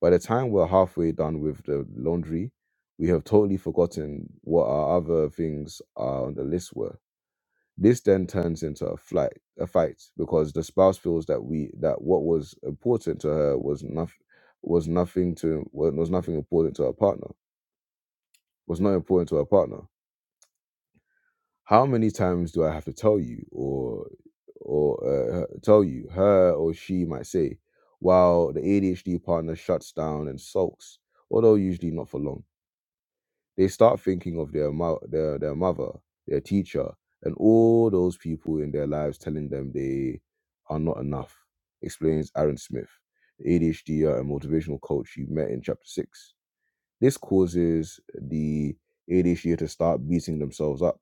A: By the time we're halfway done with the laundry, we have totally forgotten what our other things are on the list were. This then turns into a flight, a fight, because the spouse feels that we that what was important to her was nothing was nothing to was nothing important to her partner was not important to her partner how many times do I have to tell you or or uh, tell you her or she might say while the ADHD partner shuts down and sulks although usually not for long they start thinking of their mo- their their mother their teacher and all those people in their lives telling them they are not enough explains Aaron Smith the ADHD and motivational coach you met in chapter 6 this causes the ADHD to start beating themselves up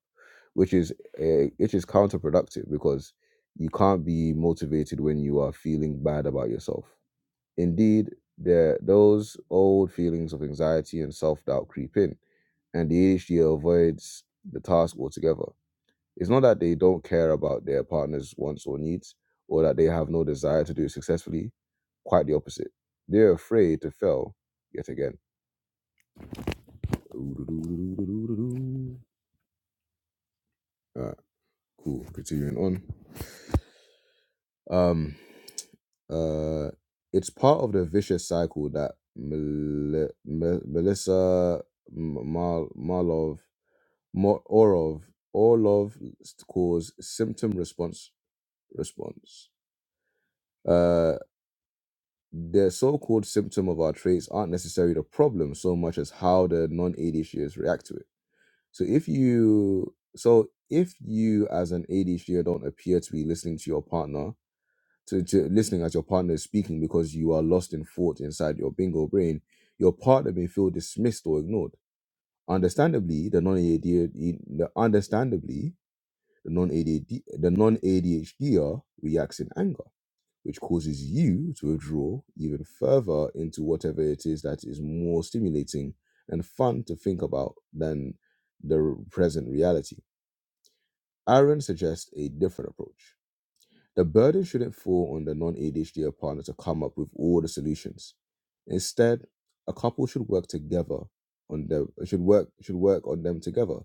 A: which is uh, which is counterproductive because you can't be motivated when you are feeling bad about yourself. Indeed, there those old feelings of anxiety and self doubt creep in, and the ADHD avoids the task altogether. It's not that they don't care about their partner's wants or needs, or that they have no desire to do it successfully. Quite the opposite. They're afraid to fail yet again. Alright, cool. Continuing on. Um, uh, it's part of the vicious cycle that Mel- Mel- Melissa M- Mar- Marlov Mo- Orov Orlov calls symptom response response. Uh, the so-called symptom of our traits aren't necessarily the problem so much as how the non-ADHDers react to it. So if you so if you as an ADHDer don't appear to be listening to your partner to, to listening as your partner is speaking because you are lost in thought inside your bingo brain, your partner may feel dismissed or ignored. Understandably, the non-ADHD, the- understandably, the non-ADHD, the non-ADHDer reacts in anger, which causes you to withdraw even further into whatever it is that is more stimulating and fun to think about than the present reality. Aaron suggests a different approach the burden shouldn't fall on the non ADHD partner to come up with all the solutions. Instead, a couple should work together on them. should work should work on them together,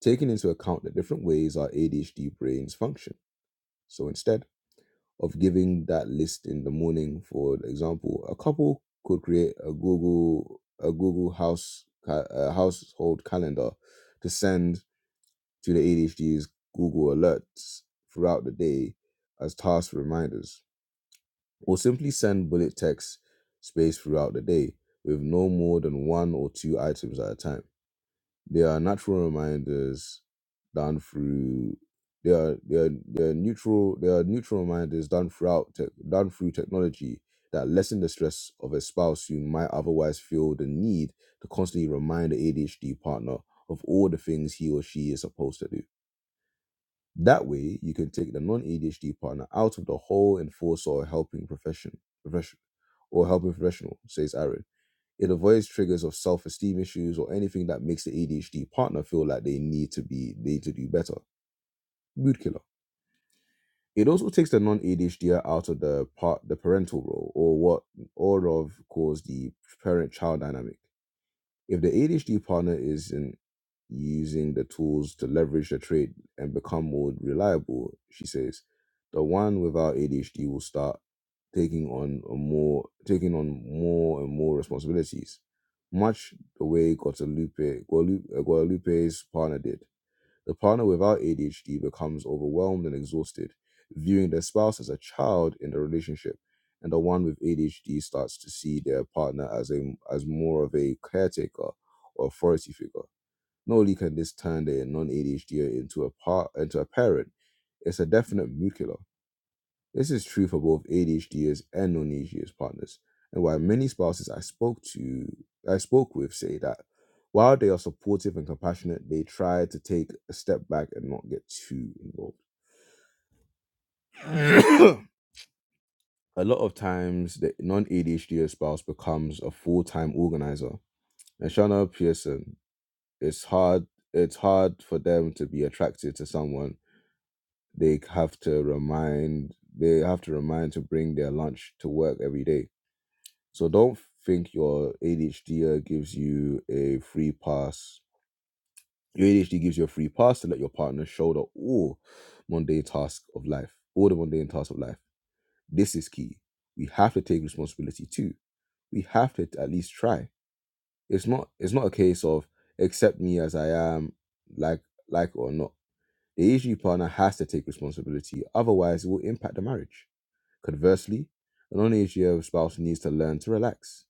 A: taking into account the different ways our ADHD brains function. So instead of giving that list in the morning, for example, a couple could create a Google a Google house ca- uh, household calendar to send to the ADHD's Google alerts throughout the day as task reminders or simply send bullet text space throughout the day with no more than one or two items at a time. They are natural reminders done through they are they are, they are neutral they are neutral reminders done throughout tech done through technology that lessen the stress of a spouse who might otherwise feel the need to constantly remind the ADHD partner of all the things he or she is supposed to do. That way, you can take the non-ADHD partner out of the whole enforcer or helping profession, profession or helping professional, says Aaron. It avoids triggers of self-esteem issues or anything that makes the ADHD partner feel like they need to be they need to do better. Mood killer. It also takes the non-ADHD out of the part the parental role or what all of calls the parent-child dynamic. If the ADHD partner isn't using the tools to leverage the trait and become more reliable, she says, the one without ADHD will start taking on a more taking on more and more responsibilities, much the way Guadalupe, Guadalu- uh, Guadalupe's partner did. The partner without ADHD becomes overwhelmed and exhausted, viewing their spouse as a child in the relationship, and the one with ADHD starts to see their partner as a as more of a caretaker or authority figure. Not only can this turn their non-ADHD into a part into a parent, it's a definite mood killer this is true for both ADHDers and non-ADHD partners, and why many spouses I spoke to, I spoke with, say that while they are supportive and compassionate, they try to take a step back and not get too involved. a lot of times, the non-ADHD spouse becomes a full-time organizer. And Shana Pearson, it's hard. It's hard for them to be attracted to someone they have to remind. They have to remind to bring their lunch to work every day So don't think your ADHD uh, gives you a free pass. Your ADHD gives you a free pass to let your partner shoulder all mundane tasks of life, all the mundane tasks of life. This is key. We have to take responsibility too. We have to at least try. It's not. It's not a case of accept me as I am, like like or not. The ADHD partner has to take responsibility, otherwise it will impact the marriage. Conversely, a non-ADHD spouse needs to learn to relax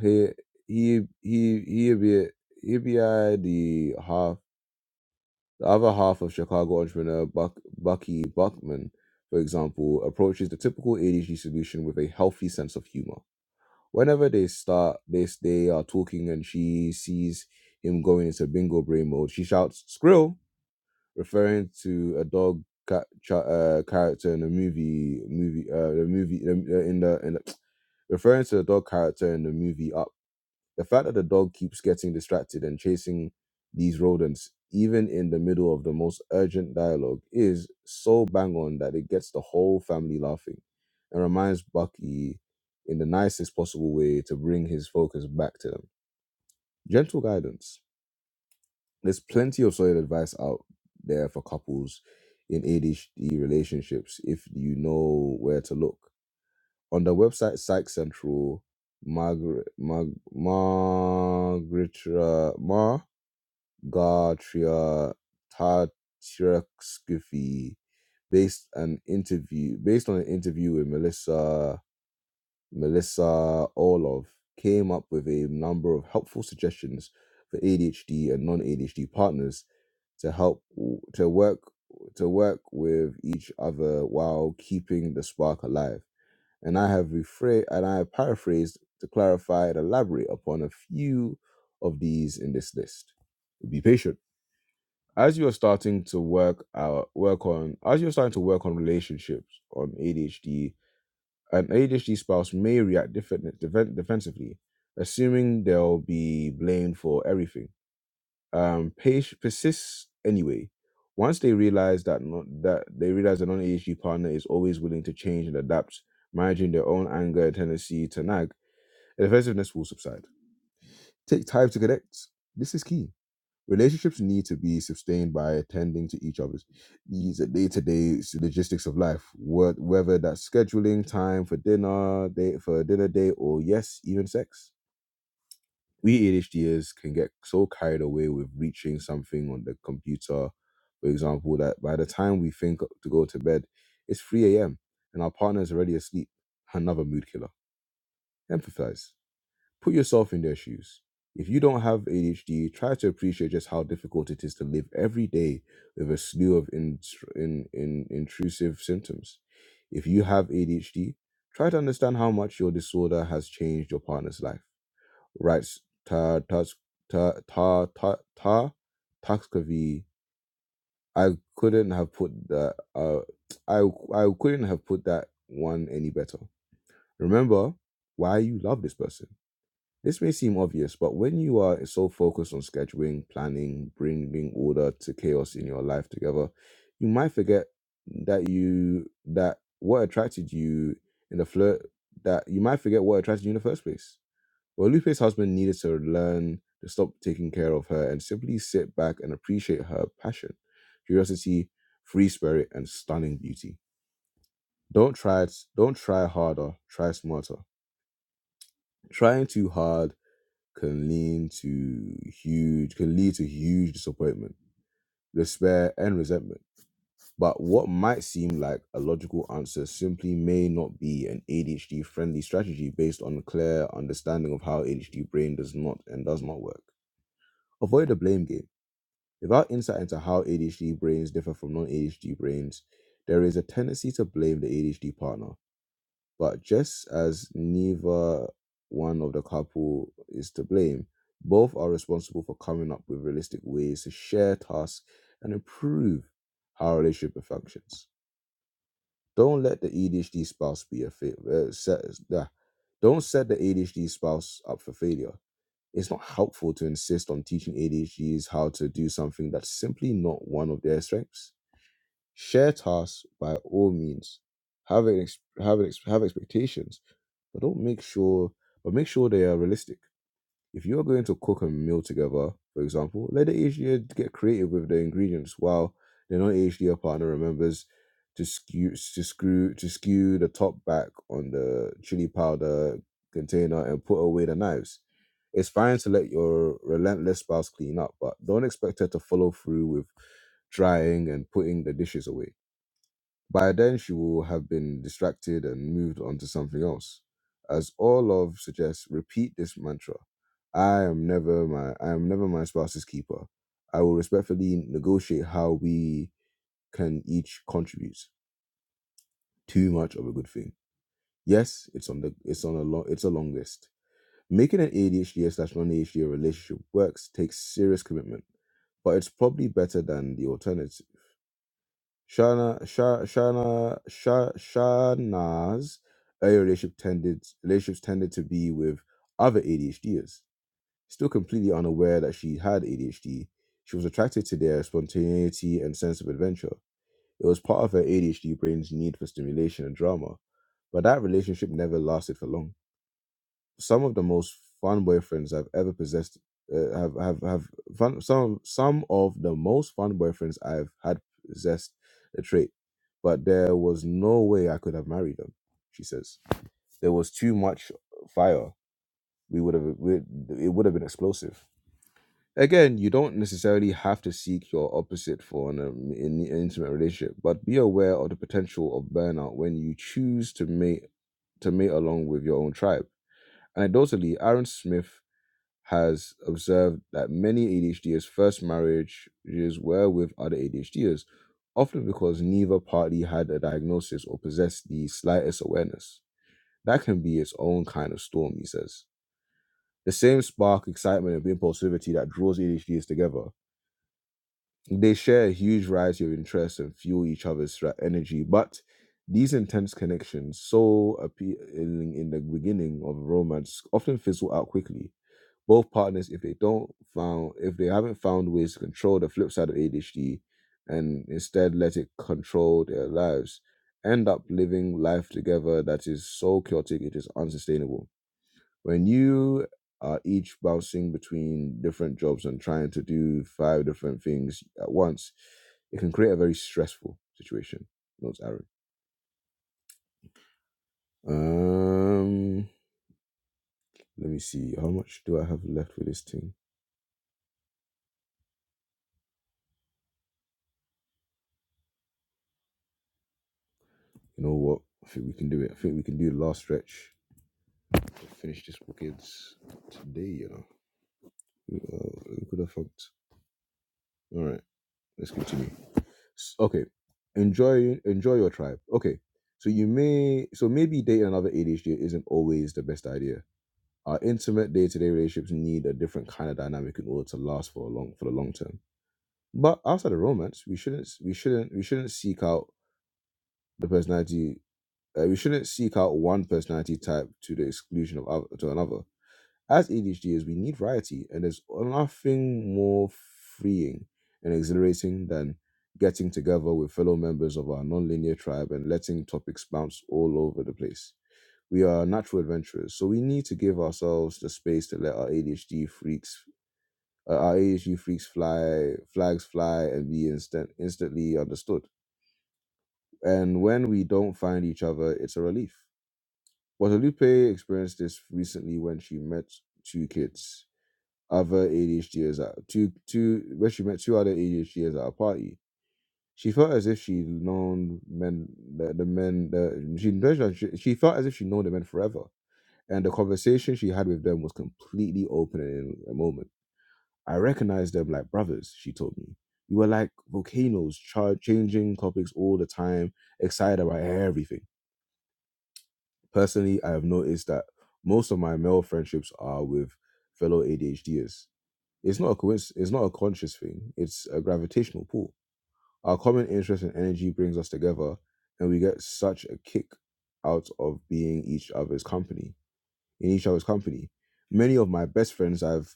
A: he he he he be he be uh, the half the other half of Chicago entrepreneur Buck, Bucky Buckman, for example, approaches the typical ADHD solution with a healthy sense of humor. Whenever they start this, they are talking and she sees him going into bingo brain mode. She shouts "Skrill," referring to a dog ca- cha- uh, character in the movie movie uh, the movie in the in the referring to the dog character in the movie Up the fact that the dog keeps getting distracted and chasing these rodents, even in the middle of the most urgent dialogue, is so bang on that it gets the whole family laughing and reminds Bucky in the nicest possible way to bring his focus back to them. Gentle guidance. There's plenty of solid advice out there for couples in ADHD relationships if you know where to look on the website Psych Central, Margaret Mar- Margaretria Margaretria Tatreskiffy based an interview based on an interview with Melissa Melissa Orlov came up with a number of helpful suggestions for ADHD and non-ADHD partners to help to work to work with each other while keeping the spark alive and I have rephrased and I have paraphrased to clarify and elaborate upon a few of these in this list. Be patient. As you are starting to work out work on as you're starting to work on relationships on ADHD, an ADHD spouse may react different, defen- defensively, assuming they'll be blamed for everything um page persists anyway once they realize that not that they realize the non-AHG partner is always willing to change and adapt managing their own anger and tendency to nag the defensiveness will subside take time to connect this is key relationships need to be sustained by attending to each other's needs the day-to-day logistics of life whe- whether that's scheduling time for dinner date for a dinner date or yes even sex we ADHDers can get so carried away with reaching something on the computer, for example, that by the time we think to go to bed, it's 3 a.m. and our partner's already asleep. Another mood killer. Empathize. Put yourself in their shoes. If you don't have ADHD, try to appreciate just how difficult it is to live every day with a slew of in, in, in, intrusive symptoms. If you have ADHD, try to understand how much your disorder has changed your partner's life Right. Ta ta ta ta ta ta Takavi. I couldn't have put that. Uh, I I couldn't have put that one any better. Remember why you love this person. This may seem obvious, but when you are so focused on scheduling, planning, bringing order to chaos in your life together, you might forget that you that what attracted you in the flirt that you might forget what attracted you in the first place well, Lupe's husband needed to learn to stop taking care of her and simply sit back and appreciate her passion, curiosity, free spirit, and stunning beauty. Don't try it, don't try harder, try smarter. Trying too hard can lead to huge can lead to huge disappointment, despair, and resentment. But what might seem like a logical answer simply may not be an ADHD friendly strategy based on a clear understanding of how ADHD brain does not and does not work. Avoid the blame game. Without insight into how ADHD brains differ from non ADHD brains, there is a tendency to blame the ADHD partner. But just as neither one of the couple is to blame, both are responsible for coming up with realistic ways to share tasks and improve how a relationship functions. Don't let the ADHD spouse be a fa- uh, set, uh, don't set the ADHD spouse up for failure it's not helpful to insist on teaching ADHDs how to do something that's simply not one of their strengths. Share tasks by all means. Have an ex- have an ex- have expectations, but don't make sure but make sure they are realistic. If you're going to cook a meal together, for example, let the each year get creative with the ingredients while the non-each year partner remembers to skew to screw to skew the top back on the chili powder container and put away the knives. It's fine to let your relentless spouse clean up, but don't expect her to follow through with drying and putting the dishes away. By then, she will have been distracted and moved on to something else. As all love suggests, repeat this mantra: "I am never my I am never my spouse's keeper. I will respectfully negotiate how we can each contribute." Too much of a good thing. Yes, it's on the it's on a long it's a long list. Making an ADHD slash non ADHD relationship works takes serious commitment, but it's probably better than the alternative. Shana, Sha, Shana, Sha, Shana's early relationship tended relationships tended to be with other ADHDers. Still completely unaware that she had ADHD, she was attracted to their spontaneity and sense of adventure. It was part of her ADHD brain's need for stimulation and drama, but that relationship never lasted for long some of the most fun boyfriends I've ever possessed uh, have have have fun some some of the most fun boyfriends I've had possessed the trait, but there was no way I could have married them. She says there was too much fire. We would have we, it would have been explosive. Again, you don't necessarily have to seek your opposite for an, um, in, an intimate relationship, but be aware of the potential of burnout when you choose to mate to mate along with your own tribe Anecdotally, Aaron Smith has observed that many ADHDers' first marriages were with other ADHDers, often because neither party had a diagnosis or possessed the slightest awareness. That can be its own kind of storm, he says. The same spark, excitement, and impulsivity that draws ADHDers together. They share a huge variety of interests and fuel each other's energy, but these intense connections, so appealing in the beginning of a romance, often fizzle out quickly both partners if they don't found if they haven't found ways to control the flip side of ADHD and instead let it control their lives end up living life together that is so chaotic it is unsustainable when you are each bouncing between different jobs and trying to do five different things at once it can create a very stressful situation notes Aaron um let me see how much do I have left for this thing you know what I think we can do it I think we can do the last stretch finish this wickets today, you know. We, Uh, we could have fucked. All right, let's continue. S- Okay, enjoy enjoy your tribe. Okay, so you may so maybe dating another ADHD isn't always the best idea. Our intimate day-to-day relationships need a different kind of dynamic in order to last for a long for the long term. But outside of romance, we shouldn't we shouldn't we shouldn't seek out the personality. Uh, we shouldn't seek out one personality type to the exclusion of other, to another As ADHDers, we need variety, and there's nothing more freeing and exhilarating than getting together with fellow members of our nonlinear tribe and letting topics bounce all over the place. We are natural adventurers, so we need to give ourselves the space to let our ADHD freaks, uh, our ADHD freaks fly, flags fly, and be instant, instantly understood. And when we don't find each other, it's a relief. Guadalupe experienced this recently when she met two kids other ADHDers at two two where she met two other ADHDers at a party. She felt as if she'd known men the, the men the she, no, no, she she felt as if she'd known the men forever. And the conversation she had with them was completely open and in a moment. I recognized them like brothers, she told me. We were like volcanoes, char- changing topics all the time, excited about everything. Personally, I have noticed that most of my male friendships are with fellow ADHDers It's not a coinc- It's not a conscious thing. It's a gravitational pull. Our common interest and energy brings us together, and we get such a kick out of being each other's company. In each other's company, many of my best friends I've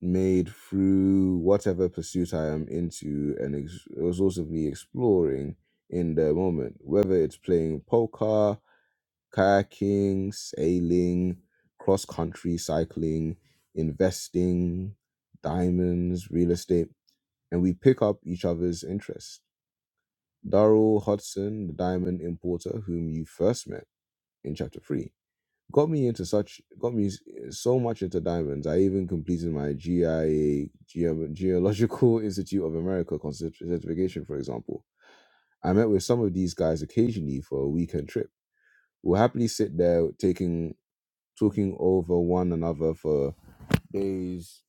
A: made through whatever pursuit I am into and ex- exhaustively exploring in the moment, whether it's playing poker kayaking, sailing, cross country cycling, investing, diamonds, real estate, and we pick up each other's interests. Daryl Hudson, the diamond importer whom you first met in chapter 3, got me into such got me s- so much into diamonds. I even completed my GIA Geo- Geological Institute of America con- certification, for example. I met with some of these guys occasionally for a weekend trip. We'll happily sit there taking talking over one another for days,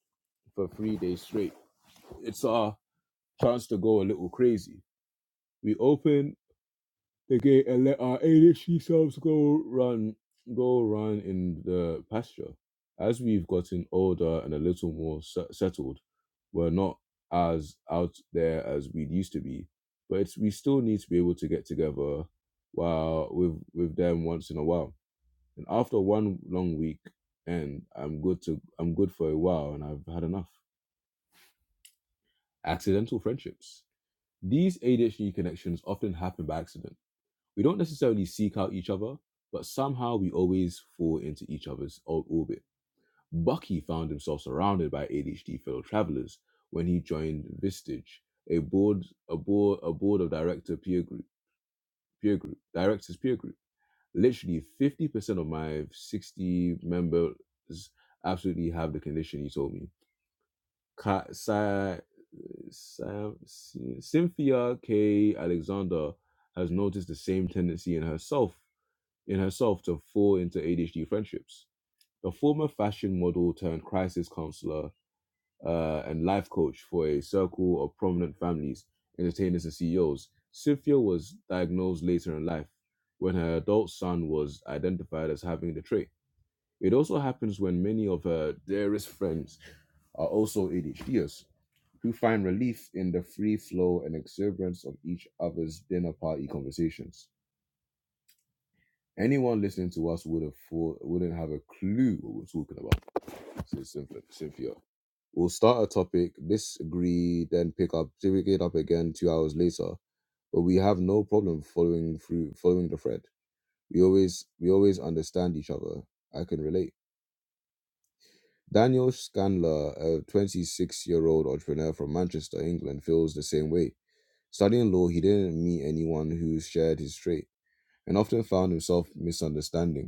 A: for three days straight. It's our chance to go a little crazy. We open the gate and let our ADHD selves go run, go run in the pasture. As we've gotten older and a little more se- settled, we're not as out there as we used to be, but it's, we still need to be able to get together while with with them once in a while and after one long week, and I'm good to I'm good for a while, and I've had enough. Accidental friendships. These ADHD connections often happen by accident. We don't necessarily seek out each other, but somehow we always fall into each other's old orbit. Bucky found himself surrounded by ADHD fellow travelers when he joined Vistage, a board a board a board of director peer group peer group directors peer group. Literally 50% of my 60 members absolutely have the condition you told me. Ka- Sa- Sa- Cynthia K. Alexander has noticed the same tendency in herself in herself to fall into ADHD friendships. The former fashion model turned crisis counselor uh, and life coach for a circle of prominent families, entertainers, and CEOs. Cynthia was diagnosed later in life when her adult son was identified as having the trait. It also happens when many of her dearest friends are also ADHDers who find relief in the free flow and exuberance of each other's dinner party conversations. Anyone listening to us would have thought, wouldn't have a clue what we're talking about. So it's Cynthia. Cynthia. We'll start a topic, disagree, then pick up, pick it up again two hours later. But we have no problem following through, following the thread. We always, we always understand each other. I can relate. Daniel Scanlon, a 26 year old entrepreneur from Manchester, England, feels the same way. Studying law, he didn't meet anyone who shared his trait and often found himself misunderstanding.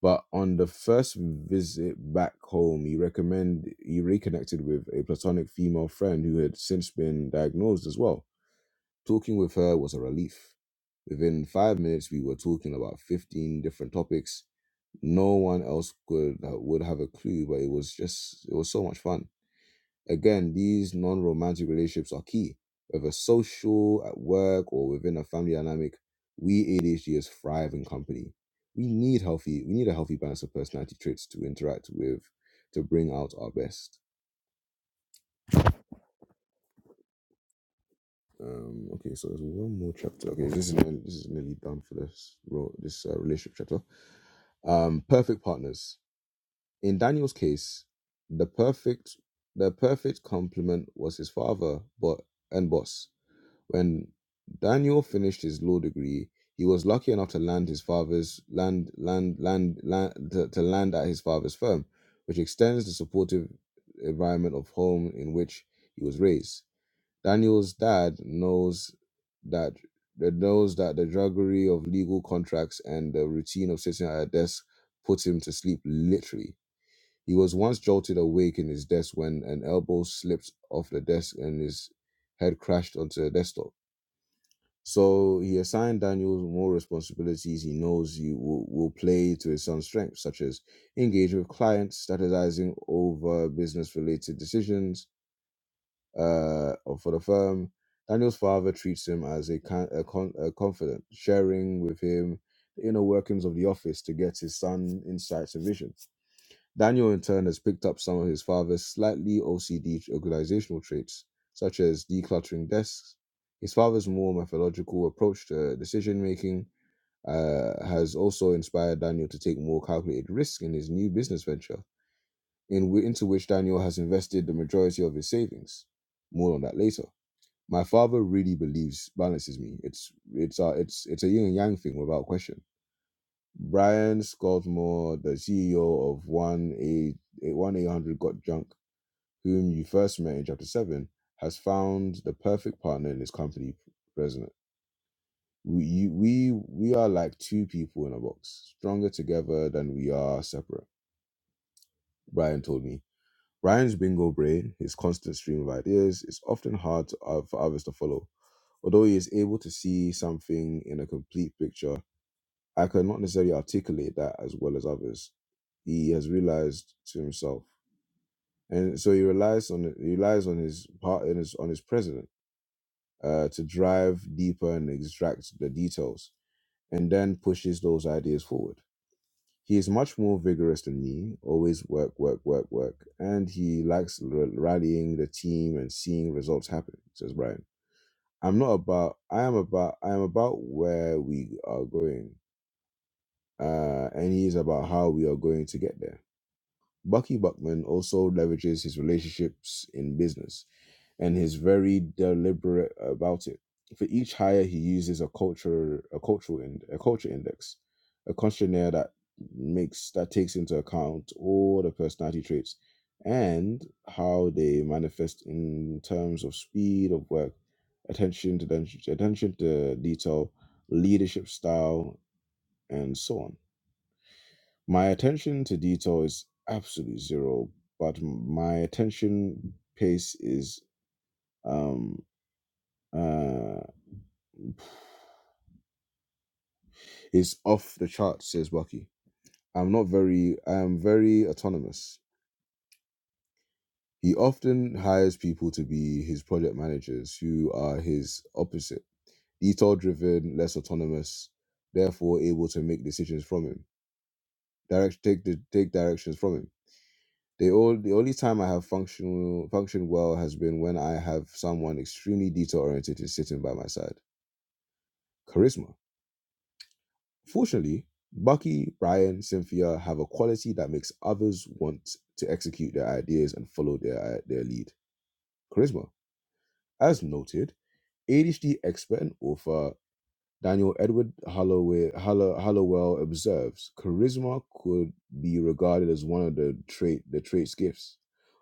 A: But on the first visit back home, he recommend he reconnected with a platonic female friend who had since been diagnosed as well. Talking with her was a relief. Within five minutes, we were talking about fifteen different topics. No one else could uh, would have a clue, but it was just it was so much fun. Again, these non romantic relationships are key, whether social, at work, or within a family dynamic. We ADHDers thrive in company. We need healthy. We need a healthy balance of personality traits to interact with, to bring out our best. Um, okay, so there's one more chapter. Okay, this is nearly, this is nearly done for this ro- this uh, relationship chapter. Um, perfect partners. In Daniel's case, the perfect the perfect complement was his father, but and boss. When Daniel finished his law degree, he was lucky enough to land his father's land land land, land to, to land at his father's firm, which extends the supportive environment of home in which he was raised. Daniel's dad knows that that knows that the drudgery of legal contracts and the routine of sitting at a desk put him to sleep literally. He was once jolted awake in his desk when an elbow slipped off the desk and his head crashed onto the desktop. So he assigned Daniel more responsibilities he knows he will, will play to his son's strengths, such as engaging with clients, strategizing over business related decisions uh, for the firm. Daniel's father treats him as a, con- a, con- a confidant, sharing with him the inner workings of the office to get his son insights and vision. Daniel, in turn, has picked up some of his father's slightly OCD organizational traits, such as decluttering desks. His father's more methodological approach to decision making uh, has also inspired Daniel to take more calculated risk in his new business venture, in w- into which Daniel has invested the majority of his savings. More on that later. My father really believes balances me. It's it's uh, it's it's a yin and yang thing without question. Brian Scott Moore, the CEO of 1-800 Got Junk, whom you first met in chapter 7, has found the perfect partner in his company president. We, you, we, we are like two people in a box, stronger together than we are separate, Brian told me. Brian's bingo brain, his constant stream of ideas, is often hard to, uh, for others to follow. Although he is able to see something in a complete picture, I could not necessarily articulate that as well as others. He has realized to himself, and so he relies on he relies on his part in his on his president uh, to drive deeper and extract the details, and then pushes those ideas forward. He is much more vigorous than me. Always work, work, work, work, and he likes r- rallying the team and seeing results happen. Says Brian. I'm not about. I am about. I am about where we are going, uh, and he is about how we are going to get there Bucky Buckman also leverages his relationships in business and is very deliberate about it. For each hire, he uses a culture, a cultural, ind- a culture index, a questionnaire that makes that takes into account all the personality traits and how they manifest in terms of speed of work, attention to attention to detail, leadership style, and so on. My attention to detail is absolute zero, but m- my attention pace is um uh is off the chart, says Bucky. I'm not very I am very autonomous. He often hires people to be his project managers who are his opposite. Detail driven, less autonomous, therefore able to make decisions from him. Direct take the take directions from him. The all the only time I have functional functioned well has been when I have someone extremely detail oriented sitting by my side. Charisma. Fortunately, Bucky, Brian, Cynthia have a quality that makes others want to execute their ideas and follow their their lead. Charisma. As noted, ADHD expert and author Daniel Edward Holloway, Hollow, Hollowell observes, charisma could be regarded as one of the trait the trait's gifts.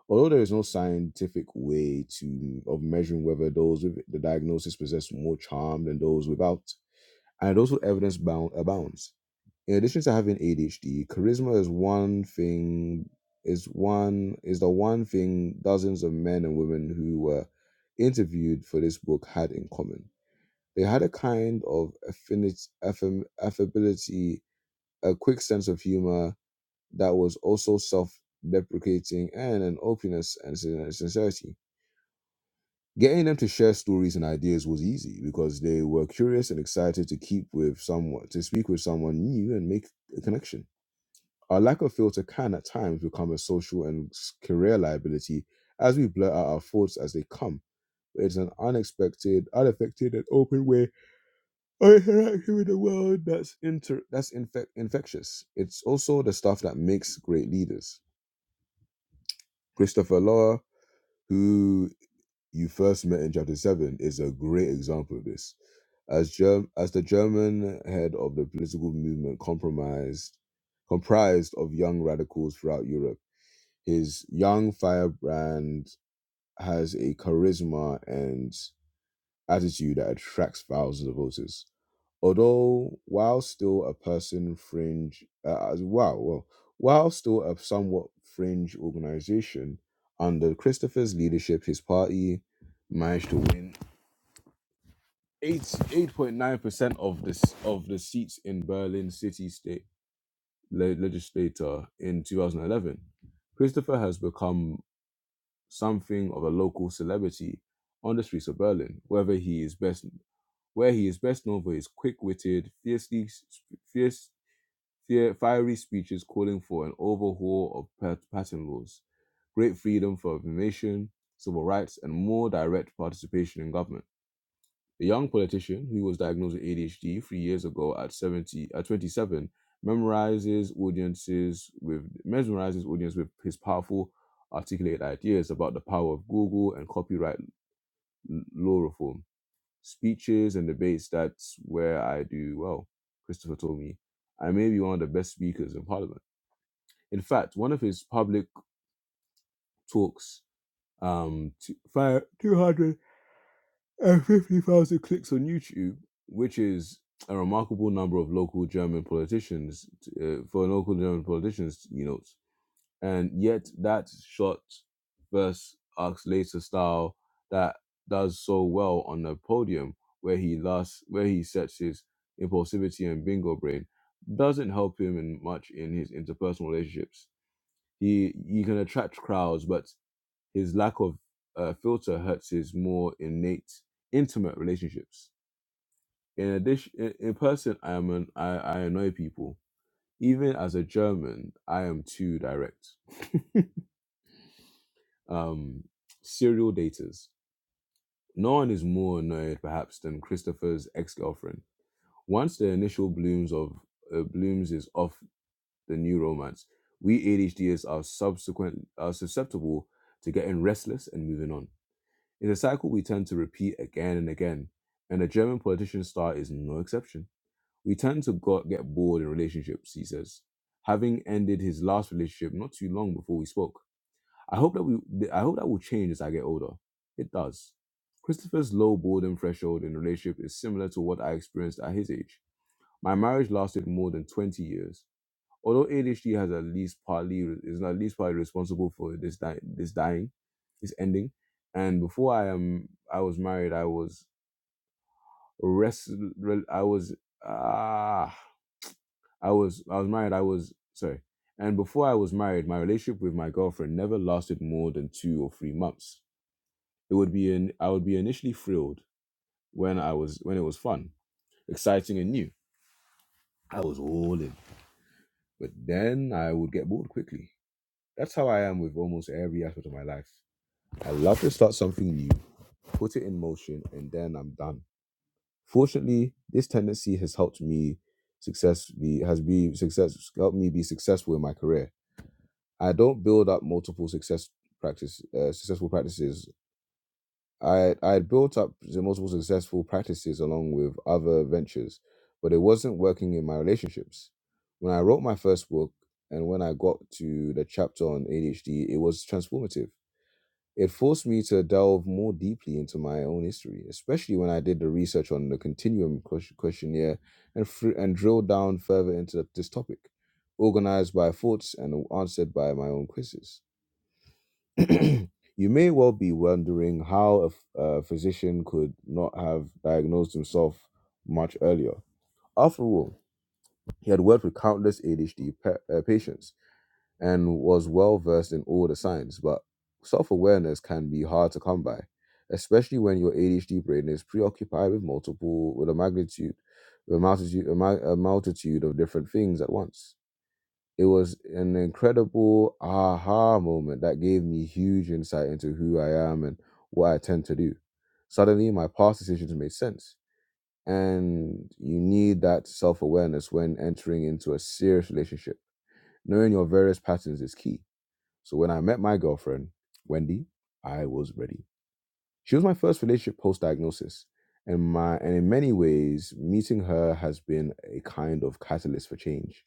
A: Although there is no scientific way to of measuring whether those with the diagnosis possess more charm than those without, and also evidence bound abounds. In addition to having ADHD, charisma is one thing is one is the one thing dozens of men and women who were interviewed for this book had in common they had a kind of affinity, affam- affability, a quick sense of humor that was also self deprecating, and an openness and sin- sincerity. Getting them to share stories and ideas was easy because they were curious and excited to keep with someone, to speak with someone new and make a connection. Our lack of filter can at times become a social and s- career liability as we blurt out our thoughts as they come. But it's an unexpected, unaffected, and open way Oh, yeah, right, I interact with the world that's inter that's infect infectious. It's also the stuff that makes great leaders. Christopher Loa, who you first met in chapter seven, is a great example of this. As Germ- as the German head of the political movement compromised comprised of young radicals throughout Europe, his young firebrand has a charisma and attitude that attracts thousands of voters. Although, while still a person fringe, uh, as well, well, while still a somewhat fringe organization, under Christopher's leadership, his party managed to win eight eight point nine percent of this of the seats in Berlin city state le- legislature in two thousand eleven. Christopher has become something of a local celebrity on the streets of Berlin, whether he is best where he is best known for his quick-witted, fiercely, fierce, fier- fiery speeches calling for an overhaul of patent laws, great freedom for information, civil rights, and more direct participation in government. The young politician, who was diagnosed with ADHD three years ago at 70, at 27, memorizes audiences with mesmerizes audience with his powerful, articulated ideas about the power of Google and copyright law reform. Speeches and debates, that's where I do well, Christopher told me. I may be one of the best speakers in parliament. In fact, one of his public talks um, to, fire two hundred and 50,000 clicks on YouTube, which is a remarkable number of local German politicians uh, for local German politicians, you know. And yet that short verse Later style that does so well on the podium where he last where he sets his impulsivity and bingo brain doesn't help him in much in his interpersonal relationships. He he can attract crowds, but his lack of uh, filter hurts his more innate, intimate relationships. In addition, in, in person, I am an I, I annoy people. Even as a German, I am too direct. Um, serial daters. No one is more annoyed, perhaps, than Christopher's ex-girlfriend. Once the initial blooms of uh, blooms is off the new romance, we ADHDers are subsequent are susceptible to getting restless and moving on It's a cycle we tend to repeat again and again, and the German politician star is no exception. We tend to go- get bored in relationships, he says, having ended his last relationship not too long before we spoke. I hope that we, I hope that will change as I get older. It does. Christopher's low boredom threshold in a relationship is similar to what I experienced at his age. My marriage lasted more than 20 years although ADHD has at least partly is at least partly responsible for this di- this dying, this ending. And before I am, I was married. I was rest. I was ah. I was I was married. I was sorry. And before I was married, my relationship with my girlfriend never lasted more than two or three months. It would be an I would be initially thrilled when I was when it was fun, exciting, and new. I was all in, but then I would get bored quickly. That's how I am with almost every aspect of my life. I love to start something new, put it in motion, and then I'm done. Fortunately, this tendency has helped me successfully has be success helped me be successful in my career. I don't build up multiple success practice uh, successful practices. I I had built up the multiple successful practices along with other ventures, but it wasn't working in my relationships. When I wrote my first book and when I got to the chapter on ADHD, it was transformative It forced me to delve more deeply into my own history, especially when I did the research on the Continuum ques- questionnaire and, fr- and drilled down further into th- this topic, organized by thoughts and answered by my own quizzes. you may well be wondering how a, f- a physician could not have diagnosed himself much earlier. After all, he had worked with countless ADHD pa- uh, patients and was well versed in all the signs, but self awareness can be hard to come by, especially when your ADHD brain is preoccupied with multiple, with a magnitude, with a multitude, a, ma- a multitude of different things at once. It was an incredible aha moment that gave me huge insight into who I am and what I tend to do. Suddenly, my past decisions made sense. And you need that self awareness when entering into a serious relationship. Knowing your various patterns is key so when I met my girlfriend, Wendy, I was ready. She was my first relationship post diagnosis. And my and in many ways, meeting her has been a kind of catalyst for change.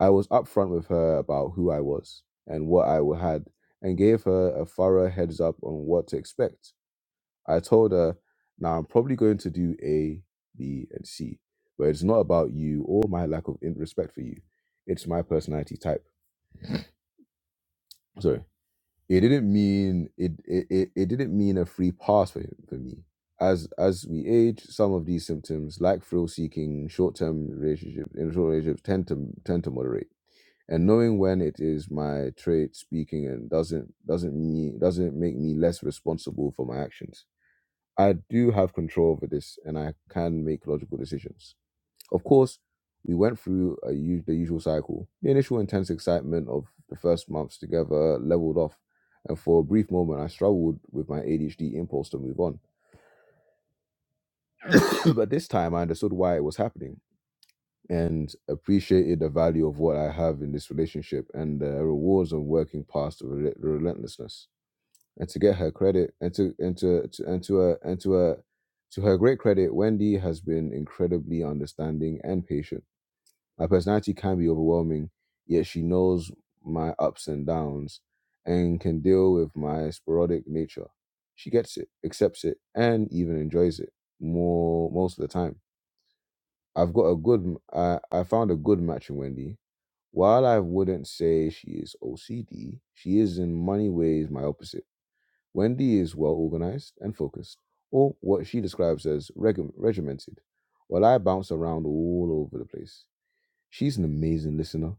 A: I was upfront with her about who I was and what I had and gave her a thorough heads up on what to expect. I told her, now I'm probably going to do A, B, and C, but it's not about you or my lack of respect for you. It's my personality type. Sorry. it didn't mean it it, it it didn't mean a free pass for him for me as as we age some of these symptoms like thrill seeking short-term relationships in short relationships tend to tend to moderate and knowing when it is my trait speaking and doesn't doesn't me doesn't make me less responsible for my actions i do have control over this and i can make logical decisions of course, we went through a, u- the usual cycle. The initial intense excitement of the first months together leveled off, and for a brief moment, I struggled with my ADHD impulse to move on. but this time, I understood why it was happening and appreciated the value of what I have in this relationship and the rewards of working past the rel- relentlessness. And to get her credit, and to and to, to and to her and to her to her great credit, Wendy has been incredibly understanding and patient My personality can be overwhelming, yet she knows my ups and downs and can deal with my sporadic nature. She gets it, accepts it, and even enjoys it more most of the time. I've got a good I, I found a good match in Wendy. While I wouldn't say she is OCD, she is in many ways my opposite. Wendy is well organized and focused, or what she describes as reg- regimented, while I bounce around all over the place. She's an amazing listener.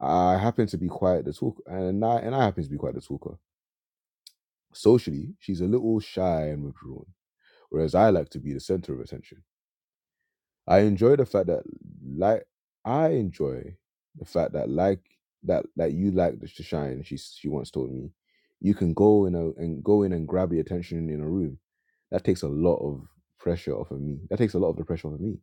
A: I happen to be quite the talker, and I and I happen to be quite the talker. Socially, she's a little shy and withdrawn, whereas I like to be the center of attention. I enjoy the fact that like I enjoy the fact that like that that you like to shine. She she once told me, you can go in a, and go in and grab the attention in a room. That takes a lot of pressure off of me. That takes a lot of the pressure off of me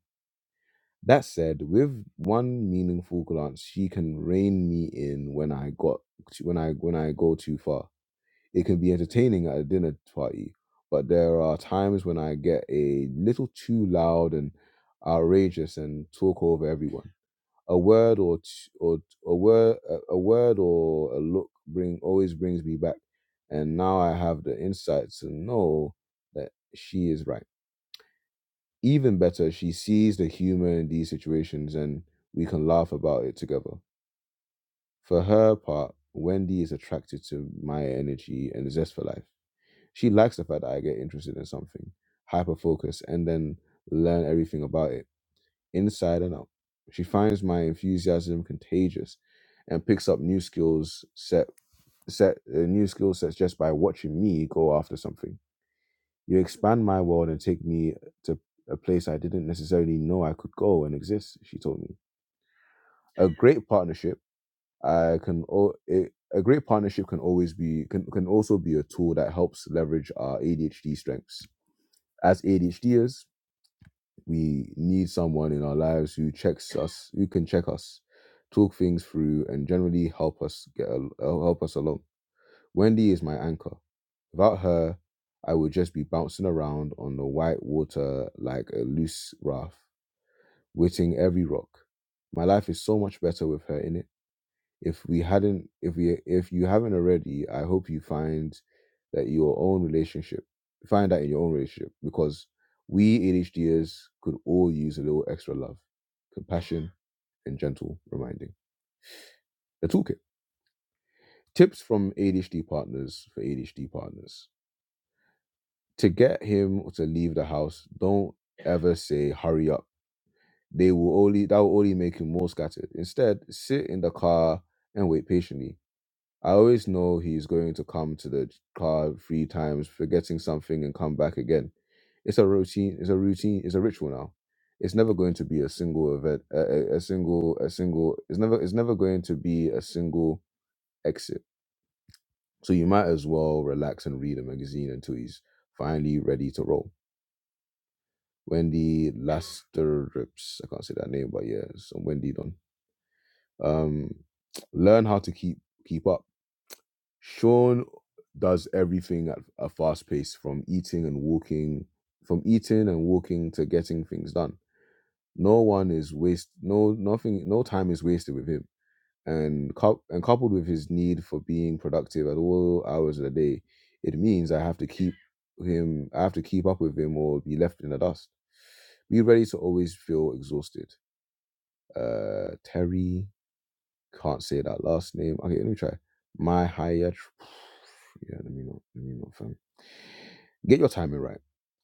A: That said, with one meaningful glance, she can rein me in when I got when I when I go too far. It can be entertaining at a dinner party, but there are times when I get a little too loud and outrageous and talk over everyone. A word or t- or a word a word or a look bring always brings me back, and now I have the insight to know that she is right even better, she sees the humor in these situations and we can laugh about it together. For her part, Wendy is attracted to my energy and zest for life. She likes the fact that I get interested in something, hyper focus, and then learn everything about it, inside and out. She finds my enthusiasm contagious and picks up new skills set set uh, new skill sets just by watching me go after something. You expand my world and take me to a place I didn't necessarily know I could go and exist, she told me. A great partnership I can o- it, a great partnership can always be can, can also be a tool that helps leverage our ADHD strengths. As ADHDers, we need someone in our lives who checks us, who can check us, talk things through, and generally help us get al- uh, help us along Wendy is my anchor. Without her, I would just be bouncing around on the white water like a loose raft, witting every rock. My life is so much better with her in it. If we hadn't, if we, if you haven't already, I hope you find that your own relationship, find that in your own relationship, because we ADHDers could all use a little extra love, compassion, and gentle reminding. The toolkit tips from ADHD partners for ADHD partners. to get him to leave the house, don't ever say hurry up. They will only that will only make him more scattered. Instead, sit in the car and wait patiently. I always know he's going to come to the car three times, forgetting something and come back again. It's a routine. It's a routine. It's a ritual now. It's never going to be a single event. A, a, a single. A single. It's never. It's never going to be a single exit. So you might as well relax and read a magazine until he's finally ready to roll Wendy Lasterups. I can't say that name, but yeah, it's on Wendy Don. Um, learn how to keep keep up. Sean does everything at a fast pace, from eating and walking, from eating and walking to getting things done. No one is waste. No, nothing. No time is wasted with him. And cou- and coupled with his need for being productive at all hours of the day, it means I have to keep him. I have to keep up with him or be left in the dust. Be ready to always feel exhausted uh Terry can't say that last name. Okay, let me try. My higher yeah, let me not let me not fam. Get your timing right.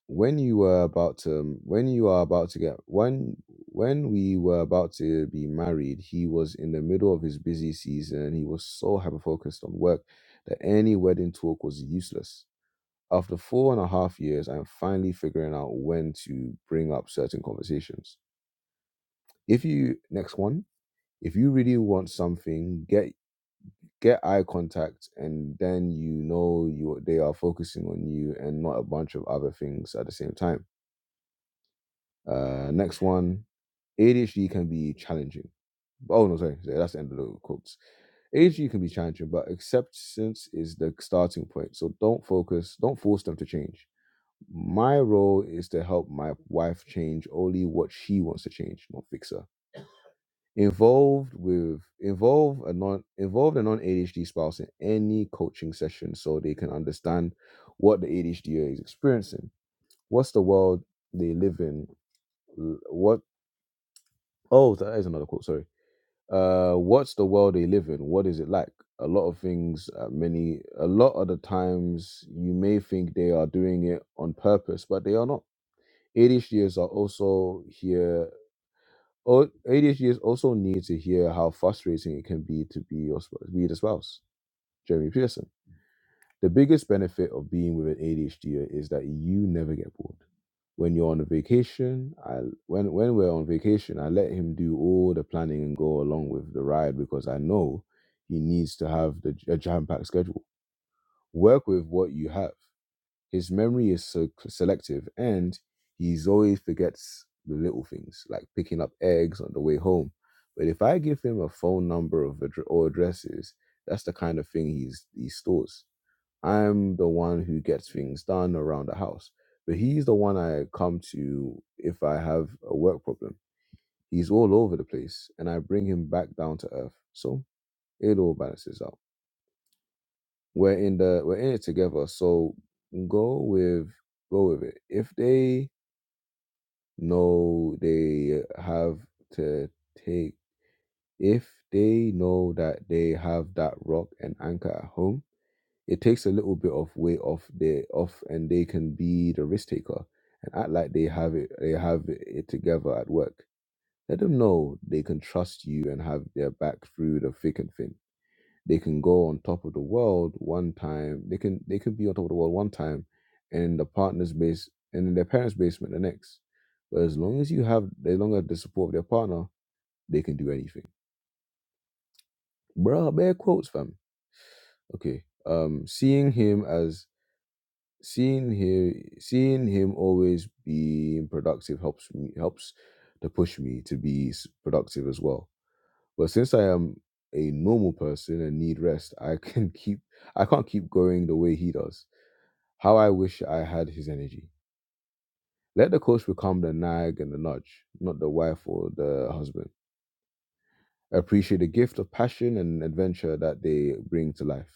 A: When you were about to um, when you are about to get when when we were about to be married, he was in the middle of his busy season. He was so hyper focused on work that any wedding talk was useless. After four and a half years, I'm finally figuring out when to bring up certain conversations. If you next one if you really want something get get eye contact and then you know you they are focusing on you and not a bunch of other things at the same time uh next one adhd can be challenging oh no sorry sorry, that's the end of the quotes adhd can be challenging but acceptance is the starting point so don't focus don't force them to change my role is to help my wife change only what she wants to change not fix her Involved with involve a non involve a non ADHD spouse in any coaching session so they can understand what the ADHD is experiencing. What's the world they live in? L- What oh that is another quote, sorry. Uh what's the world they live in? What is it like? A lot of things uh, many a lot of the times you may think they are doing it on purpose, but they are not. ADHDers are also here O- ADHDers also need to hear how frustrating it can be to be your sp- be the spouse. Jeremy Pearson. The biggest benefit of being with an ADHD is that you never get bored. When you're on a vacation, I when when we're on vacation, I let him do all the planning and go along with the ride because I know he needs to have the j- a jam-packed schedule. Work with what you have his memory is so selective, and he always forgets the little things, like picking up eggs on the way home. But if I give him a phone number of addr- or addresses, that's the kind of thing he's he stores. I'm the one who gets things done around the house, but he's the one I come to if I have a work problem. He's all over the place, and I bring him back down to earth. So it all balances out we're in the we're in it together. So go with go with it. If they know they have to take if they know that they have that rock and anchor at home, it takes a little bit of weight off their off and they can be the risk taker and act like they have it they have it it together at work. Let them know they can trust you and have their back through the thick and thin they can go on top of the world one time. They can they can be on top of the world one time, and in the partner's base and in their parents' basement the next. But as long as you have as long as the support of their partner, they can do anything. Bruh, bare quotes, fam. Okay. Um, seeing him as seeing him seeing him always being productive helps me helps to push me to be s- productive as well. But since I am a normal person and need rest, I can keep I can't keep going the way he does. How I wish I had his energy. Let the coach become the nag and the nudge, not the wife or the husband. Appreciate the gift of passion and adventure that they bring to life.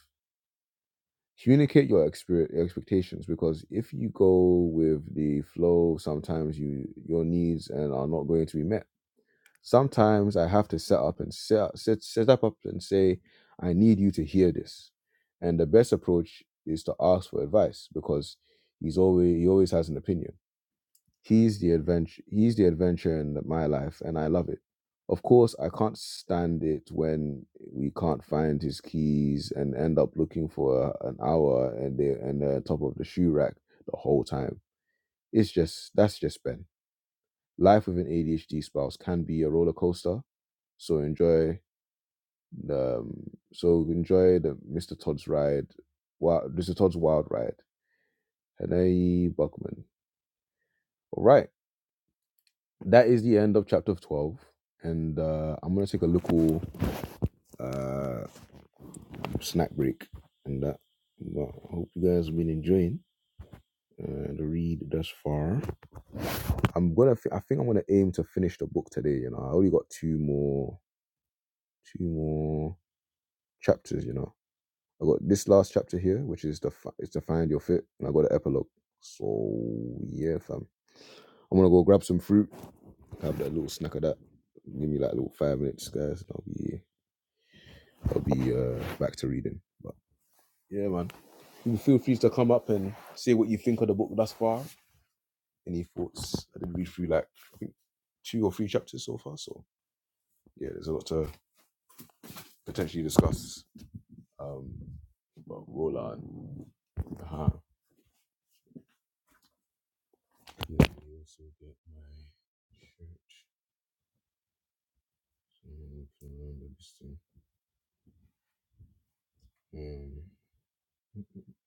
A: Communicate your exper- expectations because if you go with the flow, sometimes you your needs and are not going to be met. Sometimes I have to set up and set, set, set up up and say, I need you to hear this. And the best approach is to ask for advice because he's always he always has an opinion He's the adventure. He's the adventure in my life, and I love it. Of course, I can't stand it when we can't find his keys and end up looking for an hour and they and they're on top of the shoe rack the whole time. It's just that's just Ben. Life with an ADHD spouse can be a roller coaster. So enjoy the um, so enjoy the Mr. Todd's ride. Wow, Mr. Todd's wild ride. Hanae Buckman. All right. that is the end of chapter 12 and uh, i'm going to take a little uh, snack break and that but i hope you guys have been enjoying uh, the read thus far i'm gonna fi- i think i'm gonna aim to finish the book today you know i only got two more two more chapters you know i got this last chapter here which is the fi- is to find your fit and i got an epilogue so yeah fam I'm gonna go grab some fruit, have that little snack of that. Give me like a little five minutes, guys. and I'll be I'll be uh, back to reading. But yeah, man, feel free to come up and say what you think of the book thus far. Any thoughts? I did read through like I think two or three chapters so far. So yeah, there's a lot to potentially discuss. Um, but roll on. Uh-huh. Yeah, I also get my shirt. So I can remember this thing. Um,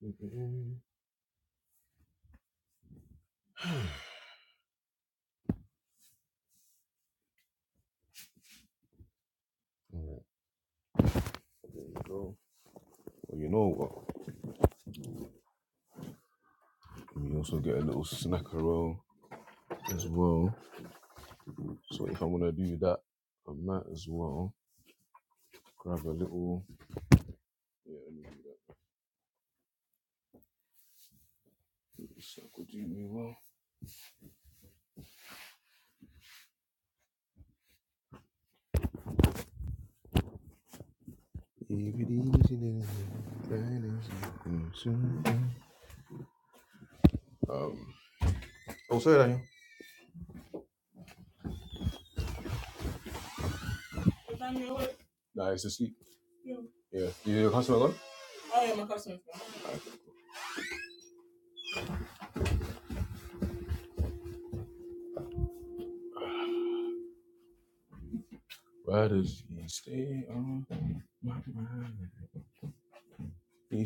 A: mm, mm, mm. All right, there you go. Well, you know what? We also get a little snacker roll as well. So if i want to do that, I might as well grab a little. Yeah, let me do this. That could do me well. Um. Oh, sorry, Daniel. Nah, it's asleep. Yeah. You your customer gone? Oh, yeah, my customer. Why does he stay on my mind? You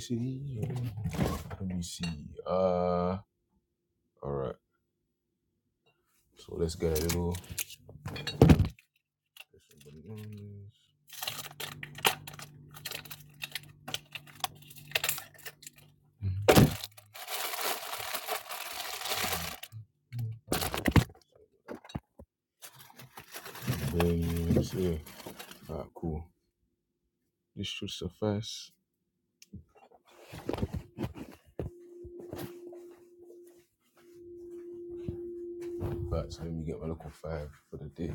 A: let me see. Uh, all right. So let's get a little. Then it's here. Alright, cool. This should suffice. Alright, so let me get my local five for the day.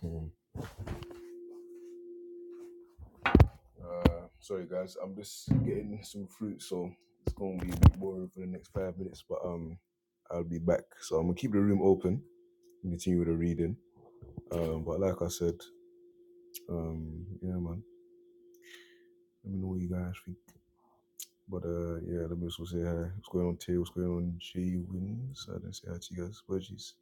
A: Hmm. Uh, sorry guys, I'm just getting some fruit, so it's gonna be a bit boring for the next five minutes, but um, I'll be back. So I'm gonna keep the room open and continue with the reading. Um, but like I said, um, yeah, man, let me know what you guys think. But uh, yeah, let me also say hi. What's going on, Tay? What's going on, J Wins? I didn't say hi to you guys. Apologies.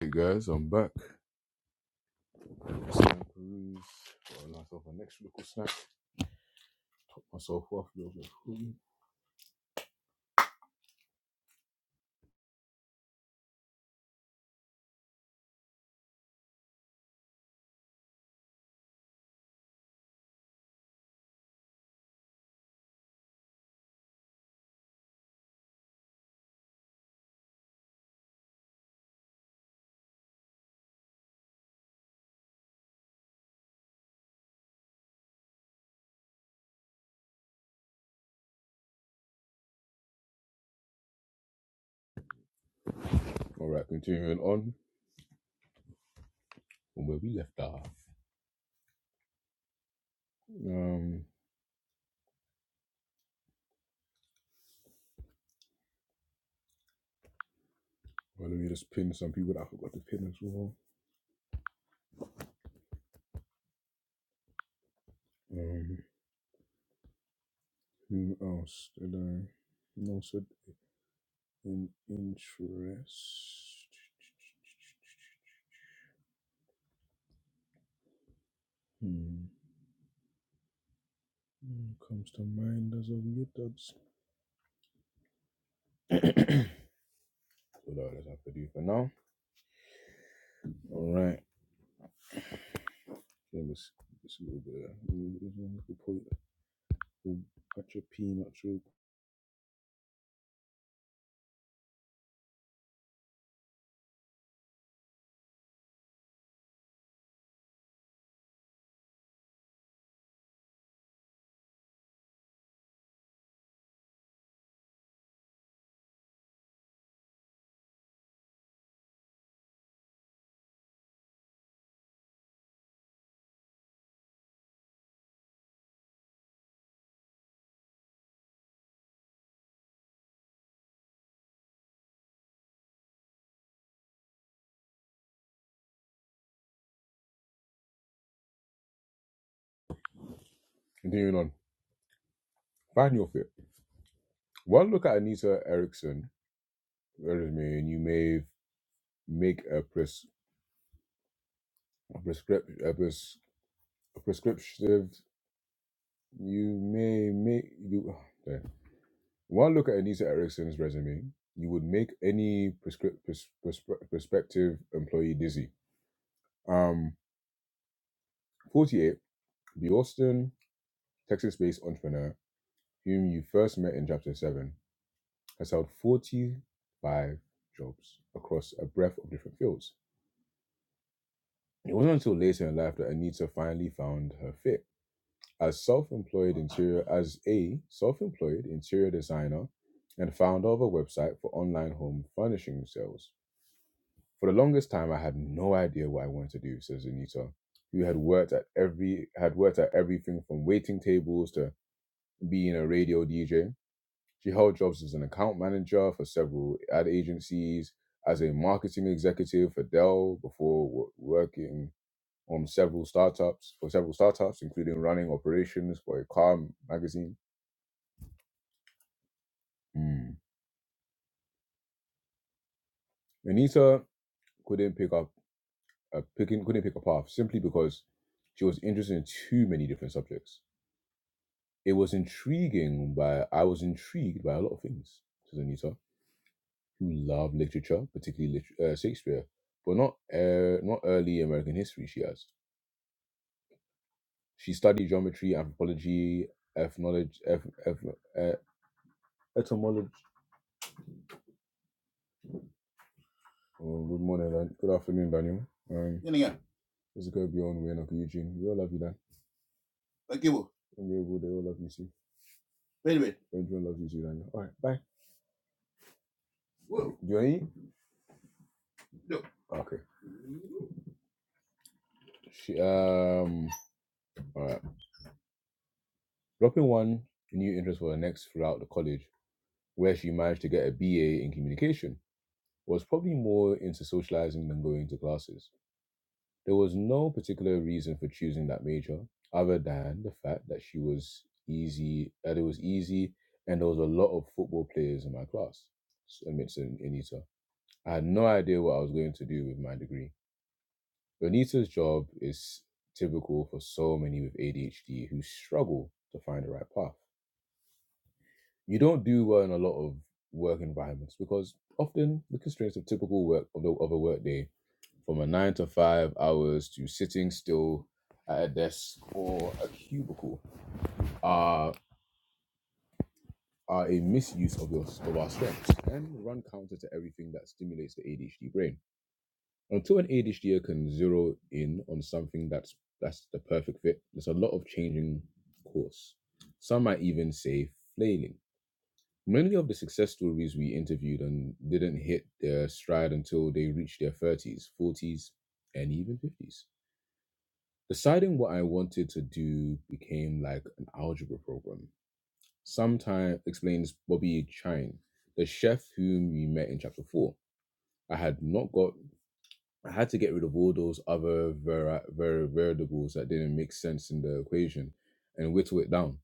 A: Hey guys, I'm back. Snack Got a nice little next little snack. Got myself off a little bit of food. All right, continuing on from where we left off. Um, well, let me just pin some people that I forgot to pin as well. Um, who else did I? No, said in interest. Hmm. Who comes to mind as of you, duds? So that is have to do for now. All right. Give us just a little bit of a little, little, little point. Ooh, Not your pee, Continuing on, find your fit. One look at Anita Erickson resume, and you may make a pres a prescrip- a, pres- a prescriptive. You may make you. Sorry. One look at Anita Erickson's resume, you would make any prescript pres- pres- prospective employee dizzy. Um, forty-eight, the Austin, Texas-based entrepreneur whom you first met in chapter seven. I held 45 jobs across a breadth of different fields. It wasn't until later in life that Anita finally found her fit. As self-employed interior, as a self-employed interior designer and founder of a website for online home furnishing sales. For the longest time, I had no idea what I wanted to do, says Anita, who had worked at every had worked at everything from waiting tables to being a radio DJ. She held jobs as an account manager for several ad agencies, as a marketing executive for Dell before wo- working on several startups for several startups, including running operations for a car magazine. Mm. Anita couldn't pick up a picking couldn't pick a path simply because she was interested in too many different subjects. It was intriguing by I was intrigued by a lot of things, says Anita who love literature, particularly lit- uh, Shakespeare, but not uh, not early American history. She has. She studied geometry, anthropology, ethnology, eth- eth- uh, etymology. Oh, good morning, Dan- good afternoon, Daniel. Um, Then again, this is going to be on Wayne Uncle Eugene. We all love you, Dan. Thank you. And they all love you too. Wait a minute. Benjamin loves you too, Daniel. All right, bye. Whoa. Do you want to eat? No. Okay. She, um. All right. Dropping one new interest for the next throughout the college. where she managed to get a BA in communication, was probably more into socializing than going to classes. There was no particular reason for choosing that major other than the fact that she was easy, that it was easy, and there was a lot of football players in my class. I mean, in, I had no idea what I was going to do with my degree. Anita's job is typical for so many with ADHD who struggle to find the right path. you don't do well in a lot of work environments because often the constraints of typical work of, the, of a work day from a nine to five hours to sitting still at a desk or a cubicle are are a misuse of your of our strengths and run counter to everything that stimulates the ADHD brain. Until an ADHD can zero in on something that's that's the perfect fit, there's a lot of changing course. Some might even say flailing Many of the success stories we interviewed and didn't hit their stride until they reached their 30s, 40s, and even 50s. Deciding what I wanted to do became like an algebra program. Sometime explains Bobby Chine, the chef whom we met in chapter 4. I had not got, I had to get rid of all those other vari- vari- variables that didn't make sense in the equation and whittle it down.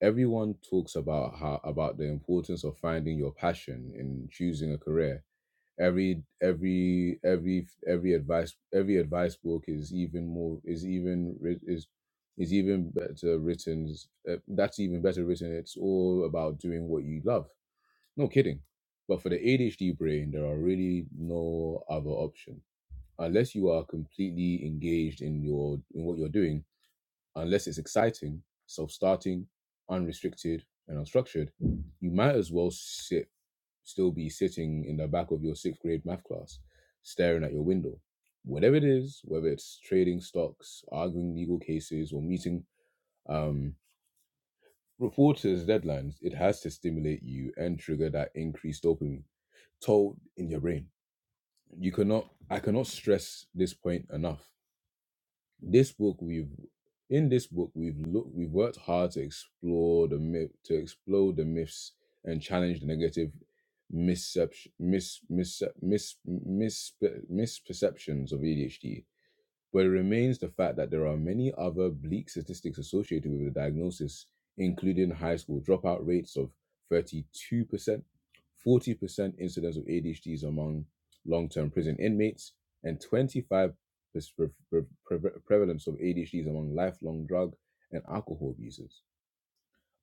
A: everyone talks about how about the importance of finding your passion in choosing a career every every every every advice every advice book is even more is even writ- is is even better written uh, that's even better written it's all about doing what you love no kidding but for the adhd brain there are really no other option unless you are completely engaged in your in what you're doing unless it's exciting, self starting, unrestricted, and unstructured, you might as well sit, still be sitting in the back of your sixth grade math class, staring at your window. Whatever it is, whether it's trading stocks, arguing legal cases, or meeting um, reporters' deadlines, it has to stimulate you and trigger that increased dopamine toll in your brain. You cannot, I cannot stress this point enough This book we've in this book we've looked we've worked hard to explore the myth to explode the myths and challenge the negative misception mis, mis, mis, mis, misperceptions of ADHD but it remains the fact that there are many other bleak statistics associated with the diagnosis, including high school dropout rates of 32%, 40% incidence of ADHDs among long term prison inmates, and 25% prevalence of ADHDs among lifelong drug and alcohol abusers.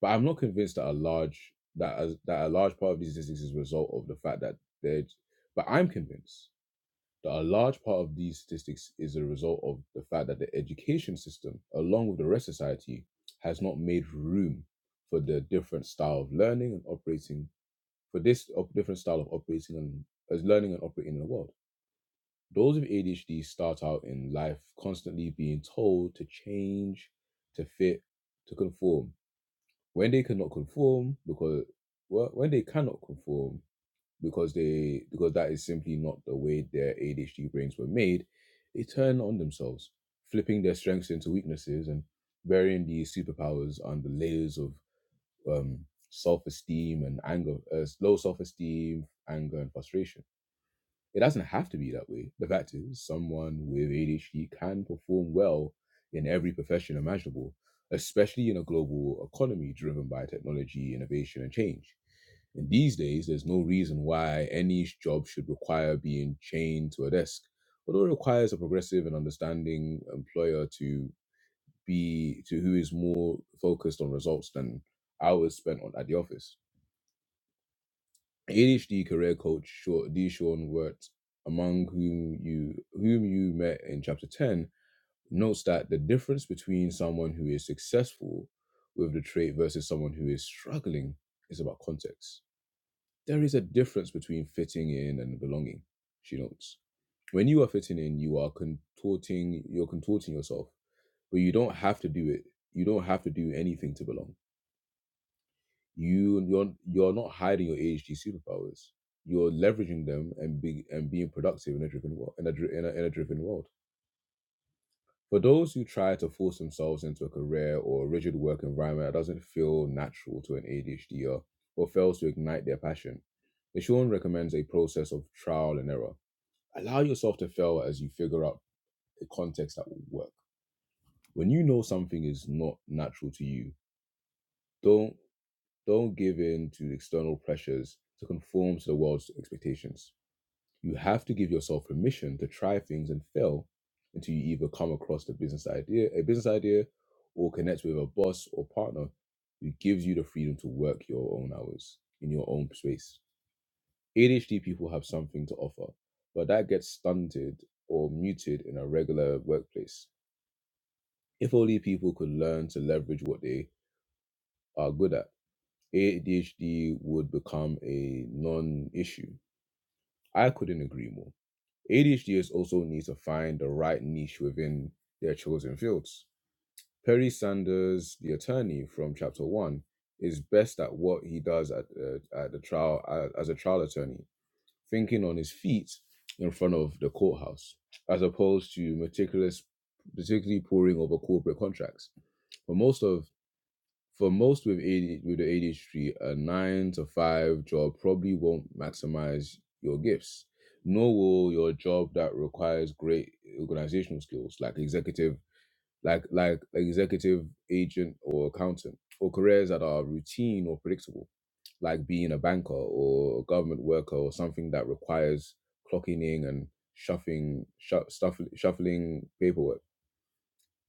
A: But I'm not convinced that a large that a, that a large part of these statistics is a result of the fact that they're. But I'm convinced that a large part of these statistics is a result of the fact that the education system, along with the rest of society, has not made room for the different style of learning and operating for this op- different style of operating and as learning and operating in the world. Those with ADHD start out in life constantly being told to change, to fit, to conform. When they cannot conform, because well, when they cannot conform, because they because that is simply not the way their ADHD brains were made, they turn on themselves, flipping their strengths into weaknesses and burying these superpowers under layers of um, self-esteem and anger, uh, low self-esteem, anger, and frustration. It doesn't have to be that way. The fact is, someone with ADHD can perform well in every profession imaginable, especially in a global economy driven by technology, innovation, and change and these days, there's no reason why any job should require being chained to a desk, although it requires a progressive and understanding employer to be to who is more focused on results than hours spent on at the office. ADHD career coach Sha- D. Sean Wirt, among whom you whom you met in chapter ten, notes that the difference between someone who is successful with the trait versus someone who is struggling is about context There is a difference between fitting in and belonging, she notes. When you are fitting in, you are contorting you're contorting yourself, but you don't have to do it. You don't have to do anything to belong. You you're you're not hiding your ADHD superpowers. You're leveraging them and be and being productive in a driven world in a, in a, in a driven world. For those who try to force themselves into a career or a rigid work environment that doesn't feel natural to an ADHDer or or fails to ignite their passion, the recommends a process of trial and error allow yourself to fail as you figure out a context that will work. When you know something is not natural to you, don't don't give in to external pressures to conform to the world's expectations. You have to give yourself permission to try things and fail until you either come across the business idea, a business idea, or connect with a boss or partner who gives you the freedom to work your own hours in your own space. ADHD people have something to offer, but that gets stunted or muted in a regular workplace. If only people could learn to leverage what they are good at, ADHD would become a non issue. I couldn't agree more. ADHDers also need to find the right niche within their chosen fields. Perry Sanders, the attorney from Chapter 1, is best at what he does at, uh, at the trial uh, as a trial attorney thinking on his feet in front of the courthouse, as opposed to meticulous, particularly poring over corporate contracts. For most of for most with AD, with the ADHD, a nine to five job probably won't maximize your gifts. Nor will your job that requires great organizational skills, like executive, like like executive agent or accountant, or careers that are routine or predictable like being a banker or a government worker or something that requires clocking in and shuffling shu- stuff, shuffling paperwork.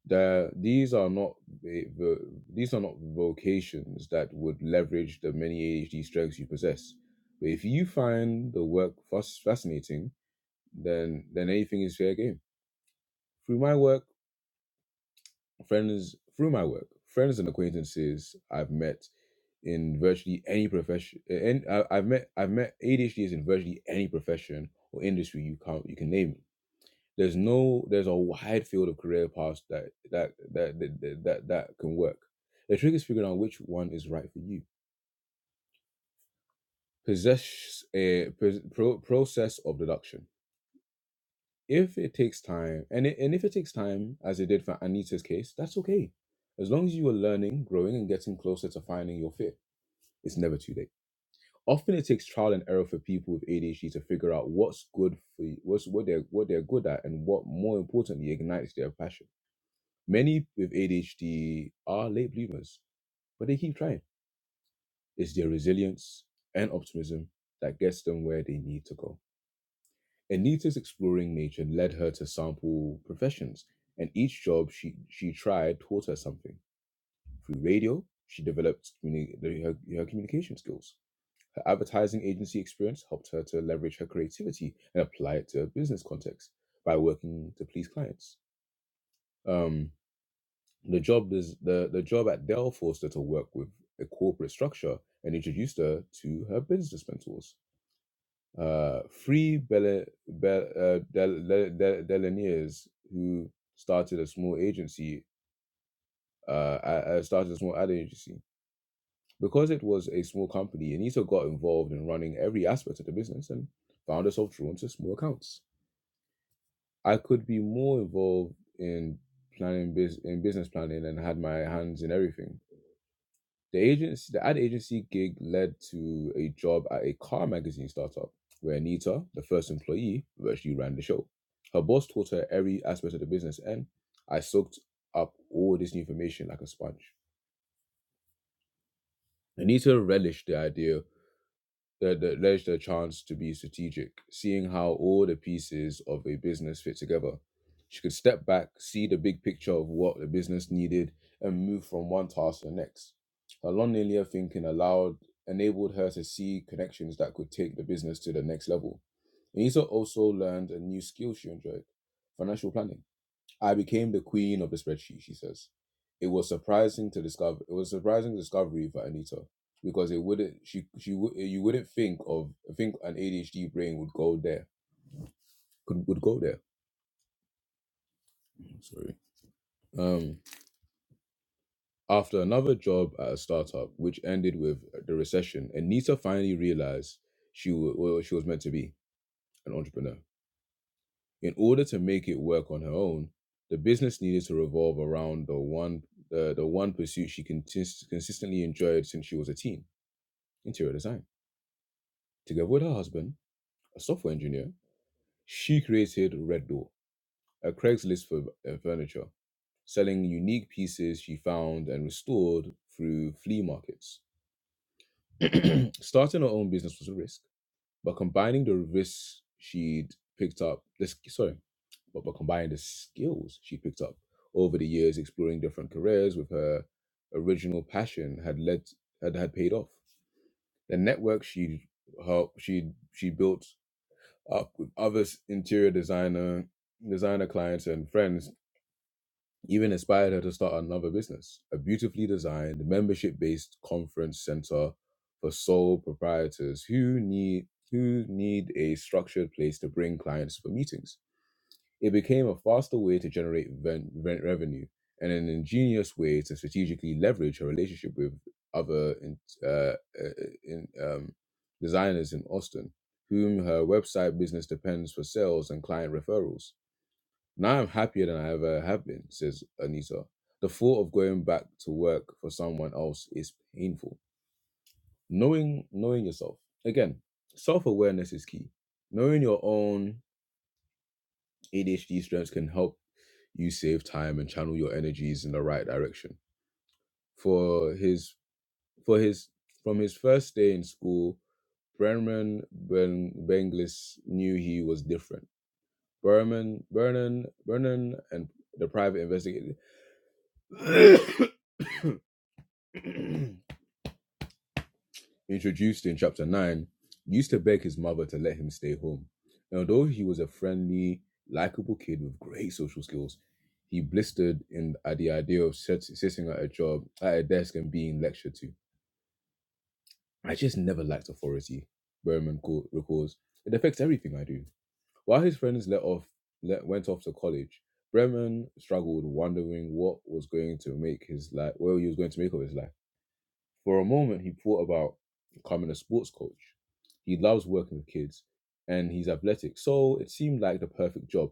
A: There, these are not the, the- these are not vocations that would leverage the many ADHD strengths you possess. But if you find the work fas- fascinating, then then anything is fair game. Through my work, Friends through my work, friends and acquaintances I've met in virtually any profession, uh, and I- I've met I've met ADHDers in virtually any profession or industry you can you can name. There's no there's a wide field of career paths that that that that that, that, that can work. The trick is figuring out which one is right for you. Possess a pos- pro, process of deduction if it takes time and it, and if it takes time as it did for anita's case that's okay as long as you are learning growing and getting closer to finding your fit it's never too late often it takes trial and error for people with adhd to figure out what's good for you, what's what they're what they're good at and what more importantly ignites their passion many with adhd are late bloomers but they keep trying it's their resilience and optimism that gets them where they need to go Anita's exploring nature led her to sample professions, and each job she, she tried taught her something. Through radio, she developed communi- the- her, her communication skills. Her advertising agency experience helped her to leverage her creativity and apply it to a business context by working to please clients. Um, the job is, the, the job at Dell forced her to work with a corporate structure and introduced her to her business mentors uh, three Bel- Bel- uh, Del- Del- Del- Delaneers who started a small agency, uh, a- uh, started a small ad agency. Because it was a small company, Anita got involved in running every aspect of the business and found herself drawn to small accounts. I could be more involved in planning bus in business planning and had my hands in everything. The agency, the ad agency gig led to a job at a car magazine startup where Anita, the first employee, virtually ran the show. Her boss taught her every aspect of the business, and I soaked up all this new information like a sponge. Anita relished the idea that, that led the chance to be strategic, seeing how all the pieces of a business fit together. She could step back, see the big picture of what the business needed, and move from one task to the next. Her non-linear thinking allowed enabled her to see connections that could take the business to the next level. Anissa also learned a new skill she enjoyed, financial planning. I became the queen of the spreadsheet, she says. It was surprising to discover it was a surprising discovery for Anita because it wouldn't she she wou- you wouldn't think of think an ADHD brain would go there. Could would go there. Sorry. Um after another job at a startup which ended with the recession, Anita finally realized she wa- wa- she was meant to be an entrepreneur. In order to make it work on her own, the business needed to revolve around the one the, the one pursuit she consist- consistently enjoyed since she was a teen, interior design. Together with her husband, a software engineer, she created Red Door, a Craigslist for uh, furniture, selling unique pieces she found and restored through flea markets. Starting her own business was a risk But combining the reverse she'd picked up, this sorry, but but combining the skills she picked up over the years exploring different careers with her original passion had led had, had paid off. The network she her she she built up with others interior designer designer clients and friends even inspired her to start another business a beautifully designed membership based conference center for sole proprietors who need who need a structured place to bring clients for meetings it became a faster way to generate ven- rent revenue and an ingenious way to strategically leverage her relationship with other in, uh, uh, uh, in, um, designers in austin whom her website business depends for sales and client referrals now I'm happier than I ever have been, says Anita. The thought of going back to work for someone else is painful. Knowing knowing yourself. Again, self-awareness is key. Knowing your own ADHD strengths can help you save time and channel your energies in the right direction. For his for his from his first day in school, Brennan ben, Benglis knew he was different. Berman, Vernon, Vernon, and the private investigator introduced in chapter 9, used to beg his mother to let him stay home. And although he was a friendly, likable kid with great social skills, he blistered in at the idea of sit- sitting at a job at a desk and being lectured to. I just never liked authority, Berman co- recalls. It affects everything I do. While his friends let off, let, went off to college, Bremen struggled, wondering what was going to make his life, what he was going to make of his life. For a moment, he thought about becoming a sports coach. He loves working with kids and he's athletic, so it seemed like the perfect job,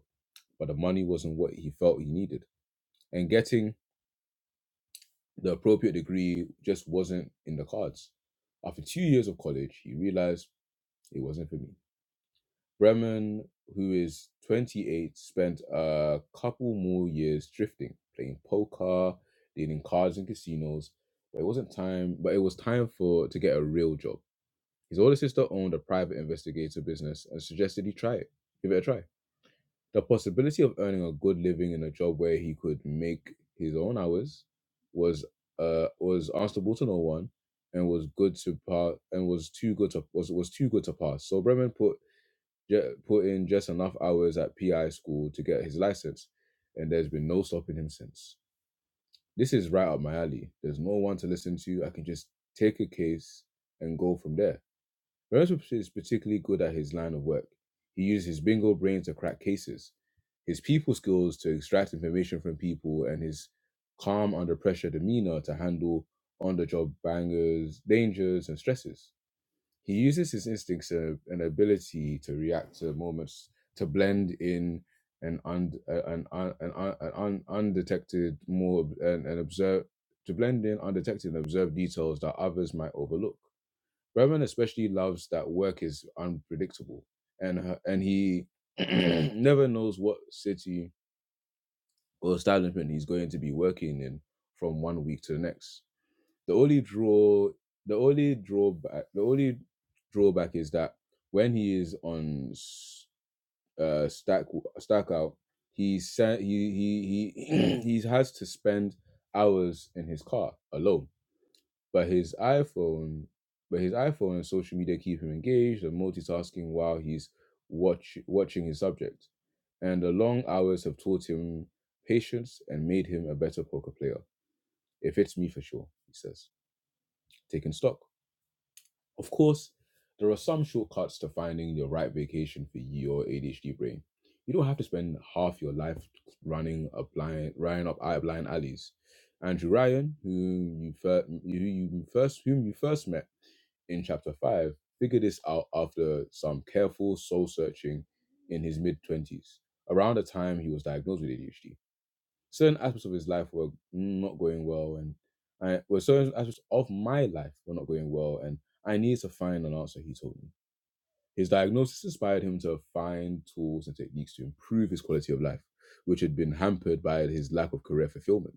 A: but the money wasn't what he felt he needed. And getting the appropriate degree just wasn't in the cards. After two years of college, he realized it wasn't for me. Bremen, who is 28, spent a couple more years drifting, playing poker, dealing cards in casinos, but it wasn't time, but it was time for to get a real job His older sister owned a private investigative business and suggested he try it, give it a try. The possibility of earning a good living in a job where he could make his own hours was uh was answerable to no one and was good to pass and was too good to was was too good to pass. So Bremen put ju- put in just enough hours at PI school to get his license, and there's been no stopping him since. This is right up my alley. There's no one to listen to. I can just take a case and go from there. Lorenzo is particularly good at his line of work. He uses his bingo brain to crack cases, his people skills to extract information from people, and his calm under pressure demeanor to handle on the job bangers, dangers, and stresses. He uses his instincts uh, and ability to react to moments to blend in an, und, uh, an, un, an, un, an un, undetected, more and, and observe to blend in undetected and observe details that others might overlook. Batman especially loves that work is unpredictable, and her, and he never knows what city or establishment he's going to be working in from one week to the next. The only draw, the only drawback, the only drawback is that when he is on uh, stack stack out, he sa- he he he he has to spend hours in his car alone but his iPhone, but his iPhone and social media keep him engaged and multitasking while he's watch watching his subject. And the long hours have taught him patience and made him a better poker player. It fits me for sure, he says. Taking stock. Of course, there are some shortcuts to finding your right vacation for your ADHD brain. You don't have to spend half your life running up blind, running up out of blind alleys. Andrew Ryan, whom you, fir- who you first whom you first met in chapter five, figured this out after some careful soul searching in his mid twenties, around the time he was diagnosed with ADHD certain aspects of his life were not going well and I, well, certain aspects of my life were not going well and I needed to find an answer, he told me. His diagnosis inspired him to find tools and techniques to improve his quality of life, which had been hampered by his lack of career fulfillment.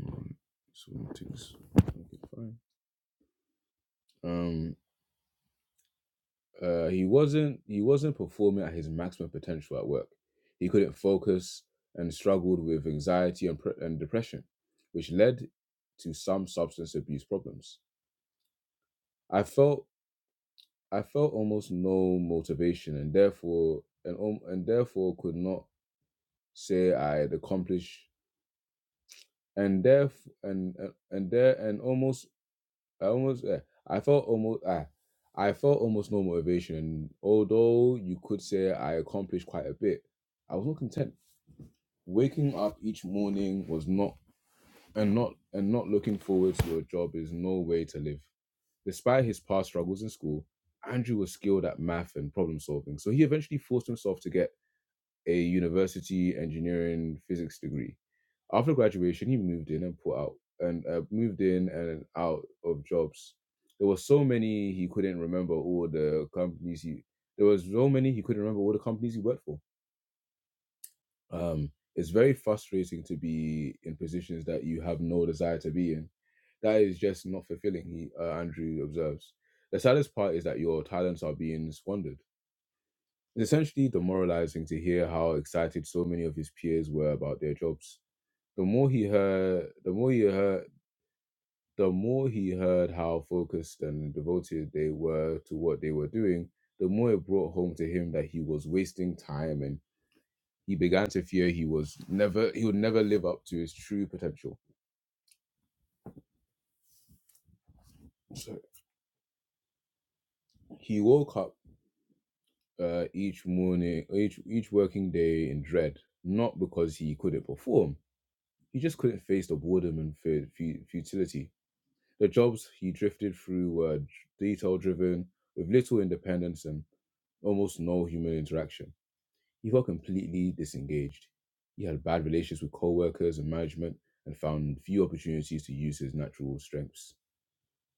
A: Um, so, things- okay, fine. Um, uh, he wasn't he wasn't performing at his maximum potential at work. He couldn't focus and struggled with anxiety and, pre- and depression, which led to some substance abuse problems. I felt I felt almost no motivation, and therefore and um, and therefore could not say I had accomplished and theref and and, and there and almost I almost, uh, I felt almost, uh, I felt almost no motivation. And although you could say I accomplished quite a bit, I was not content. Waking up each morning was not, and not, and not looking forward to a job is no way to live. Despite his past struggles in school, Andrew was skilled at math and problem solving, so he eventually forced himself to get a university engineering physics degree. After graduation, he moved in and put out and uh, moved in and out of jobs. There were so many he couldn't remember all the companies he. There was so many he couldn't remember all the companies he worked for. Um, it's very frustrating to be in positions that you have no desire to be in. That is just not fulfilling. He uh, Andrew observes. The saddest part is that your talents are being squandered it's essentially demoralizing to hear how excited so many of his peers were about their jobs. The more he heard, the more he heard, the more he heard how focused and devoted they were to what they were doing, the more it brought home to him that he was wasting time and he began to fear he was never he would never live up to his true potential. So he woke up uh, each morning, each each working day in dread, not because he couldn't perform, he just couldn't face the boredom and fu- fu- futility The jobs he drifted through were detail driven, with little independence and almost no human interaction. He felt completely disengaged. He had bad relations with co workers and management and found few opportunities to use his natural strengths.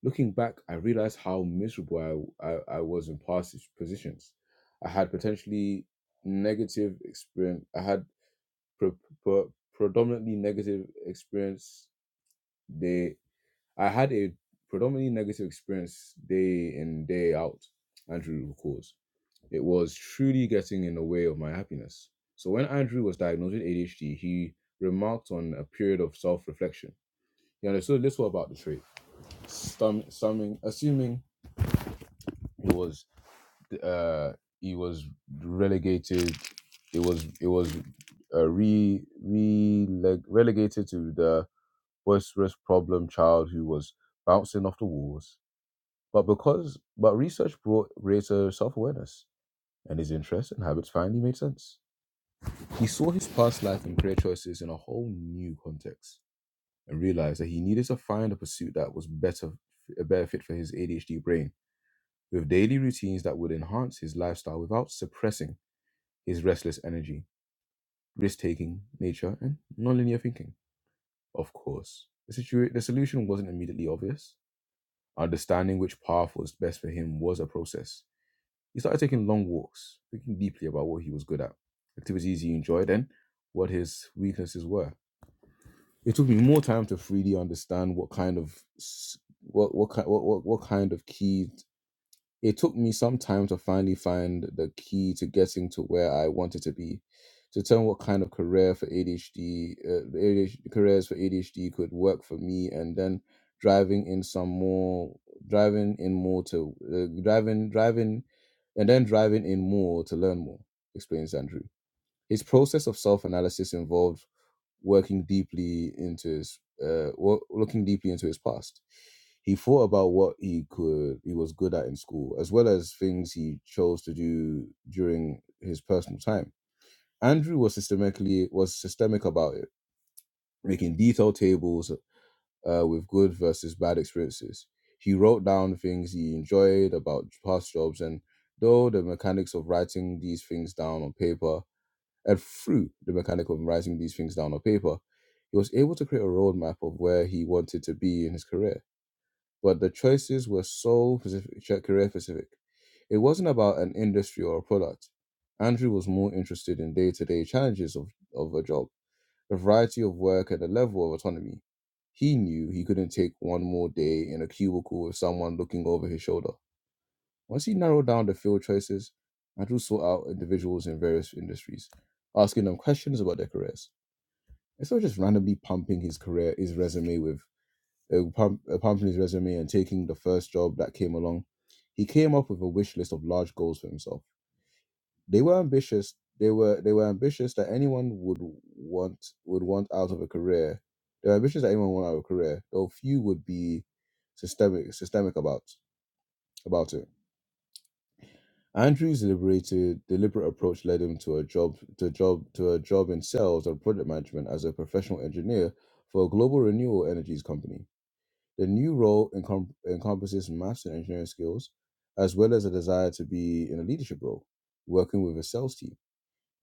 A: Looking back, I realized how miserable I, I, I was in past positions. I had potentially negative experience, I had pre- pre- predominantly negative experience. They I had a predominantly negative experience day in, day out, Andrew recalls. It was truly getting in the way of my happiness. So when Andrew was diagnosed with ADHD, he remarked on a period of self-reflection. He understood little about the trait, stum- summing, assuming it was uh, he was relegated, it was it was uh, re, re relegated to the boisterous problem child who was bouncing off the walls But because but research brought greater self awareness, and his interests and habits finally made sense. He saw his past life and career choices in a whole new context and realized that he needed to find a pursuit that was better a better fit for his ADHD brain, with daily routines that would enhance his lifestyle without suppressing his restless energy, risk taking nature, and nonlinear thinking. Of course, the, situa- the solution wasn't immediately obvious. Understanding which path was best for him was a process He started taking long walks, thinking deeply about what he was good at, activities he enjoyed, and what his weaknesses were. It took me more time to freely understand what kind of what what kind what what, what kind of key it took me some time to finally find the key to getting to where I wanted to be, to determine what kind of career for ADHD, uh, the ADHD careers for ADHD could work for me, and then driving in some more, driving in more to uh, driving driving, and then driving in more to learn more. Explains Andrew. His process of self-analysis involved working deeply into his uh, looking deeply into his past. He thought about what he could, he was good at in school, as well as things he chose to do during his personal time. Andrew was systemically was systemic about it, making detailed tables uh, with good versus bad experiences. He wrote down things he enjoyed about past jobs, and though the mechanics of writing these things down on paper and through the mechanic of writing these things down on paper, he was able to create a roadmap of where he wanted to be in his career. But the choices were so specific, career specific. It wasn't about an industry or a product. Andrew was more interested in day to day challenges of, of a job, the variety of work, and the level of autonomy. He knew he couldn't take one more day in a cubicle with someone looking over his shoulder. Once he narrowed down the field choices, Andrew sought out individuals in various industries, asking them questions about their careers. Instead of just randomly pumping his career, his resume with uh, pump, uh, pumping his resume and taking the first job that came along, he came up with a wish list of large goals for himself. They were ambitious. They were they were ambitious that anyone would want would want out of a career. They were ambitious that anyone would want out of a career, though few would be systemic systemic about about it. Andrew's deliberated, deliberate approach led him to a job to job to a job in sales and product management as a professional engineer for a global renewable energies company. The new role encom- encompasses maths and engineering skills, as well as a desire to be in a leadership role, working with a sales team.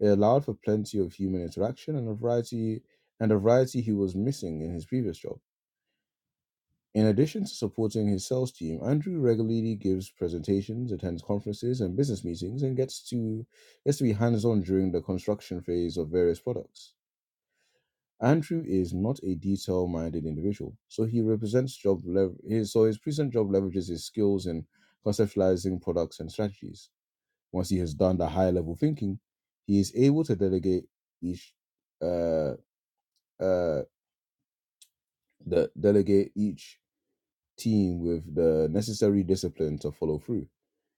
A: It allowed for plenty of human interaction and a variety and a variety he was missing in his previous job. In addition to supporting his sales team, Andrew regularly gives presentations, attends conferences and business meetings, and gets to gets to be hands-on during the construction phase of various products. Andrew is not a detail-minded individual, so he represents job lev- his, so his present job leverages his skills in conceptualizing products and strategies. Once he has done the high-level thinking, he is able to delegate each uh, uh, the delegate each team with the necessary discipline to follow through.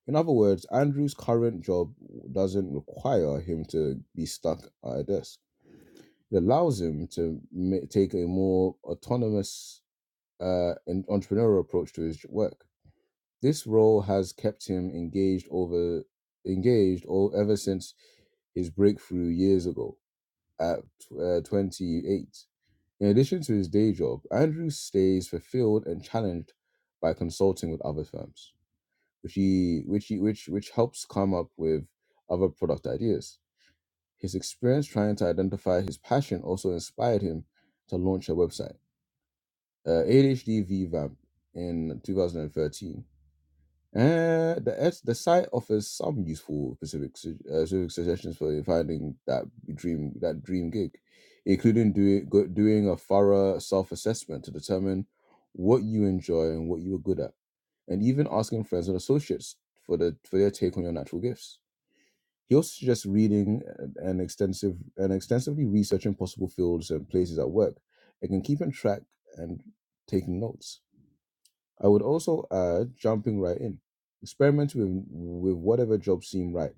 A: In other words, Andrew's current job doesn't require him to be stuck at a desk. It allows him to ma- take a more autonomous uh, and entrepreneurial approach to his work. This role has kept him engaged over engaged or ever since his breakthrough years ago at uh, 28. In addition to his day job, Andrew stays fulfilled and challenged by consulting with other firms which he which he which which helps come up with other product ideas. His experience trying to identify his passion also inspired him to launch a website, uh, ADHD Vamp, in 2013. Uh, the S, the site offers some useful specific su- uh, specific suggestions for finding that dream that dream gig, including doing go, doing a thorough self assessment to determine what you enjoy and what you are good at, and even asking friends and associates for the for their take on your natural gifts. He also suggests reading and and extensive and extensively researching possible fields and places at work, and can keeping track and taking notes. I would also add jumping right in, experiment with, with whatever job seem right,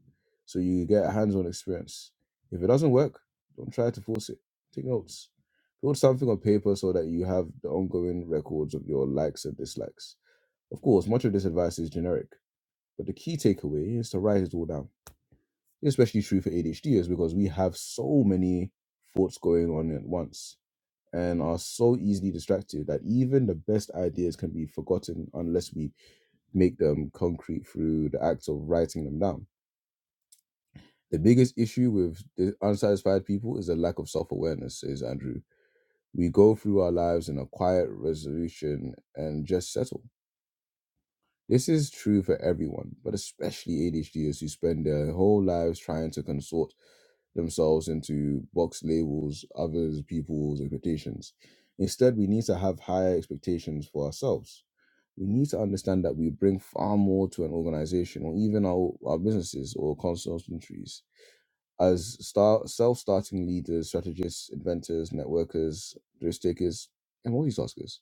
A: so you get a hands-on experience. If it doesn't work, don't try to force it. Take notes. Build something on paper so that you have the ongoing records of your likes and dislikes. Of course, much of this advice is generic, but the key takeaway is to write it all down. It's especially true for ADHDers because we have so many thoughts going on at once and are so easily distracted that even the best ideas can be forgotten unless we make them concrete through the act of writing them down. The biggest issue with the unsatisfied people is a lack of self awareness, says Andrew. We go through our lives in a quiet resolution and just settle. This is true for everyone, but especially ADHDers who spend their whole lives trying to consort themselves into box labels, others, people's expectations. Instead, we need to have higher expectations for ourselves we need to understand that we bring far more to an organization or even our, our businesses or consultancies as start, self-starting leaders, strategists, inventors, networkers, risk takers, and multitaskers.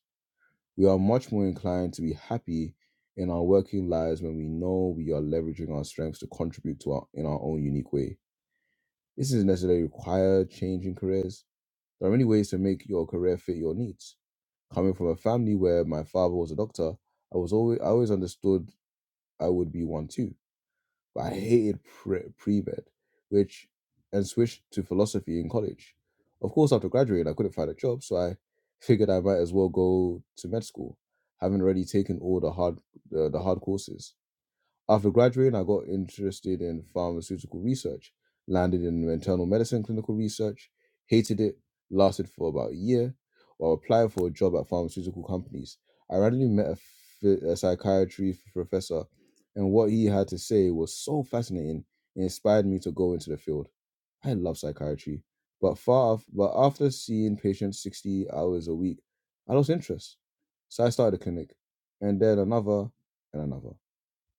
A: We are much more inclined to be happy in our working lives when we know we are leveraging our strengths to contribute to our in our own unique way. This doesn't necessarily require changing careers. There are many ways to make your career fit your needs. Coming from a family where my father was a doctor, I was always I always understood I would be one too. But I hated pre- pre-med, which, and switched to philosophy in college. Of course, after graduating, I couldn't find a job, so I figured I might as well go to med school, having already taken all the hard, uh, the hard courses. After graduating, I got interested in pharmaceutical research, landed in internal medicine clinical research, hated it, lasted for about a year. While applying for a job at pharmaceutical companies, I randomly met a, phy- a psychiatry professor, and what he had to say was so fascinating, it inspired me to go into the field. I love psychiatry, but far af- but after seeing patients 60 hours a week, I lost interest. So I started a clinic, and then another, and another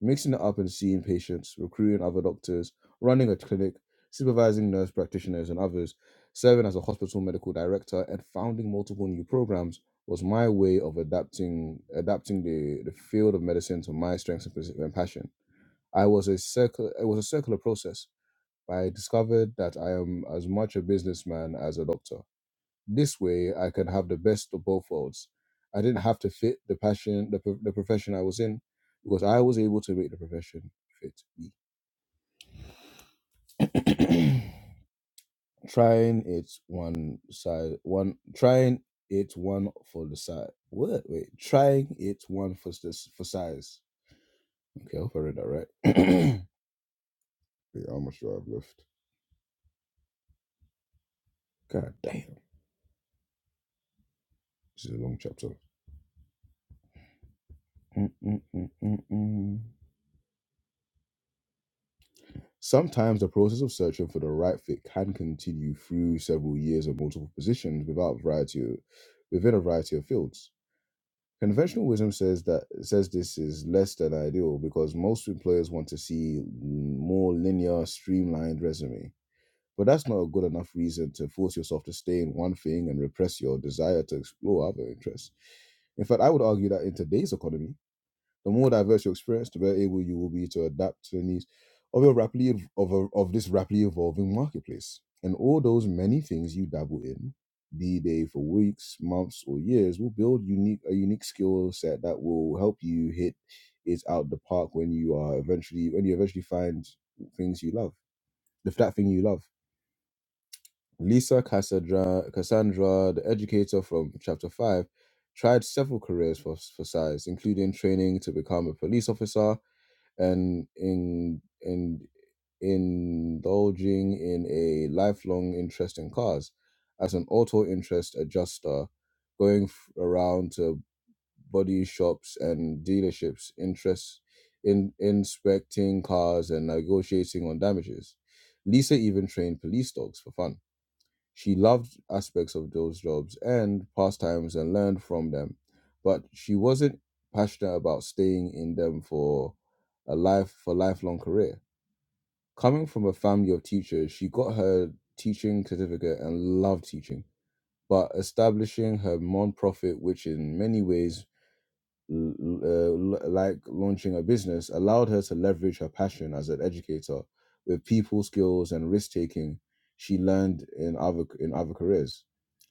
A: mixing it up and seeing patients, recruiting other doctors, running a clinic, supervising nurse practitioners and others, serving as a hospital medical director, and founding multiple new programs was my way of adapting adapting the, the field of medicine to my strengths and pas- and passion. I was a circle it was a circular process. I discovered that I am as much a businessman as a doctor. This way, I could have the best of both worlds. I didn't have to fit the passion, the, pro- the profession I was in, because I was able to make the profession fit me. trying it one side, one trying it one for the side. What? Wait, trying it one for s- for size. Okay, I hope I read that right. Wait, how much do I have left? God damn, this is a long chapter. Mm, mm, mm, mm, mm. Sometimes the process of searching for the right fit can continue through several years of multiple positions without variety within a variety of fields. Conventional wisdom says that says this is less than ideal because most employers want to see more linear, streamlined resume. But that's not a good enough reason to force yourself to stay in one thing and repress your desire to explore other interests. In fact, I would argue that in today's economy, the more diverse your experience, the better able you will be to adapt to the needs of your rapidly of, a, of this rapidly evolving marketplace. And all those many things you dabble in, be they for weeks, months, or years, will build unique a unique skill set that will help you hit it out the park when you are eventually when you eventually find things you love, if that thing you love. Lisa Cassandra, Cassandra, the educator from chapter five, tried several careers for, for size, including training to become a police officer and in and indulging in a lifelong interest in cars as an auto interest adjuster going f- around to body shops and dealerships interest in inspecting cars and negotiating on damages lisa even trained police dogs for fun she loved aspects of those jobs and pastimes and learned from them, but she wasn't passionate about staying in them for a life for lifelong career. Coming from a family of teachers, she got her teaching certificate and loved teaching, but establishing her non-profit, which in many ways l- uh, l- uh, like launching a business, allowed her to leverage her passion as an educator with people skills and risk taking she learned in other in other careers.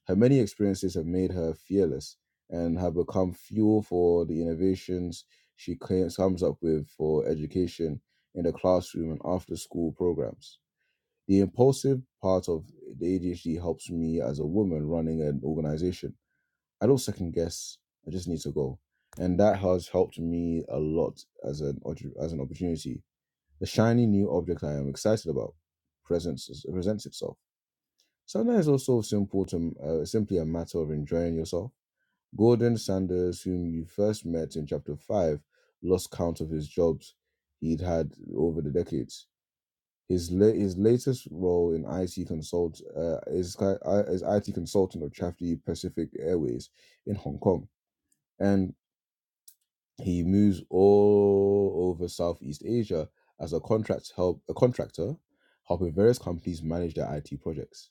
A: Her many experiences have made her fearless and have become fuel for the innovations she ca- comes up with for education in the classroom and after school programs. The impulsive part of the ADHD helps me as a woman running an organization I don't second guess. I just need to go, and that has helped me a lot as an oppor- as an opportunity. The shiny new object I am excited about presents presents itself. Sometimes it's also simple to uh, simply a matter of enjoying yourself. Gordon Sanders, whom you first met in chapter five, lost count of his jobs he'd had over the decades. His la- his latest role in IT consult uh, is ki- uh, is IT consultant of Traffic Pacific Airways in Hong Kong. and. He moves all over Southeast Asia as a contract help a contractor, helping various companies manage their IT projects.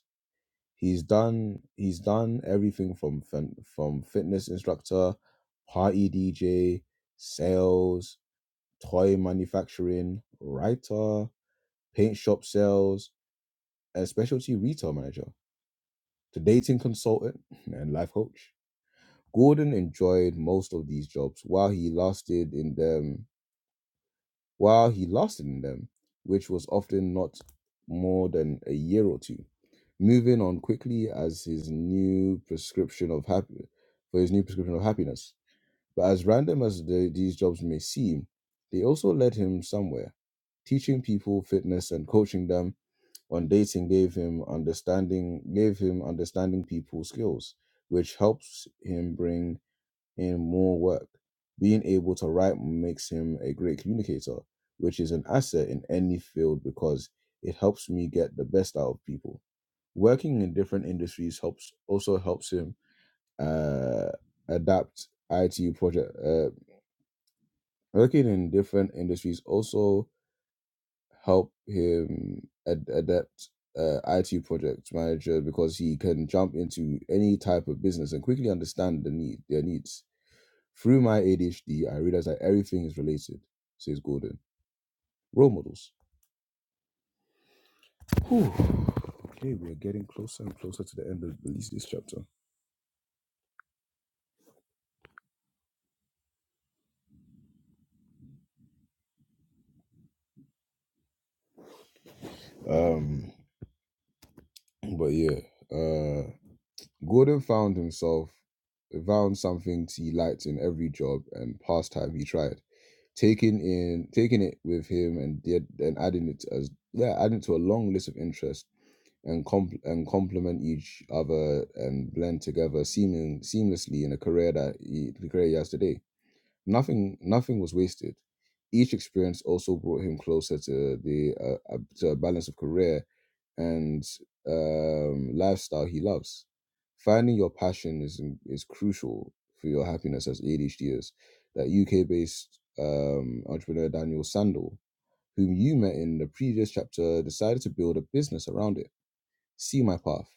A: He's done he's done everything from fin- from fitness instructor, party DJ, sales, toy manufacturing, writer, paint shop sales, and specialty retail manager to dating consultant and life coach. Gordon enjoyed most of these jobs while he lasted in them while he lasted in them, which was often not more than a year or two. Moving on quickly as his new prescription of happy for his new prescription of happiness. But as random as the, these jobs may seem, they also led him somewhere. Teaching people fitness and coaching them on dating gave him understanding gave him understanding people skills, which helps him bring in more work. Being able to write makes him a great communicator, which is an asset in any field because it helps me get the best out of people. Working in different industries helps also helps him uh, adapt IT project. Uh, working in different industries also help him ad- adapt uh, ITU project manager because he can jump into any type of business and quickly understand the need their needs Through my ADHD, I realized that everything is related, says Gordon. Role models. Whew. Okay, we are getting closer and closer to the end of at least this chapter. Um, but yeah, uh, Gordon found himself found something he liked in every job and pastime he tried, taking in taking it with him and did, and adding it as yeah, adding it to a long list of interests and comp- and complement each other and blend together seeming seamlessly in a career that he, the career he has today. Nothing nothing was wasted. Each experience also brought him closer to the uh, uh, to a balance of career and um, lifestyle he loves. Finding your passion is is crucial for your happiness as ADHDers. That UK-based um, entrepreneur Daniel Sandel, whom you met in the previous chapter, decided to build a business around it See My Path,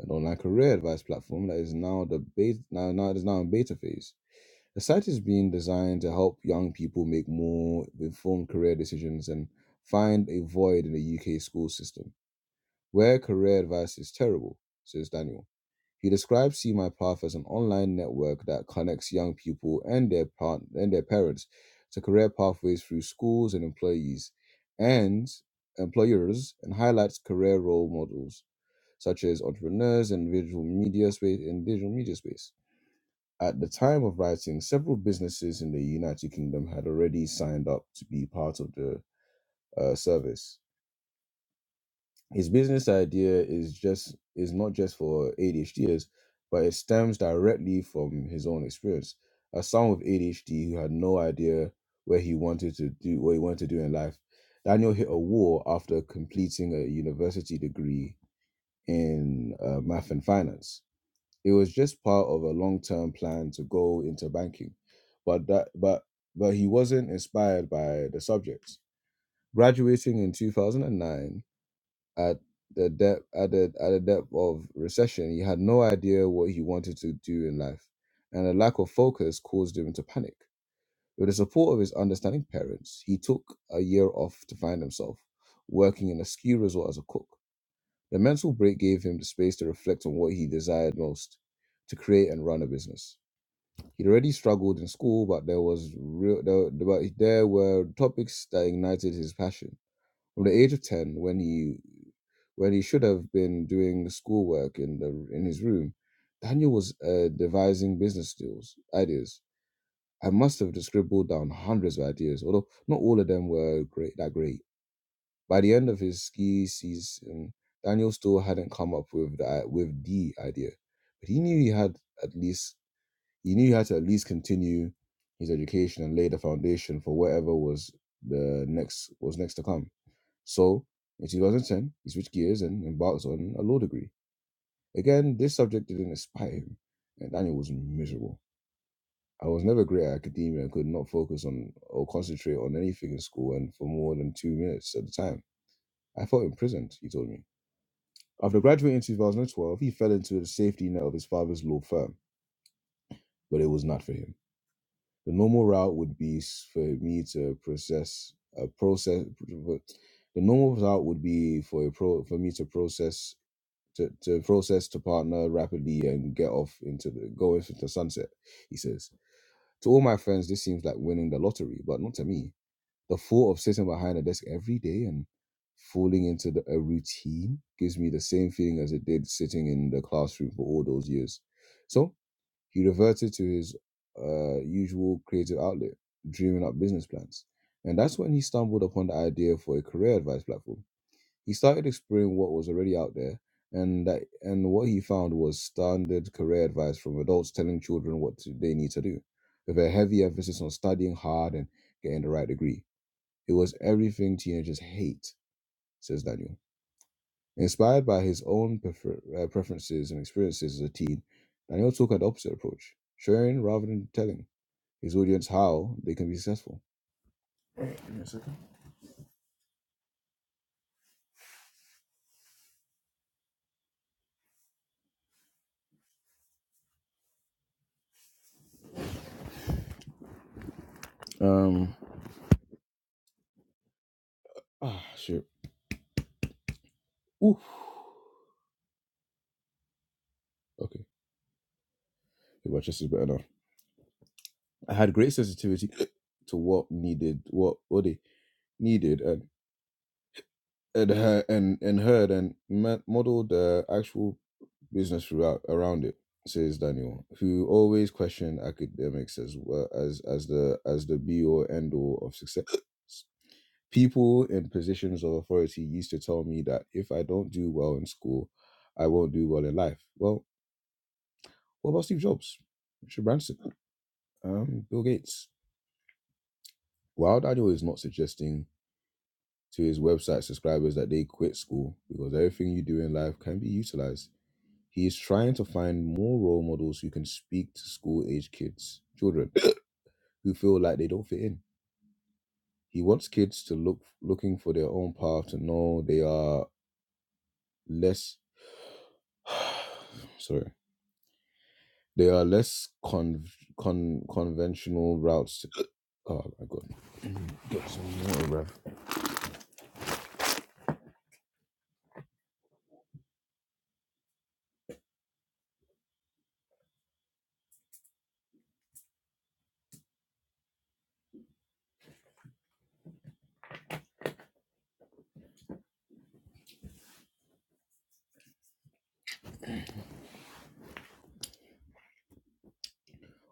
A: an online career advice platform that is now the beta, now, now it is now in beta phase. The site is being designed to help young people make more informed career decisions and find a void in the UK school system where career advice is terrible, says Daniel. He describes See My Path as an online network that connects young people and their part- and their parents to career pathways through schools and employees and employers and highlights career role models such as entrepreneurs and visual media space in digital media space. At the time of writing, several businesses in the United Kingdom had already signed up to be part of the uh, service. His business idea is just is not just for ADHDers, but it stems directly from his own experience. As someone with ADHD who had no idea where he wanted to do what he wanted to do in life, Daniel hit a wall after completing a university degree in uh, math and finance It was just part of a long-term plan to go into banking, but that but but he wasn't inspired by the subject. Graduating in 2009 at the depth at the, at the depth of recession, he had no idea what he wanted to do in life, and a lack of focus caused him to panic. With the support of his understanding parents, he took a year off to find himself, working in a ski resort as a cook. The mental break gave him the space to reflect on what he desired most to create and run a business. He'd already struggled in school, but there was real there, but there were topics that ignited his passion. From the age of ten, when he when he should have been doing schoolwork in the in his room, Daniel was uh, devising business deals ideas. I must have scribbled down hundreds of ideas, although not all of them were great that great. By the end of his ski season, Daniel still hadn't come up with the with the idea, but he knew he had at least he knew he had to at least continue his education and lay the foundation for whatever was the next was next to come. So in 2010, he switched gears and embarked on a law degree. Again, this subject didn't inspire him, and Daniel was miserable. I was never great at academia and could not focus on or concentrate on anything in school and for more than two minutes at a time. I felt imprisoned, he told me. After graduating in 2012, he fell into the safety net of his father's law firm, but it was not for him. The normal route would be s- for me to process a process. The normal route would be for a pro, for me to process to, to process to partner rapidly and get off into the go off into sunset. He says to all my friends, this seems like winning the lottery, but not to me. The thought of sitting behind a desk every day and falling into the, a routine gives me the same feeling as it did sitting in the classroom for all those years. So he reverted to his uh, usual creative outlet, dreaming up business plans. And that's when he stumbled upon the idea for a career advice platform. He started exploring what was already out there, and that, and what he found was standard career advice from adults telling children what to- they need to do, with a heavy emphasis on studying hard and getting the right degree. It was everything teenagers hate, says Daniel. Inspired by his own prefer- uh, preferences and experiences as a teen, Daniel took an opposite approach, sharing rather than telling his audience how they can be successful. Give me a second. Um, ah, shit. Oof. Okay, okay, my chest is better now. I had great sensitivity to what needed, what what they needed, and. and her and and her and ma- modeled the actual business throughout around it says daniel who always questioned academics as well as as the as the be or end all of success people in positions of authority used to tell me that if i don't do well in school i won't do well in life well what about steve jobs richard branson um bill gates while daniel is not suggesting to his website subscribers that they quit school because everything you do in life can be utilized He is trying to find more role models who can speak to school age kids, children who feel like they don't fit in. He wants kids to look looking for their own path to know they are less sorry. They are less con, con conventional routes. oh my god, Got some water, bruv.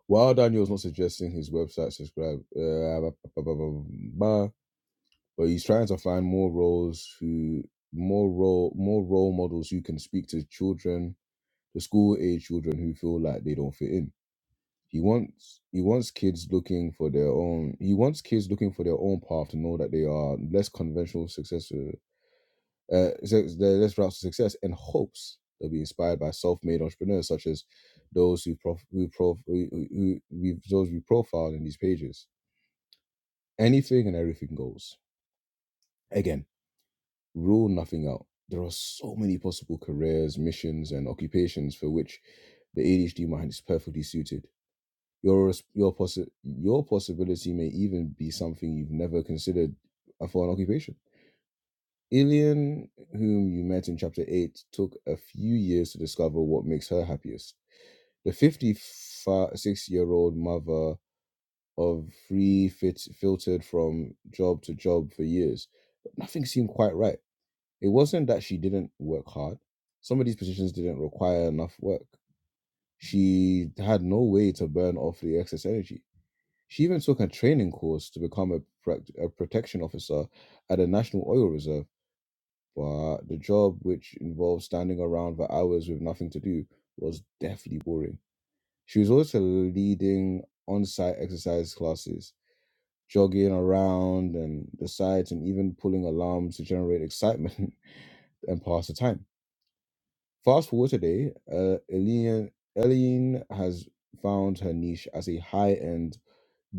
A: While Daniel's not suggesting his website subscribe, uh, ba- ba- ba- ba- ba- but he's trying to find more roles who more role more role models who can speak to children the school age children who feel like they don't fit in. He wants he wants kids looking for their own he wants kids looking for their own path to know that they are less conventional success uh, uh, suc- they're less routes to success and hopes they'll be inspired by self-made entrepreneurs such as those who prof, who prof, who, who, who we those we profiled in these pages. Anything and everything goes. Again, rule nothing out. There are so many possible careers, missions, and occupations for which the ADHD mind is perfectly suited Your res- your possi- your possibility may even be something you've never considered for an occupation. Ilian, whom you met in chapter 8, took a few years to discover what makes her happiest. The 56 year old mother of three fit- filtered from job to job for years, but nothing seemed quite right. It wasn't that she didn't work hard, some of these positions didn't require enough work. She had no way to burn off the excess energy. She even took a training course to become a, pract a protection officer at the National Oil Reserve, but the job, which involved standing around for hours with nothing to do, was deathly boring. She was also leading on site exercise classes, jogging around and the sites, and even pulling alarms to generate excitement and pass the time. Fast forward today, uh, Eileen, Eileen has found her niche as a high end,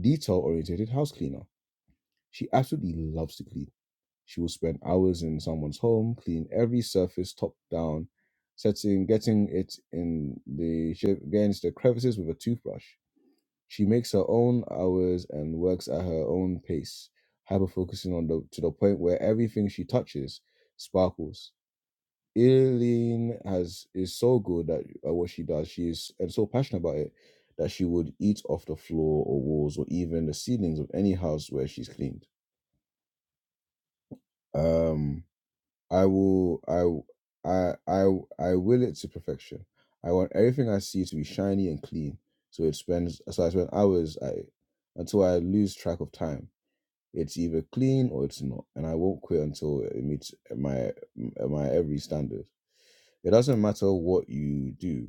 A: detail oriented house cleaner She absolutely loves to clean. She will spend hours in someone's home, clean every surface top down, setting, getting it in the sh- against the crevices with a toothbrush. She makes her own hours and works at her own pace, hyper focusing on the to the point where everything she touches sparkles. Eileen has is so good at, at what she does. She is and so passionate about it that she would eat off the floor or walls or even the ceilings of any house where she's cleaned. Um, I will I w- I I w- I will it to perfection. I want everything I see to be shiny and clean. So it spends so I spend hours at it until I lose track of time. It's either clean or it's not, and I won't quit until it meets my my every standard. It doesn't matter what you do.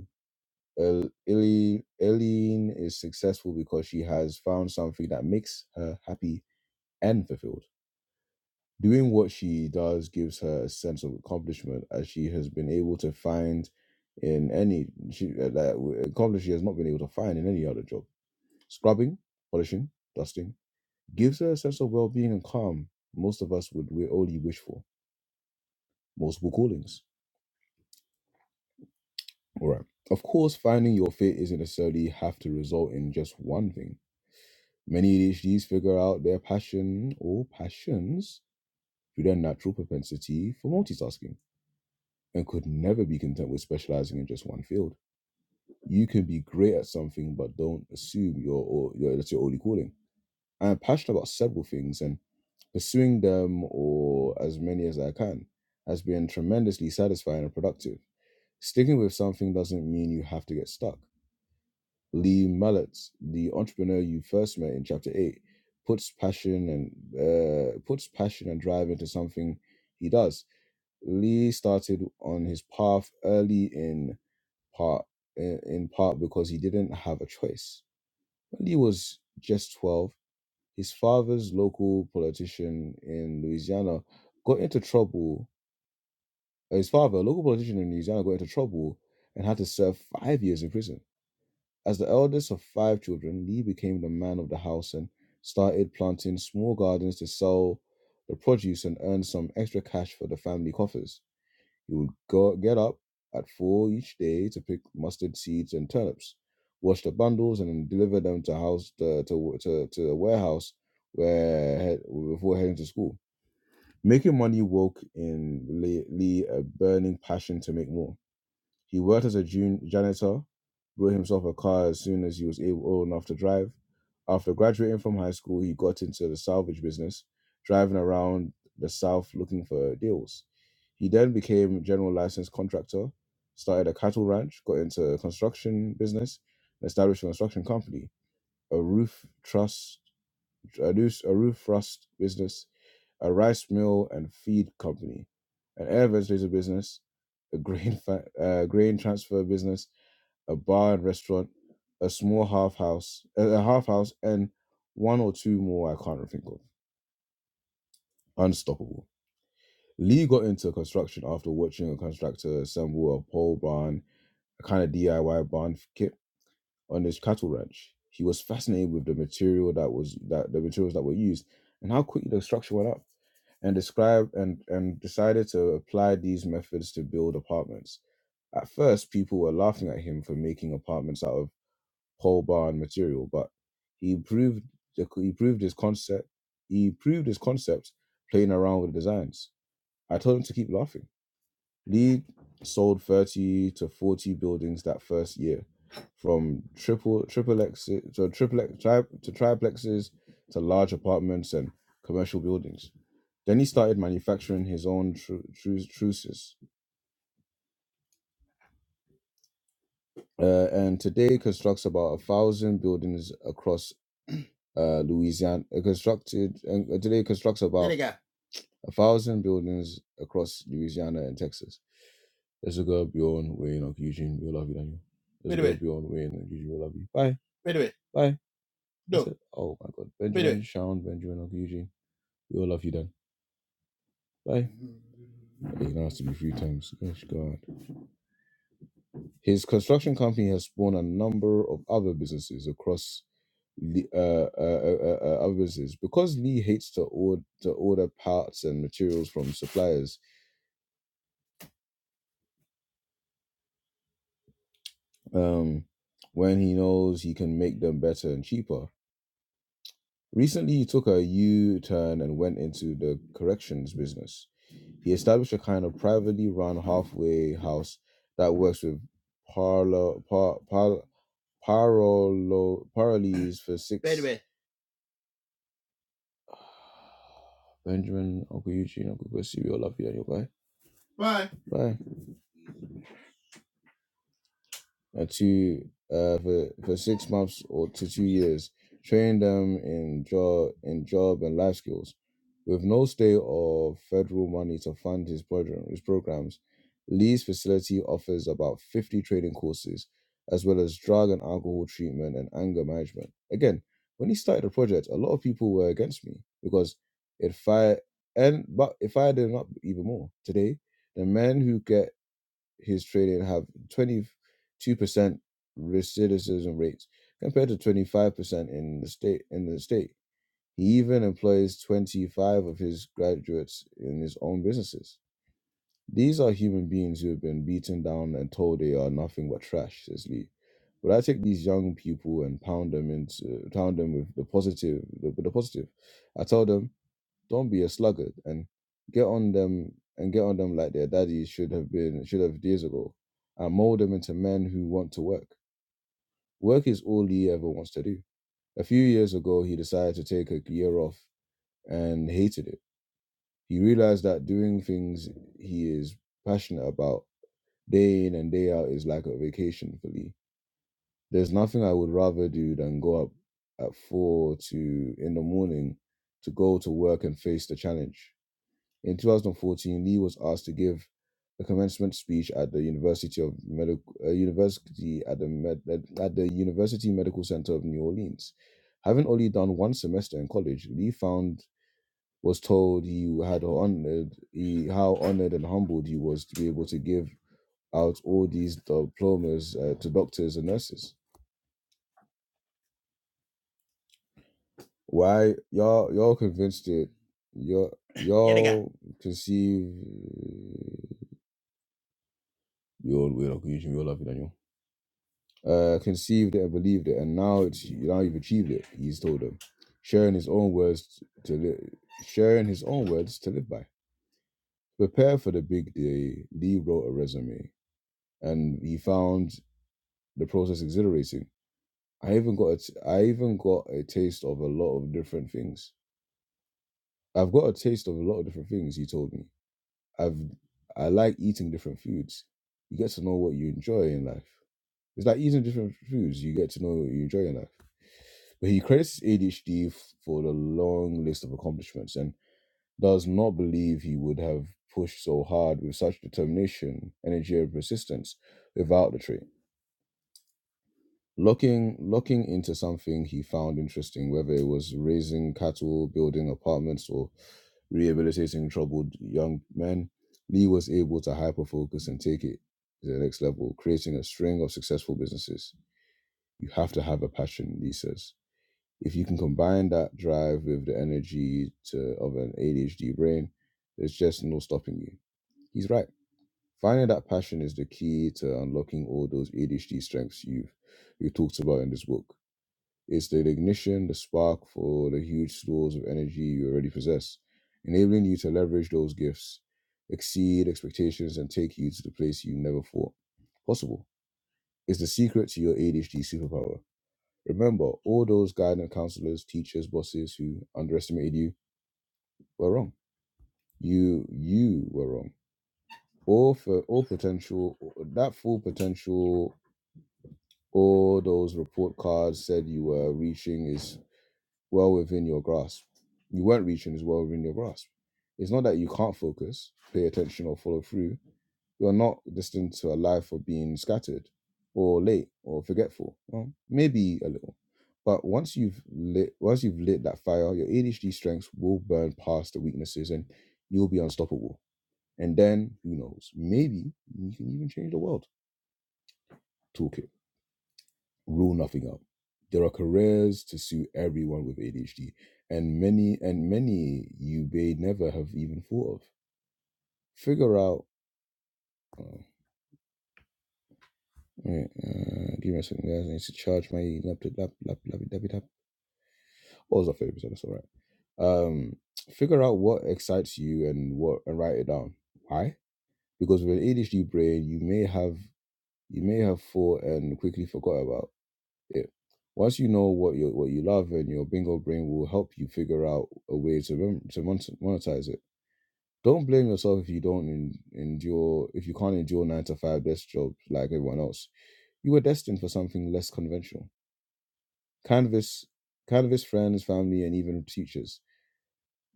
A: El- Eileen Eileen is successful because she has found something that makes her happy and fulfilled. Doing what she does gives her a sense of accomplishment, as she has been able to find in any she uh, that accomplishment she has not been able to find in any other job. Scrubbing, polishing, dusting gives her a sense of well-being and calm. Most of us would we only wish for multiple callings. All right. Of course, finding your fit isn't necessarily have to result in just one thing. Many ADHDs figure out their passion or passions through their natural propensity for multitasking and could never be content with specializing in just one field. You can be great at something, but don't assume you're or you're, that's your only calling. I'm passionate about several things, and pursuing them or as many as I can has been tremendously satisfying and productive. Sticking with something doesn't mean you have to get stuck. Lee Malletz, the entrepreneur you first met in chapter eight, puts passion and uh, puts passion and drive into something he does. Lee started on his path early in part in, in part because he didn't have a choice. When he was just 12, his father's local politician in Louisiana got into trouble. uh, His father, a local politician in Louisiana, got into trouble and had to serve five years in prison. As the eldest of five children, Lee became the man of the house and started planting small gardens to sell the produce and earn some extra cash for the family coffers. He would go, get up at four each day to pick mustard seeds and turnips, wash the bundles, and then deliver them to house to to to, to a warehouse where head, before heading to school. Making money woke in Lee Lee a burning passion to make more. He worked as a jun- janitor, bought himself a car as soon as he was able old enough to drive. After graduating from high school, he got into the salvage business, driving around the South looking for deals. He then became general licensed contractor, started a cattle ranch, got into a construction business, and established a construction company, a roof truss a roof a roof rust business, a rice mill and feed company, an air ventilator business, a grain fa- uh, grain transfer business, a bar and restaurant, a small half house, uh, a half house, and one or two more I can't think of. Unstoppable. Lee got into construction after watching a contractor assemble a pole barn, a kind of DIY barn kit on his cattle ranch. He was fascinated with the material that was that the materials that were used and how quickly the structure went up and described and, and decided to apply these methods to build apartments. At first, people were laughing at him for making apartments out of pole barn material, but he proved the, he proved his concept. He proved his concept playing around with the designs. I told him to keep laughing Lee sold 30 to 40 buildings that first year, from triple triplex to triplex tri, to triplexes to large apartments and commercial buildings. Then he started manufacturing his own tru- tru- truces, uh, and today constructs about a thousand buildings across uh, Louisiana. uh, Constructed and uh, today constructs about Vinegar. a thousand buildings across Louisiana and Texas. Let's look up Bjorn, Wayne, or Eugene. We love you, Daniel. Let's Wait a look minute. Bjorn, Wayne, and Eugene. We love you. Bye. Wait a minute. Bye. That's No. it. Oh my God. Wait a minute. Benjamin, minute. Sharon, Benjamin, Uncle Eugene. We all love you, Dan. Bye. He now has to be three times. Gosh, God. His construction company has spawned a number of other businesses across Lee- uh, uh, uh, uh, uh, other businesses because Lee hates to order to order parts and materials from suppliers. Um, when he knows he can make them better and cheaper. Recently, he took a U turn and went into the corrections business. He established a kind of privately run halfway house that works with parlo, par, par, parolo, parolees for six. wait. Benjamin, Uncle Eugene, Uncle Percy, we all love you anyway. Bye. Bye. uh, two uh, for for six months or to two years, train them in job in job and life skills, with no state or federal money to fund his program. His programs, Lee's facility offers about fifty training courses, as well as drug and alcohol treatment and anger management. Again, when he started the project, a lot of people were against me because it fired and but it fired them up even more. Today, the men who get his trading have 22% recidivism rates compared to 25% in the state in the state he even employs 25 of his graduates in his own businesses these are human beings who have been beaten down and told they are nothing but trash says lee but i take these young people and pound them into pound them with the positive the, the positive i tell them don't be a sluggard and get on them and get on them like their daddies should have been should have years ago, and mold them into men who want to work. Work is all he ever wants to do. A few years ago, he decided to take a year off and hated it. He realized that doing things he is passionate about day in and day out is like a vacation for Lee. There's nothing I would rather do than go up at four to in the morning to go to work and face the challenge. In 2014, Lee was asked to give a commencement speech at the University of Medical uh, University at the Med- at at the University Medical Center of New Orleans. Having only done one semester in college, Lee found was told he had honored he, how honored and humbled he was to be able to give out all these diplomas uh, to doctors and nurses. Why y'all y'all convinced it? Y'all Yeah, they got. y'all conceive. You're weird. You're laughing, at you. uh, conceived it and believed it, and now it's now you've achieved it. He's told them, sharing his own words to li- sharing his own words to live by. Prepare for the big day. Lee wrote a resume, and he found the process exhilarating. I even got a t- I even got a taste of a lot of different things. I've got a taste of a lot of different things. He told me I've I like eating different foods. You get to know what you enjoy in life. It's like eating different foods. You get to know what you enjoy in life. But he credits ADHD for the long list of accomplishments and does not believe he would have pushed so hard with such determination, energy, and persistence without the trait. Looking, looking into something he found interesting, whether it was raising cattle, building apartments, or rehabilitating troubled young men, Lee was able to hyper focus and take it to the next level, creating a string of successful businesses you have to have a passion, he says. If you can combine that drive with the energy to, of an ADHD brain, there's just no stopping you. He's right. Finding that passion is the key to unlocking all those ADHD strengths you've you talked about in this book. It's the ignition, the spark for the huge stores of energy you already possess, enabling you to leverage those gifts, exceed expectations, and take you to the place you never thought possible. It's the secret to your ADHD superpower Remember, all those guidance counselors, teachers, bosses who underestimated you were wrong. You you were wrong. All for all potential that full potential all those report cards said you were reaching is well within your grasp. You weren't reaching is well within your grasp. It's not that you can't focus, pay attention, or follow through. You're not destined to a life of being scattered or late or forgetful. Well, maybe a little. But once you've lit once you've lit that fire, your ADHD strengths will burn past the weaknesses and you'll be unstoppable. And then who knows? Maybe you can even change the world. Toolkit rule nothing out. There are careers to suit everyone with ADHD, and many and many you may never have even thought of. Figure out. Oh, wait, uh, give me a second, guys. I need to charge my laptop. Lap, lap, lap, lap, lap. What was our favorite? That's all right. Um, figure out what excites you and what, and write it down. Why? Because with an ADHD brain, you may have you may have thought and quickly forgot about it once you know what you what you love and your bingo brain will help you figure out a way to rem- to mon- monetize it don't blame yourself if you don't en- endure if you can't endure 9 to 5 desk jobs like everyone else you were destined for something less conventional canvas canvas friends family and even teachers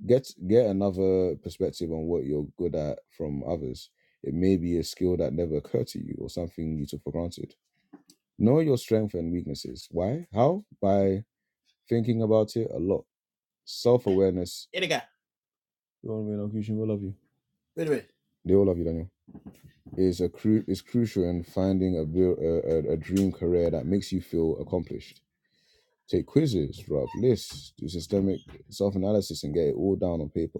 A: get get another perspective on what you're good at from others it may be a skill that never occurred to you or something you took for granted know your strengths and weaknesses why how by thinking about it a lot. Self awareness. Edgar, You want me Kushin? We love you. wait a minute. They all love you, Daniel. Is a cru- is crucial in finding a, a a dream career that makes you feel accomplished. Take quizzes, draw lists, do systemic self analysis, and get it all down on paper.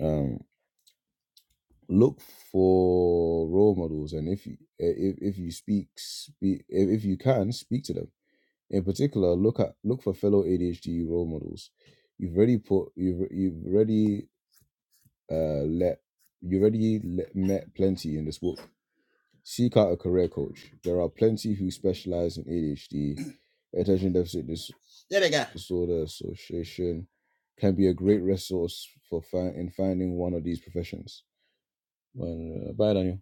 A: Um, look for role models, and if you eh, if if you speak speak if you can speak to them. In particular, look at look for fellow ADHD role models. You've already put you've you've already uh, let you already let, met plenty in this book. Seek out a career coach. There are plenty who specialize in ADHD, attention deficit dis- There they go. disorder association, can be a great resource for fi- in finding one of these professions. Well, uh, bye, Daniel.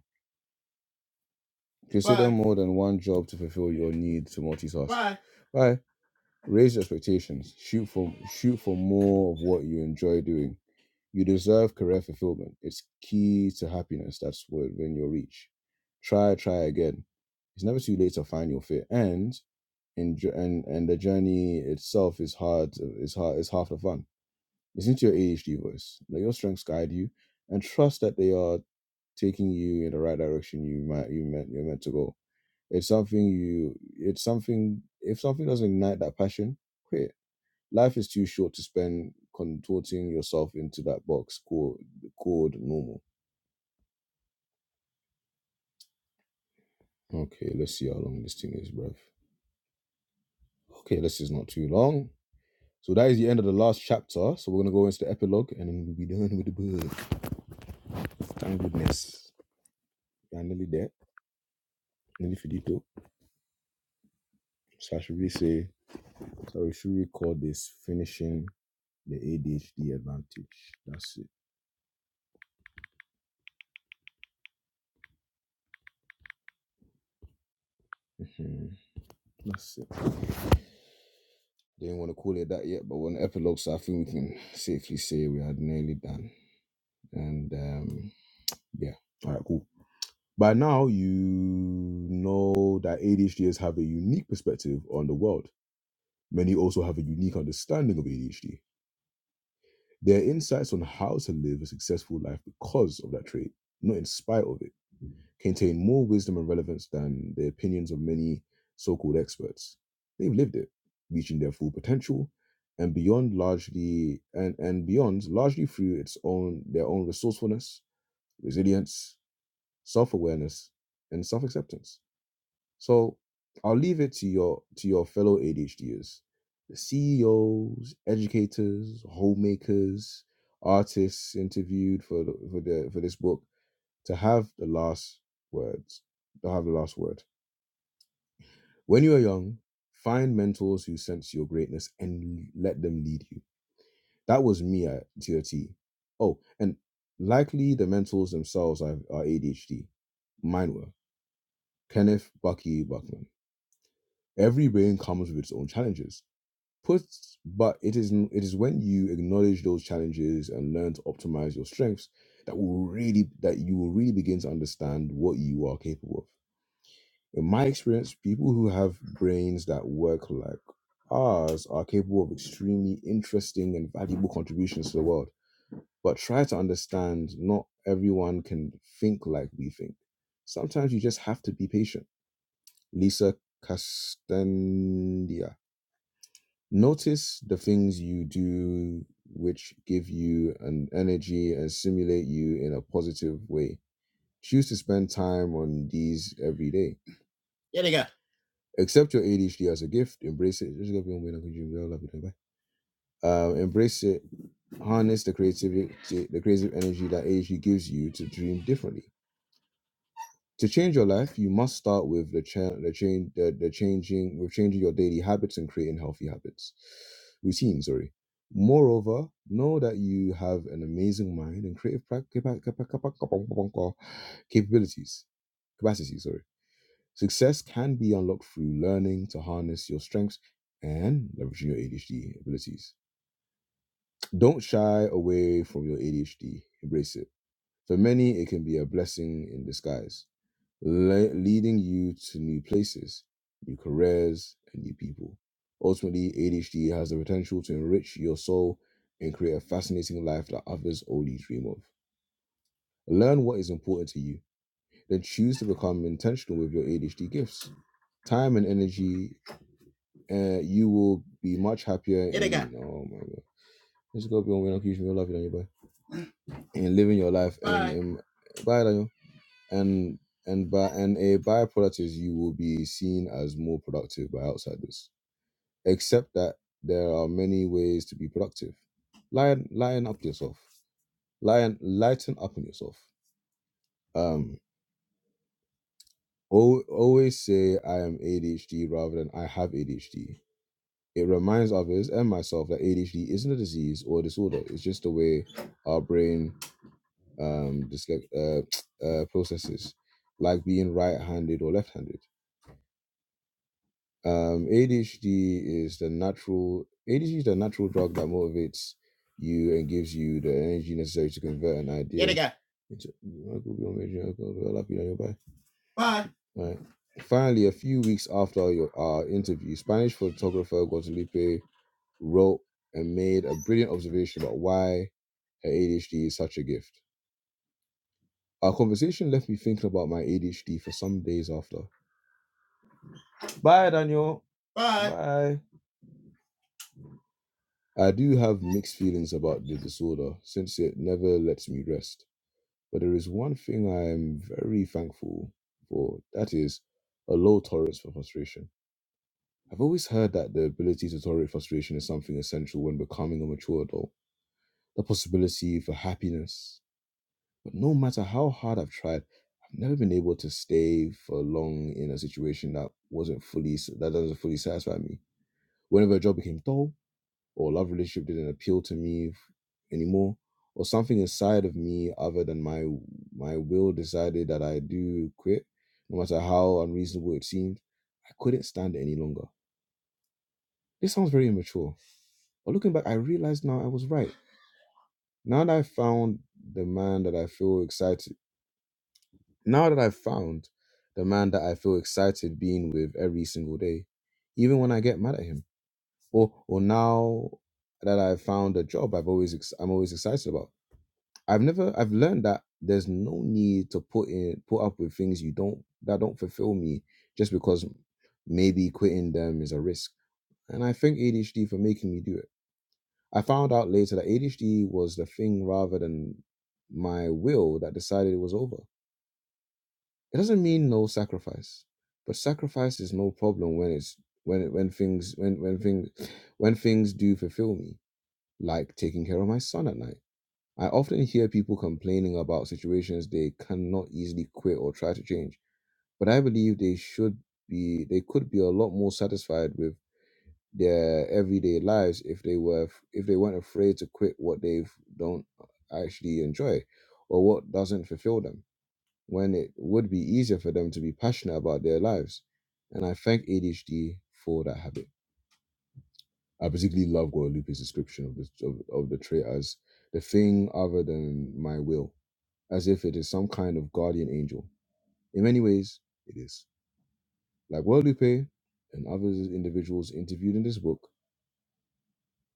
A: Consider Bye. more than one job to fulfill your need to multitask. Bye. Bye. Raise your expectations. Shoot for shoot for more of what you enjoy doing. You deserve career fulfillment. It's key to happiness. That's what when you reach, Try, try again. It's never too late to find your fit. And in and and the journey itself is hard. It's hard. It's half the fun. Listen to your ADHD voice. Let your strengths guide you, and trust that they are taking you in the right direction. You might you meant you're meant to go. It's something you. It's something. If something doesn't ignite that passion, quit Life is too short to spend contorting yourself into that box called called normal. Okay, let's see how long this thing is, bruv. Okay, this is not too long. So that is the end of the last chapter. So we're gonna go into the epilogue and then we'll be done with the book. Thank goodness. We are nearly there, nearly finito. So I should really say so we should we call this finishing the ADHD advantage. That's it. Mhm. That's it. Didn't want to call it that yet, but we're on epilogue, so I think we can safely say we are nearly done. And um, yeah, all right, cool. By now, you know that ADHDers have a unique perspective on the world. Many also have a unique understanding of ADHD. Their insights on how to live a successful life because of that trait, not in spite of it. contain more wisdom and relevance than the opinions of many so called experts. They've lived it, reaching their full potential and beyond largely and, and beyond largely through its own their own resourcefulness, resilience, self-awareness, and self-acceptance. So I'll leave it to your to your fellow ADHDers, the CEOs, educators, homemakers, artists interviewed for for the for this book to have the last words, to have the last word. When you are young, find mentors who sense your greatness and let them lead you. That was me at TOT. Oh, and likely the mentors themselves are, are ADHD. Mine were Kenneth Bucky Buckman. Every brain comes with its own challenges. Put, but it is it is when you acknowledge those challenges and learn to optimize your strengths that will really that you will really begin to understand what you are capable of. in my experience, people who have brains that work like ours are capable of extremely interesting and valuable contributions to the world. But try to understand not everyone can think like we think. Sometimes you just have to be patient. Lisa Castandia. Notice the things you do which give you an energy and stimulate you in a positive way. Choose to spend time on these every day. Yeah, they got Accept your ADHD as a gift. Embrace it. like, really Um, embrace it. Harness the creativity, the creative energy that ADHD gives you to dream differently. To change your life, you must start with the cha- the change, the, the changing, with changing your daily habits and creating healthy habits, routines. Sorry. Moreover, know that you have an amazing mind and creative pra- capa- capa- capa- capa- capa- capabilities, capacities. Sorry Success can be unlocked through learning to harness your strengths and leveraging your ADHD abilities. Don't shy away from your ADHD, embrace it. For many, it can be a blessing in disguise, le- leading you to new places, new careers, and new people. Ultimately, ADHD has the potential to enrich your soul and create a fascinating life that others only dream of. Learn what is important to you, then choose to become intentional with your ADHD gifts. Time and energy uh, you will be much happier in oh my god. This is gonna be on when you love you, boy. In living your life and Bye. bye Daniel. And and by and a byproduct is you will be seen as more productive by outsiders. Except that there are many ways to be productive. Lighten lighten up yourself. Lighten lighten up on yourself. Um al- always say I am ADHD rather than I have ADHD It reminds others and myself that ADHD isn't a disease or a disorder. It's just the way our brain um, dysle- uh, uh, processes, like being right-handed or left-handed. Um, ADHD is the natural ADHD is the natural drug that motivates you and gives you the energy necessary to convert an idea. Get into- I Bye. Right. Finally, a few weeks after your, our interview, Spanish photographer Guadalupe wrote and made a brilliant observation about why her ADHD is such a gift. Our conversation left me thinking about my ADHD for some days after. Bye, Daniel. Bye. Bye. I do have mixed feelings about the disorder since it never lets me rest. But there is one thing I am very thankful for that is a low tolerance for frustration. I've always heard that the ability to tolerate frustration is something essential when becoming a mature adult. The possibility for happiness But no matter how hard I've tried, I've never been able to stay for long in a situation that wasn't fully that doesn't fully satisfy me. Whenever a job became dull, or love relationship didn't appeal to me f- anymore, or something inside of me other than my my will decided that I do quit, no matter how unreasonable it seemed, I couldn't stand it any longer. This sounds very immature, but looking back, I realized now I was right. Now that I found the man that I feel excited Now that I've found the man that I feel excited being with every single day, even when I get mad at him, or or now that I've found a job I've always ex- I'm always excited about. I've never I've learned that there's no need to put in put up with things you don't that don't fulfill me just because maybe quitting them is a risk. And I thank ADHD for making me do it. I found out later that ADHD was the thing rather than my will that decided it was over. It doesn't mean no sacrifice, but sacrifice is no problem when it's when when things when when things when things do fulfill me, like taking care of my son at night. I often hear people complaining about situations they cannot easily quit or try to change, but I believe they should be they could be a lot more satisfied with their everyday lives if they were if they weren't afraid to quit what they don't actually enjoy or what doesn't fulfill them when it would be easier for them to be passionate about their lives. And I thank ADHD for that habit. I particularly love Guadalupe's description of, this, of, of the trait as the thing other than my will, as if it is some kind of guardian angel. In many ways, it is. Like Guadalupe and other individuals interviewed in this book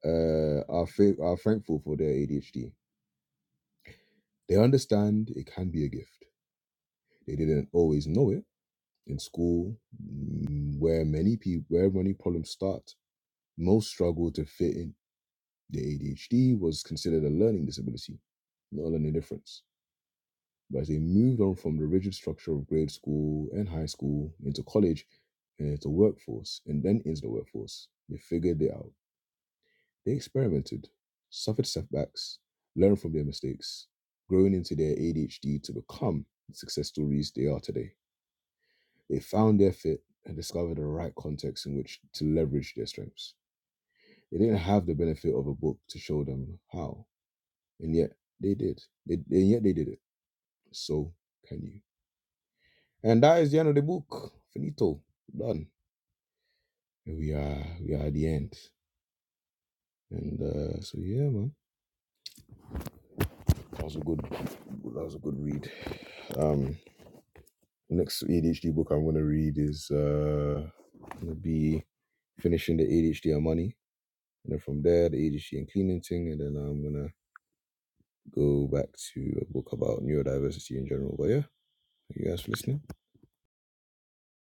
A: uh, are, fa- are thankful for their ADHD. They understand it can be a gift. They didn't always know it, in school, mm, where many people, where many problems start, most struggle to fit in. The ADHD was considered a learning disability, not a learning difference. But as they moved on from the rigid structure of grade school and high school into college and into workforce and then into the workforce, they figured it out. They experimented, suffered setbacks, learned from their mistakes, growing into their ADHD to become the success stories they are today. They found their fit and discovered the right context in which to leverage their strengths. They didn't have the benefit of a book to show them how, and yet they did. They, and yet they did it. So can you? And that is the end of the book. Finito. Done. We are we are at the end. And uh, so yeah, man, that was a good that was a good read. Um, next ADHD book I'm gonna read is uh gonna be finishing the ADHD on money, and then from there the ADHD and cleaning thing, and then I'm gonna go back to a book about neurodiversity in general. But yeah, thank you guys for listening.